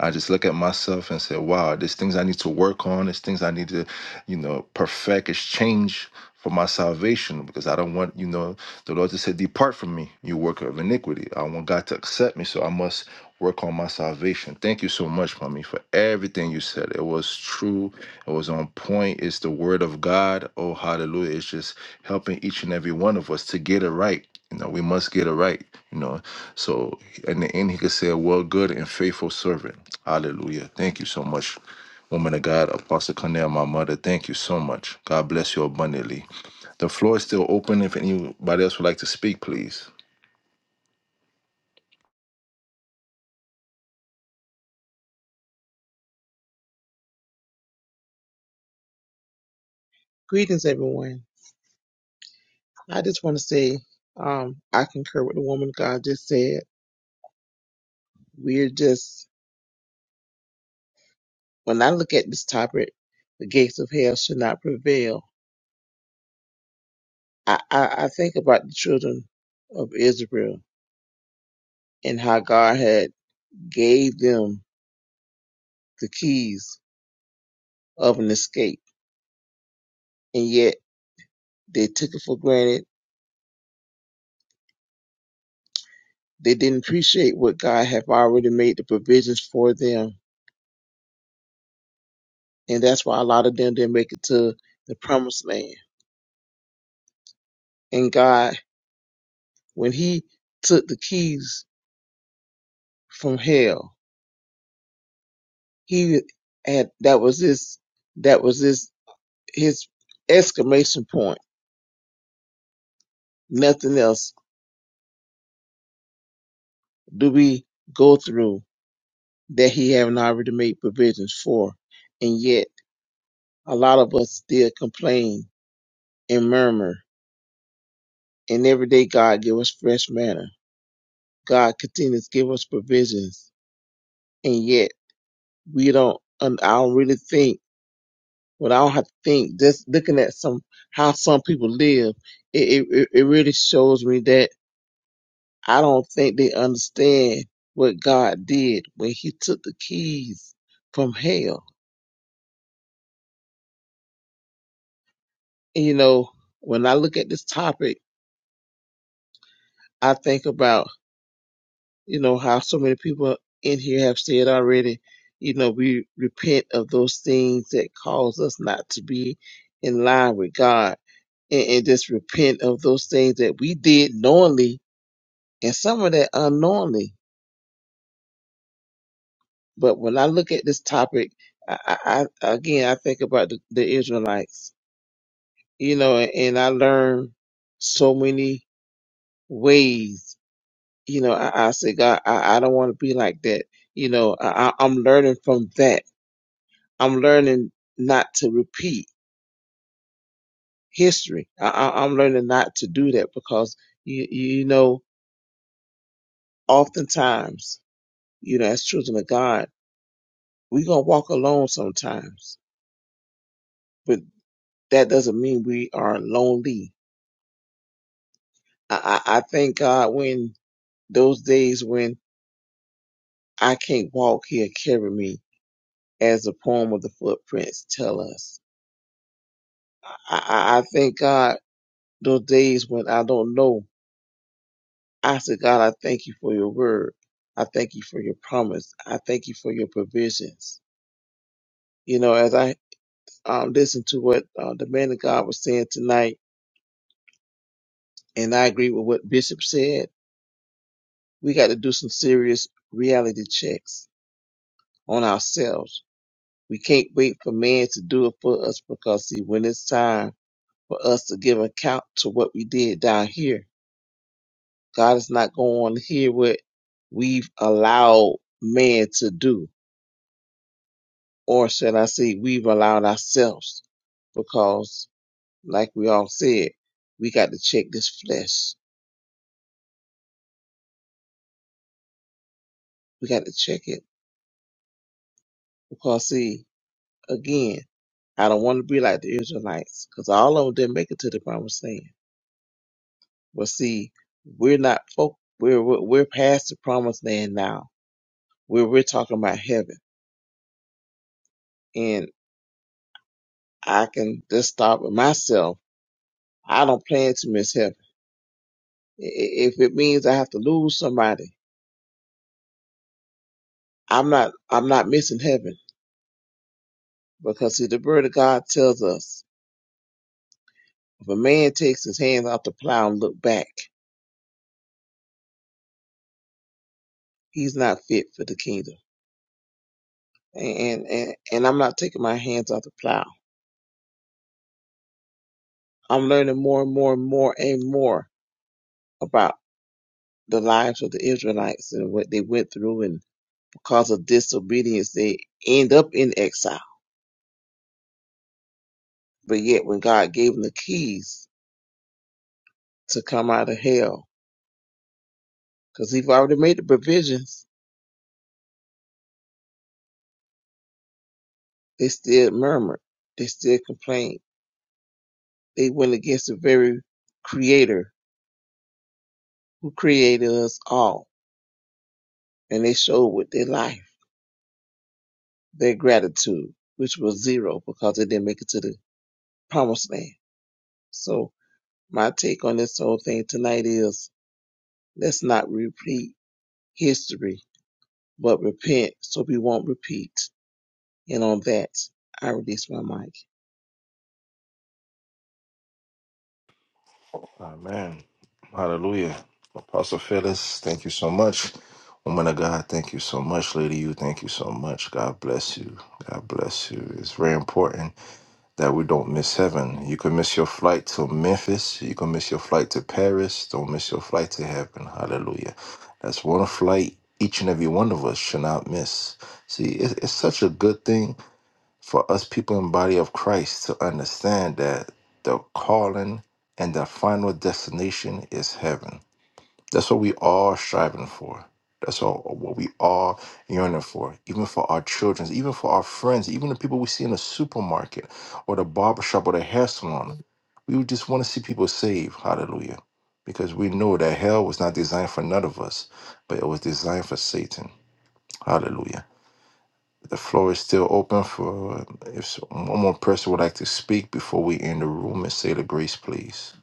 A: I just look at myself and say, wow, there's things I need to work on. There's things I need to, you know, perfect, It's change for my salvation because I don't want, you know, the Lord just said, depart from me, you worker of iniquity. I want God to accept me, so I must work on my salvation. Thank you so much, mommy, for everything you said. It was true. It was on point. It's the word of God. Oh, hallelujah. It's just helping each and every one of us to get it right. You know, we must get it right. You know, so in the end, he could say, "Well, good and faithful servant." Hallelujah. Thank you so much, woman of God, Apostle Cornell, my mother. Thank you so much. God bless you abundantly. The floor is still open. If anybody else would like to speak, please.
K: Greetings, everyone. I just want to say um, I concur with the woman God just said. We're just, when I look at this topic, the gates of hell should not prevail. I, I, I think about the children of Israel and how God had gave them the keys of an escape, and yet they took it for granted. They didn't appreciate what God had already made the provisions for them, and that's why a lot of them didn't make it to the promised land. And God when he took the keys from hell, he had that was his that was his his exclamation point. Nothing else do we go through that he haven't already made provisions for. And yet a lot of us still complain and murmur. And every day God give us fresh manna. God continues to give us provisions. And yet we don't and I don't really think But I don't have to think. Just looking at some how some people live, it it, it really shows me that I don't think they understand what God did when He took the keys from hell. And, you know, when I look at this topic, I think about you know how so many people in here have said already. You know, we repent of those things that cause us not to be in line with God, and, and just repent of those things that we did knowingly and some of that unknowingly. But when I look at this topic, I, I, I again I think about the, the Israelites, you know, and, and I learn so many ways. You know, I, I say, God, I, I don't want to be like that. You know, I, I- I'm learning from that. I'm learning not to repeat history. I, I, I'm learning not to do that because you, you know, oftentimes, you know, as children of God, we gonna walk alone sometimes that doesn't mean we are lonely. I, I, I thank God when those days when I can't walk, He'll carry me, as the poem of the footprints tell us. I, I, I thank God those days when I don't know. I said, God, I thank you for your word. I thank you for your promise. I thank you for your provisions. You know, as I um, listened to what uh, the man of God was saying tonight, and I agree with what Bishop said, we got to do some serious reality checks on ourselves We can't wait for man to do it for us because, see, when it's time for us to give account to what we did down here, God is not going to hear what we've allowed man to do, or should I say, we've allowed ourselves, because, like we all said, we got to check this flesh. We got to check it. Because, see, again, I don't want to be like the Israelites, because all of them didn't make it to the promised land Well, see, we're not folk. We're we're we're past the promised land now. We're we're talking about heaven, and I can just stop with myself. I don't plan to miss heaven. I- i- If it means I have to lose somebody, I'm not I'm not missing heaven because see, the word of God tells us if a man takes his hands off the plow and look back, he's not fit for the kingdom. And and and I'm not taking my hands off the plow. I'm learning more and more and more and more about. the lives of the Israelites and what they went through, and because of disobedience, they end up in exile. But yet, when God gave them the keys to come out of hell, because He've already made the provisions, they still murmured, they still complained, they went against the very Creator who created us all, and they showed with their life their gratitude, which was zero because they didn't make it to the promised land. So, my take on this whole thing tonight is let's not repeat history, but repent so we won't repeat. And on that, I release my mic.
A: Amen. Hallelujah. Apostle Phyllis, thank you so much. Woman of God, thank you so much. Lady, you, thank you so much. God bless you. God bless you. It's very important that we don't miss heaven. You can miss your flight to Memphis. You can miss your flight to Paris. Don't miss your flight to heaven. Hallelujah. That's one flight each and every one of us should not miss. See, it- it's such a good thing for us people in body of Christ to understand that the calling and the final destination is heaven. That's what we all striving for. That's all what we all yearning for, even for our children, even for our friends, even the people we see in the supermarket or the barbershop or the hair salon. We would just want to see people saved. Hallelujah. Because we know that hell was not designed for none of us, but it was designed for Satan. Hallelujah. The floor is still open for if so, one more person would like to speak before we end the room and say the grace, please.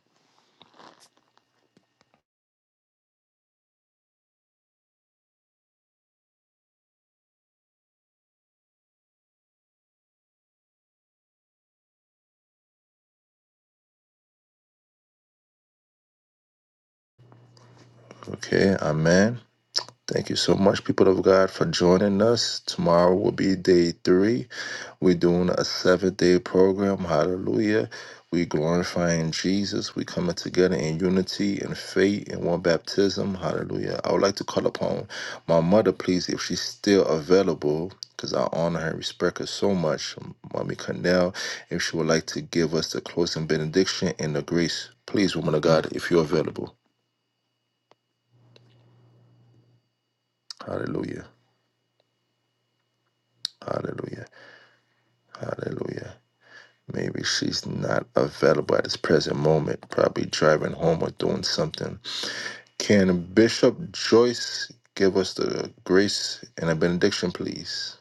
A: Okay, amen. Thank you so much, people of God, for joining us. Tomorrow will be day three. We're doing a seven day program. Hallelujah. we glorifying Jesus. we coming together in unity and faith and one baptism. Hallelujah. I would like to call upon my mother, please, if she's still available, because I honor her and respect her so much. Mommy Cornell, if she would like to give us the closing benediction and the grace. Please, woman of God, if you're available. Hallelujah. Hallelujah. Hallelujah. Maybe she's not available at this present moment, probably driving home or doing something. Can Bishop Joyce give us the grace and a benediction, please?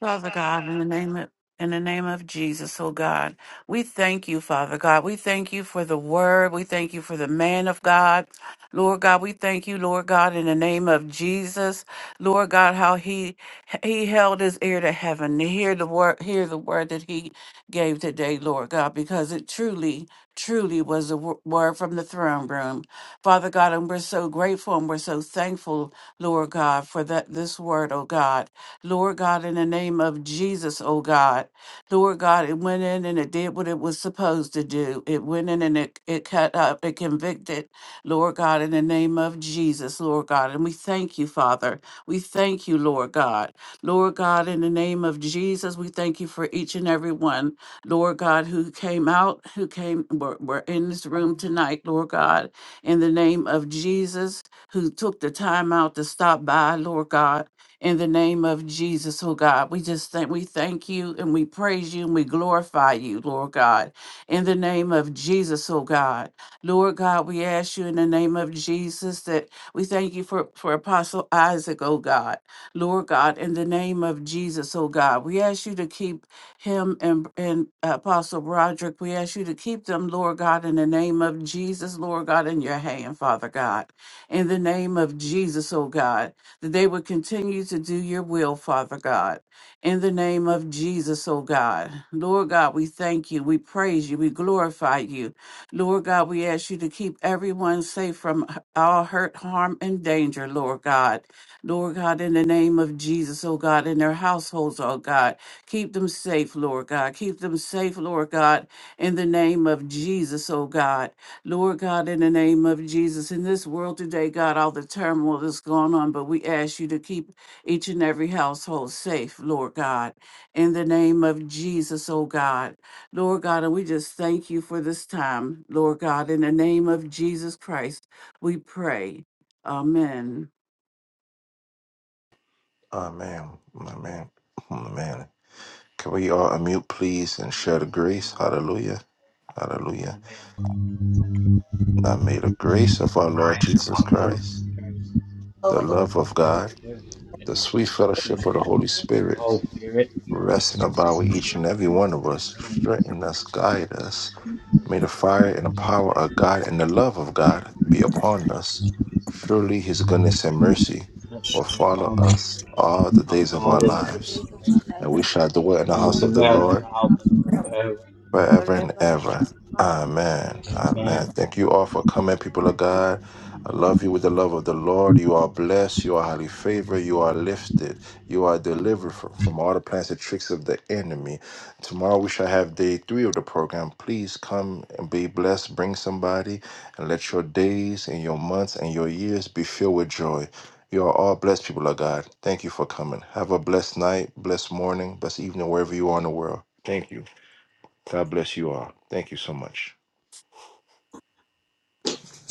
D: Father God, in the name of in the name of Jesus, oh God, we thank you, Father God. We thank you for the word. We thank you for the man of God. Lord God, we thank you, Lord God, in the name of Jesus. Lord God, how he he held his ear to heaven to hear the word hear the word that he gave today, Lord God, because it truly truly was a wo- word from the throne room. Father God, and we're so grateful and we're so thankful, Lord God, for that this word, oh God. Lord God, in the name of Jesus, oh God. Lord God, it went in and it did what it was supposed to do. It went in and it, it cut up, it convicted, Lord God, in the name of Jesus, Lord God. And we thank you, Father. We thank you, Lord God. Lord God, in the name of Jesus, we thank you for each and every one, Lord God, who came out, who came, were, were in this room tonight, Lord God, in the name of Jesus, who took the time out to stop by, Lord God in the name of Jesus, oh God. We just thank we thank you and we praise you and we glorify you, Lord God. In the name of Jesus, oh God. Lord God, we ask you in the name of Jesus that we thank you for, for Apostle Isaac, oh God. Lord God, in the name of Jesus, oh God. We ask you to keep him and, and Apostle Roderick. We ask you to keep them, Lord God, in the name of Jesus, Lord God, in your hand, Father God. In the name of Jesus, oh God that they would continue to do your will, Father God. In the name of Jesus, oh God. Lord God, we thank you. We praise you. We glorify you. Lord God, we ask you to keep everyone safe from all hurt, harm, and danger, Lord God. Lord God, in the name of Jesus, oh God, in their households, oh God. Keep them safe, Lord God. Keep them safe, Lord God, in the name of Jesus, oh God. Lord God, in the name of Jesus, in this world today, God, all the turmoil that's going on, but we ask you to keep each and every household safe, Lord God, in the name of Jesus, oh God. Lord God, and we just thank you for this time, Lord God, in the name of Jesus Christ, we pray. Amen.
A: Amen. Amen. Amen. Can we all unmute, please, and share the grace? Hallelujah. Hallelujah. Now may the grace of our Lord Jesus Christ, the
L: over
A: love of God, the sweet fellowship of the Holy Spirit Rest resting about with each and every one of us, strengthen us, guide us.
M: Hmm.
A: May the fire and the power of God and the love of God be upon us. Surely his goodness and mercy will follow us all the days of our
E: So the
A: lives,
E: days of our
A: and
E: lives
A: we shall dwell in the house
E: shall
A: of the
E: be in
A: Lord
E: the house of the Lord
A: forever and
E: forever
A: ever.
E: and ever.
A: Amen.
E: Amen.
A: Amen. Thank you all for coming, people of God. I love you with the love of the Lord. You are blessed. You are highly favored. You are lifted. You are delivered from, from all the plans and tricks of the enemy. Tomorrow we shall have day three of the program. Please come and be blessed. Bring somebody and let your days and your months and your years be filled with joy. You are all blessed, people of God. Thank you for coming. Have a blessed night, blessed morning, blessed evening, wherever you are in the world. Thank you. God bless you all. Thank you so much.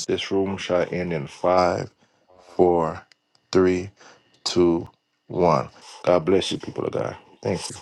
A: This room shall end in five, four, three, two, one. God bless you, people of God. Thank you.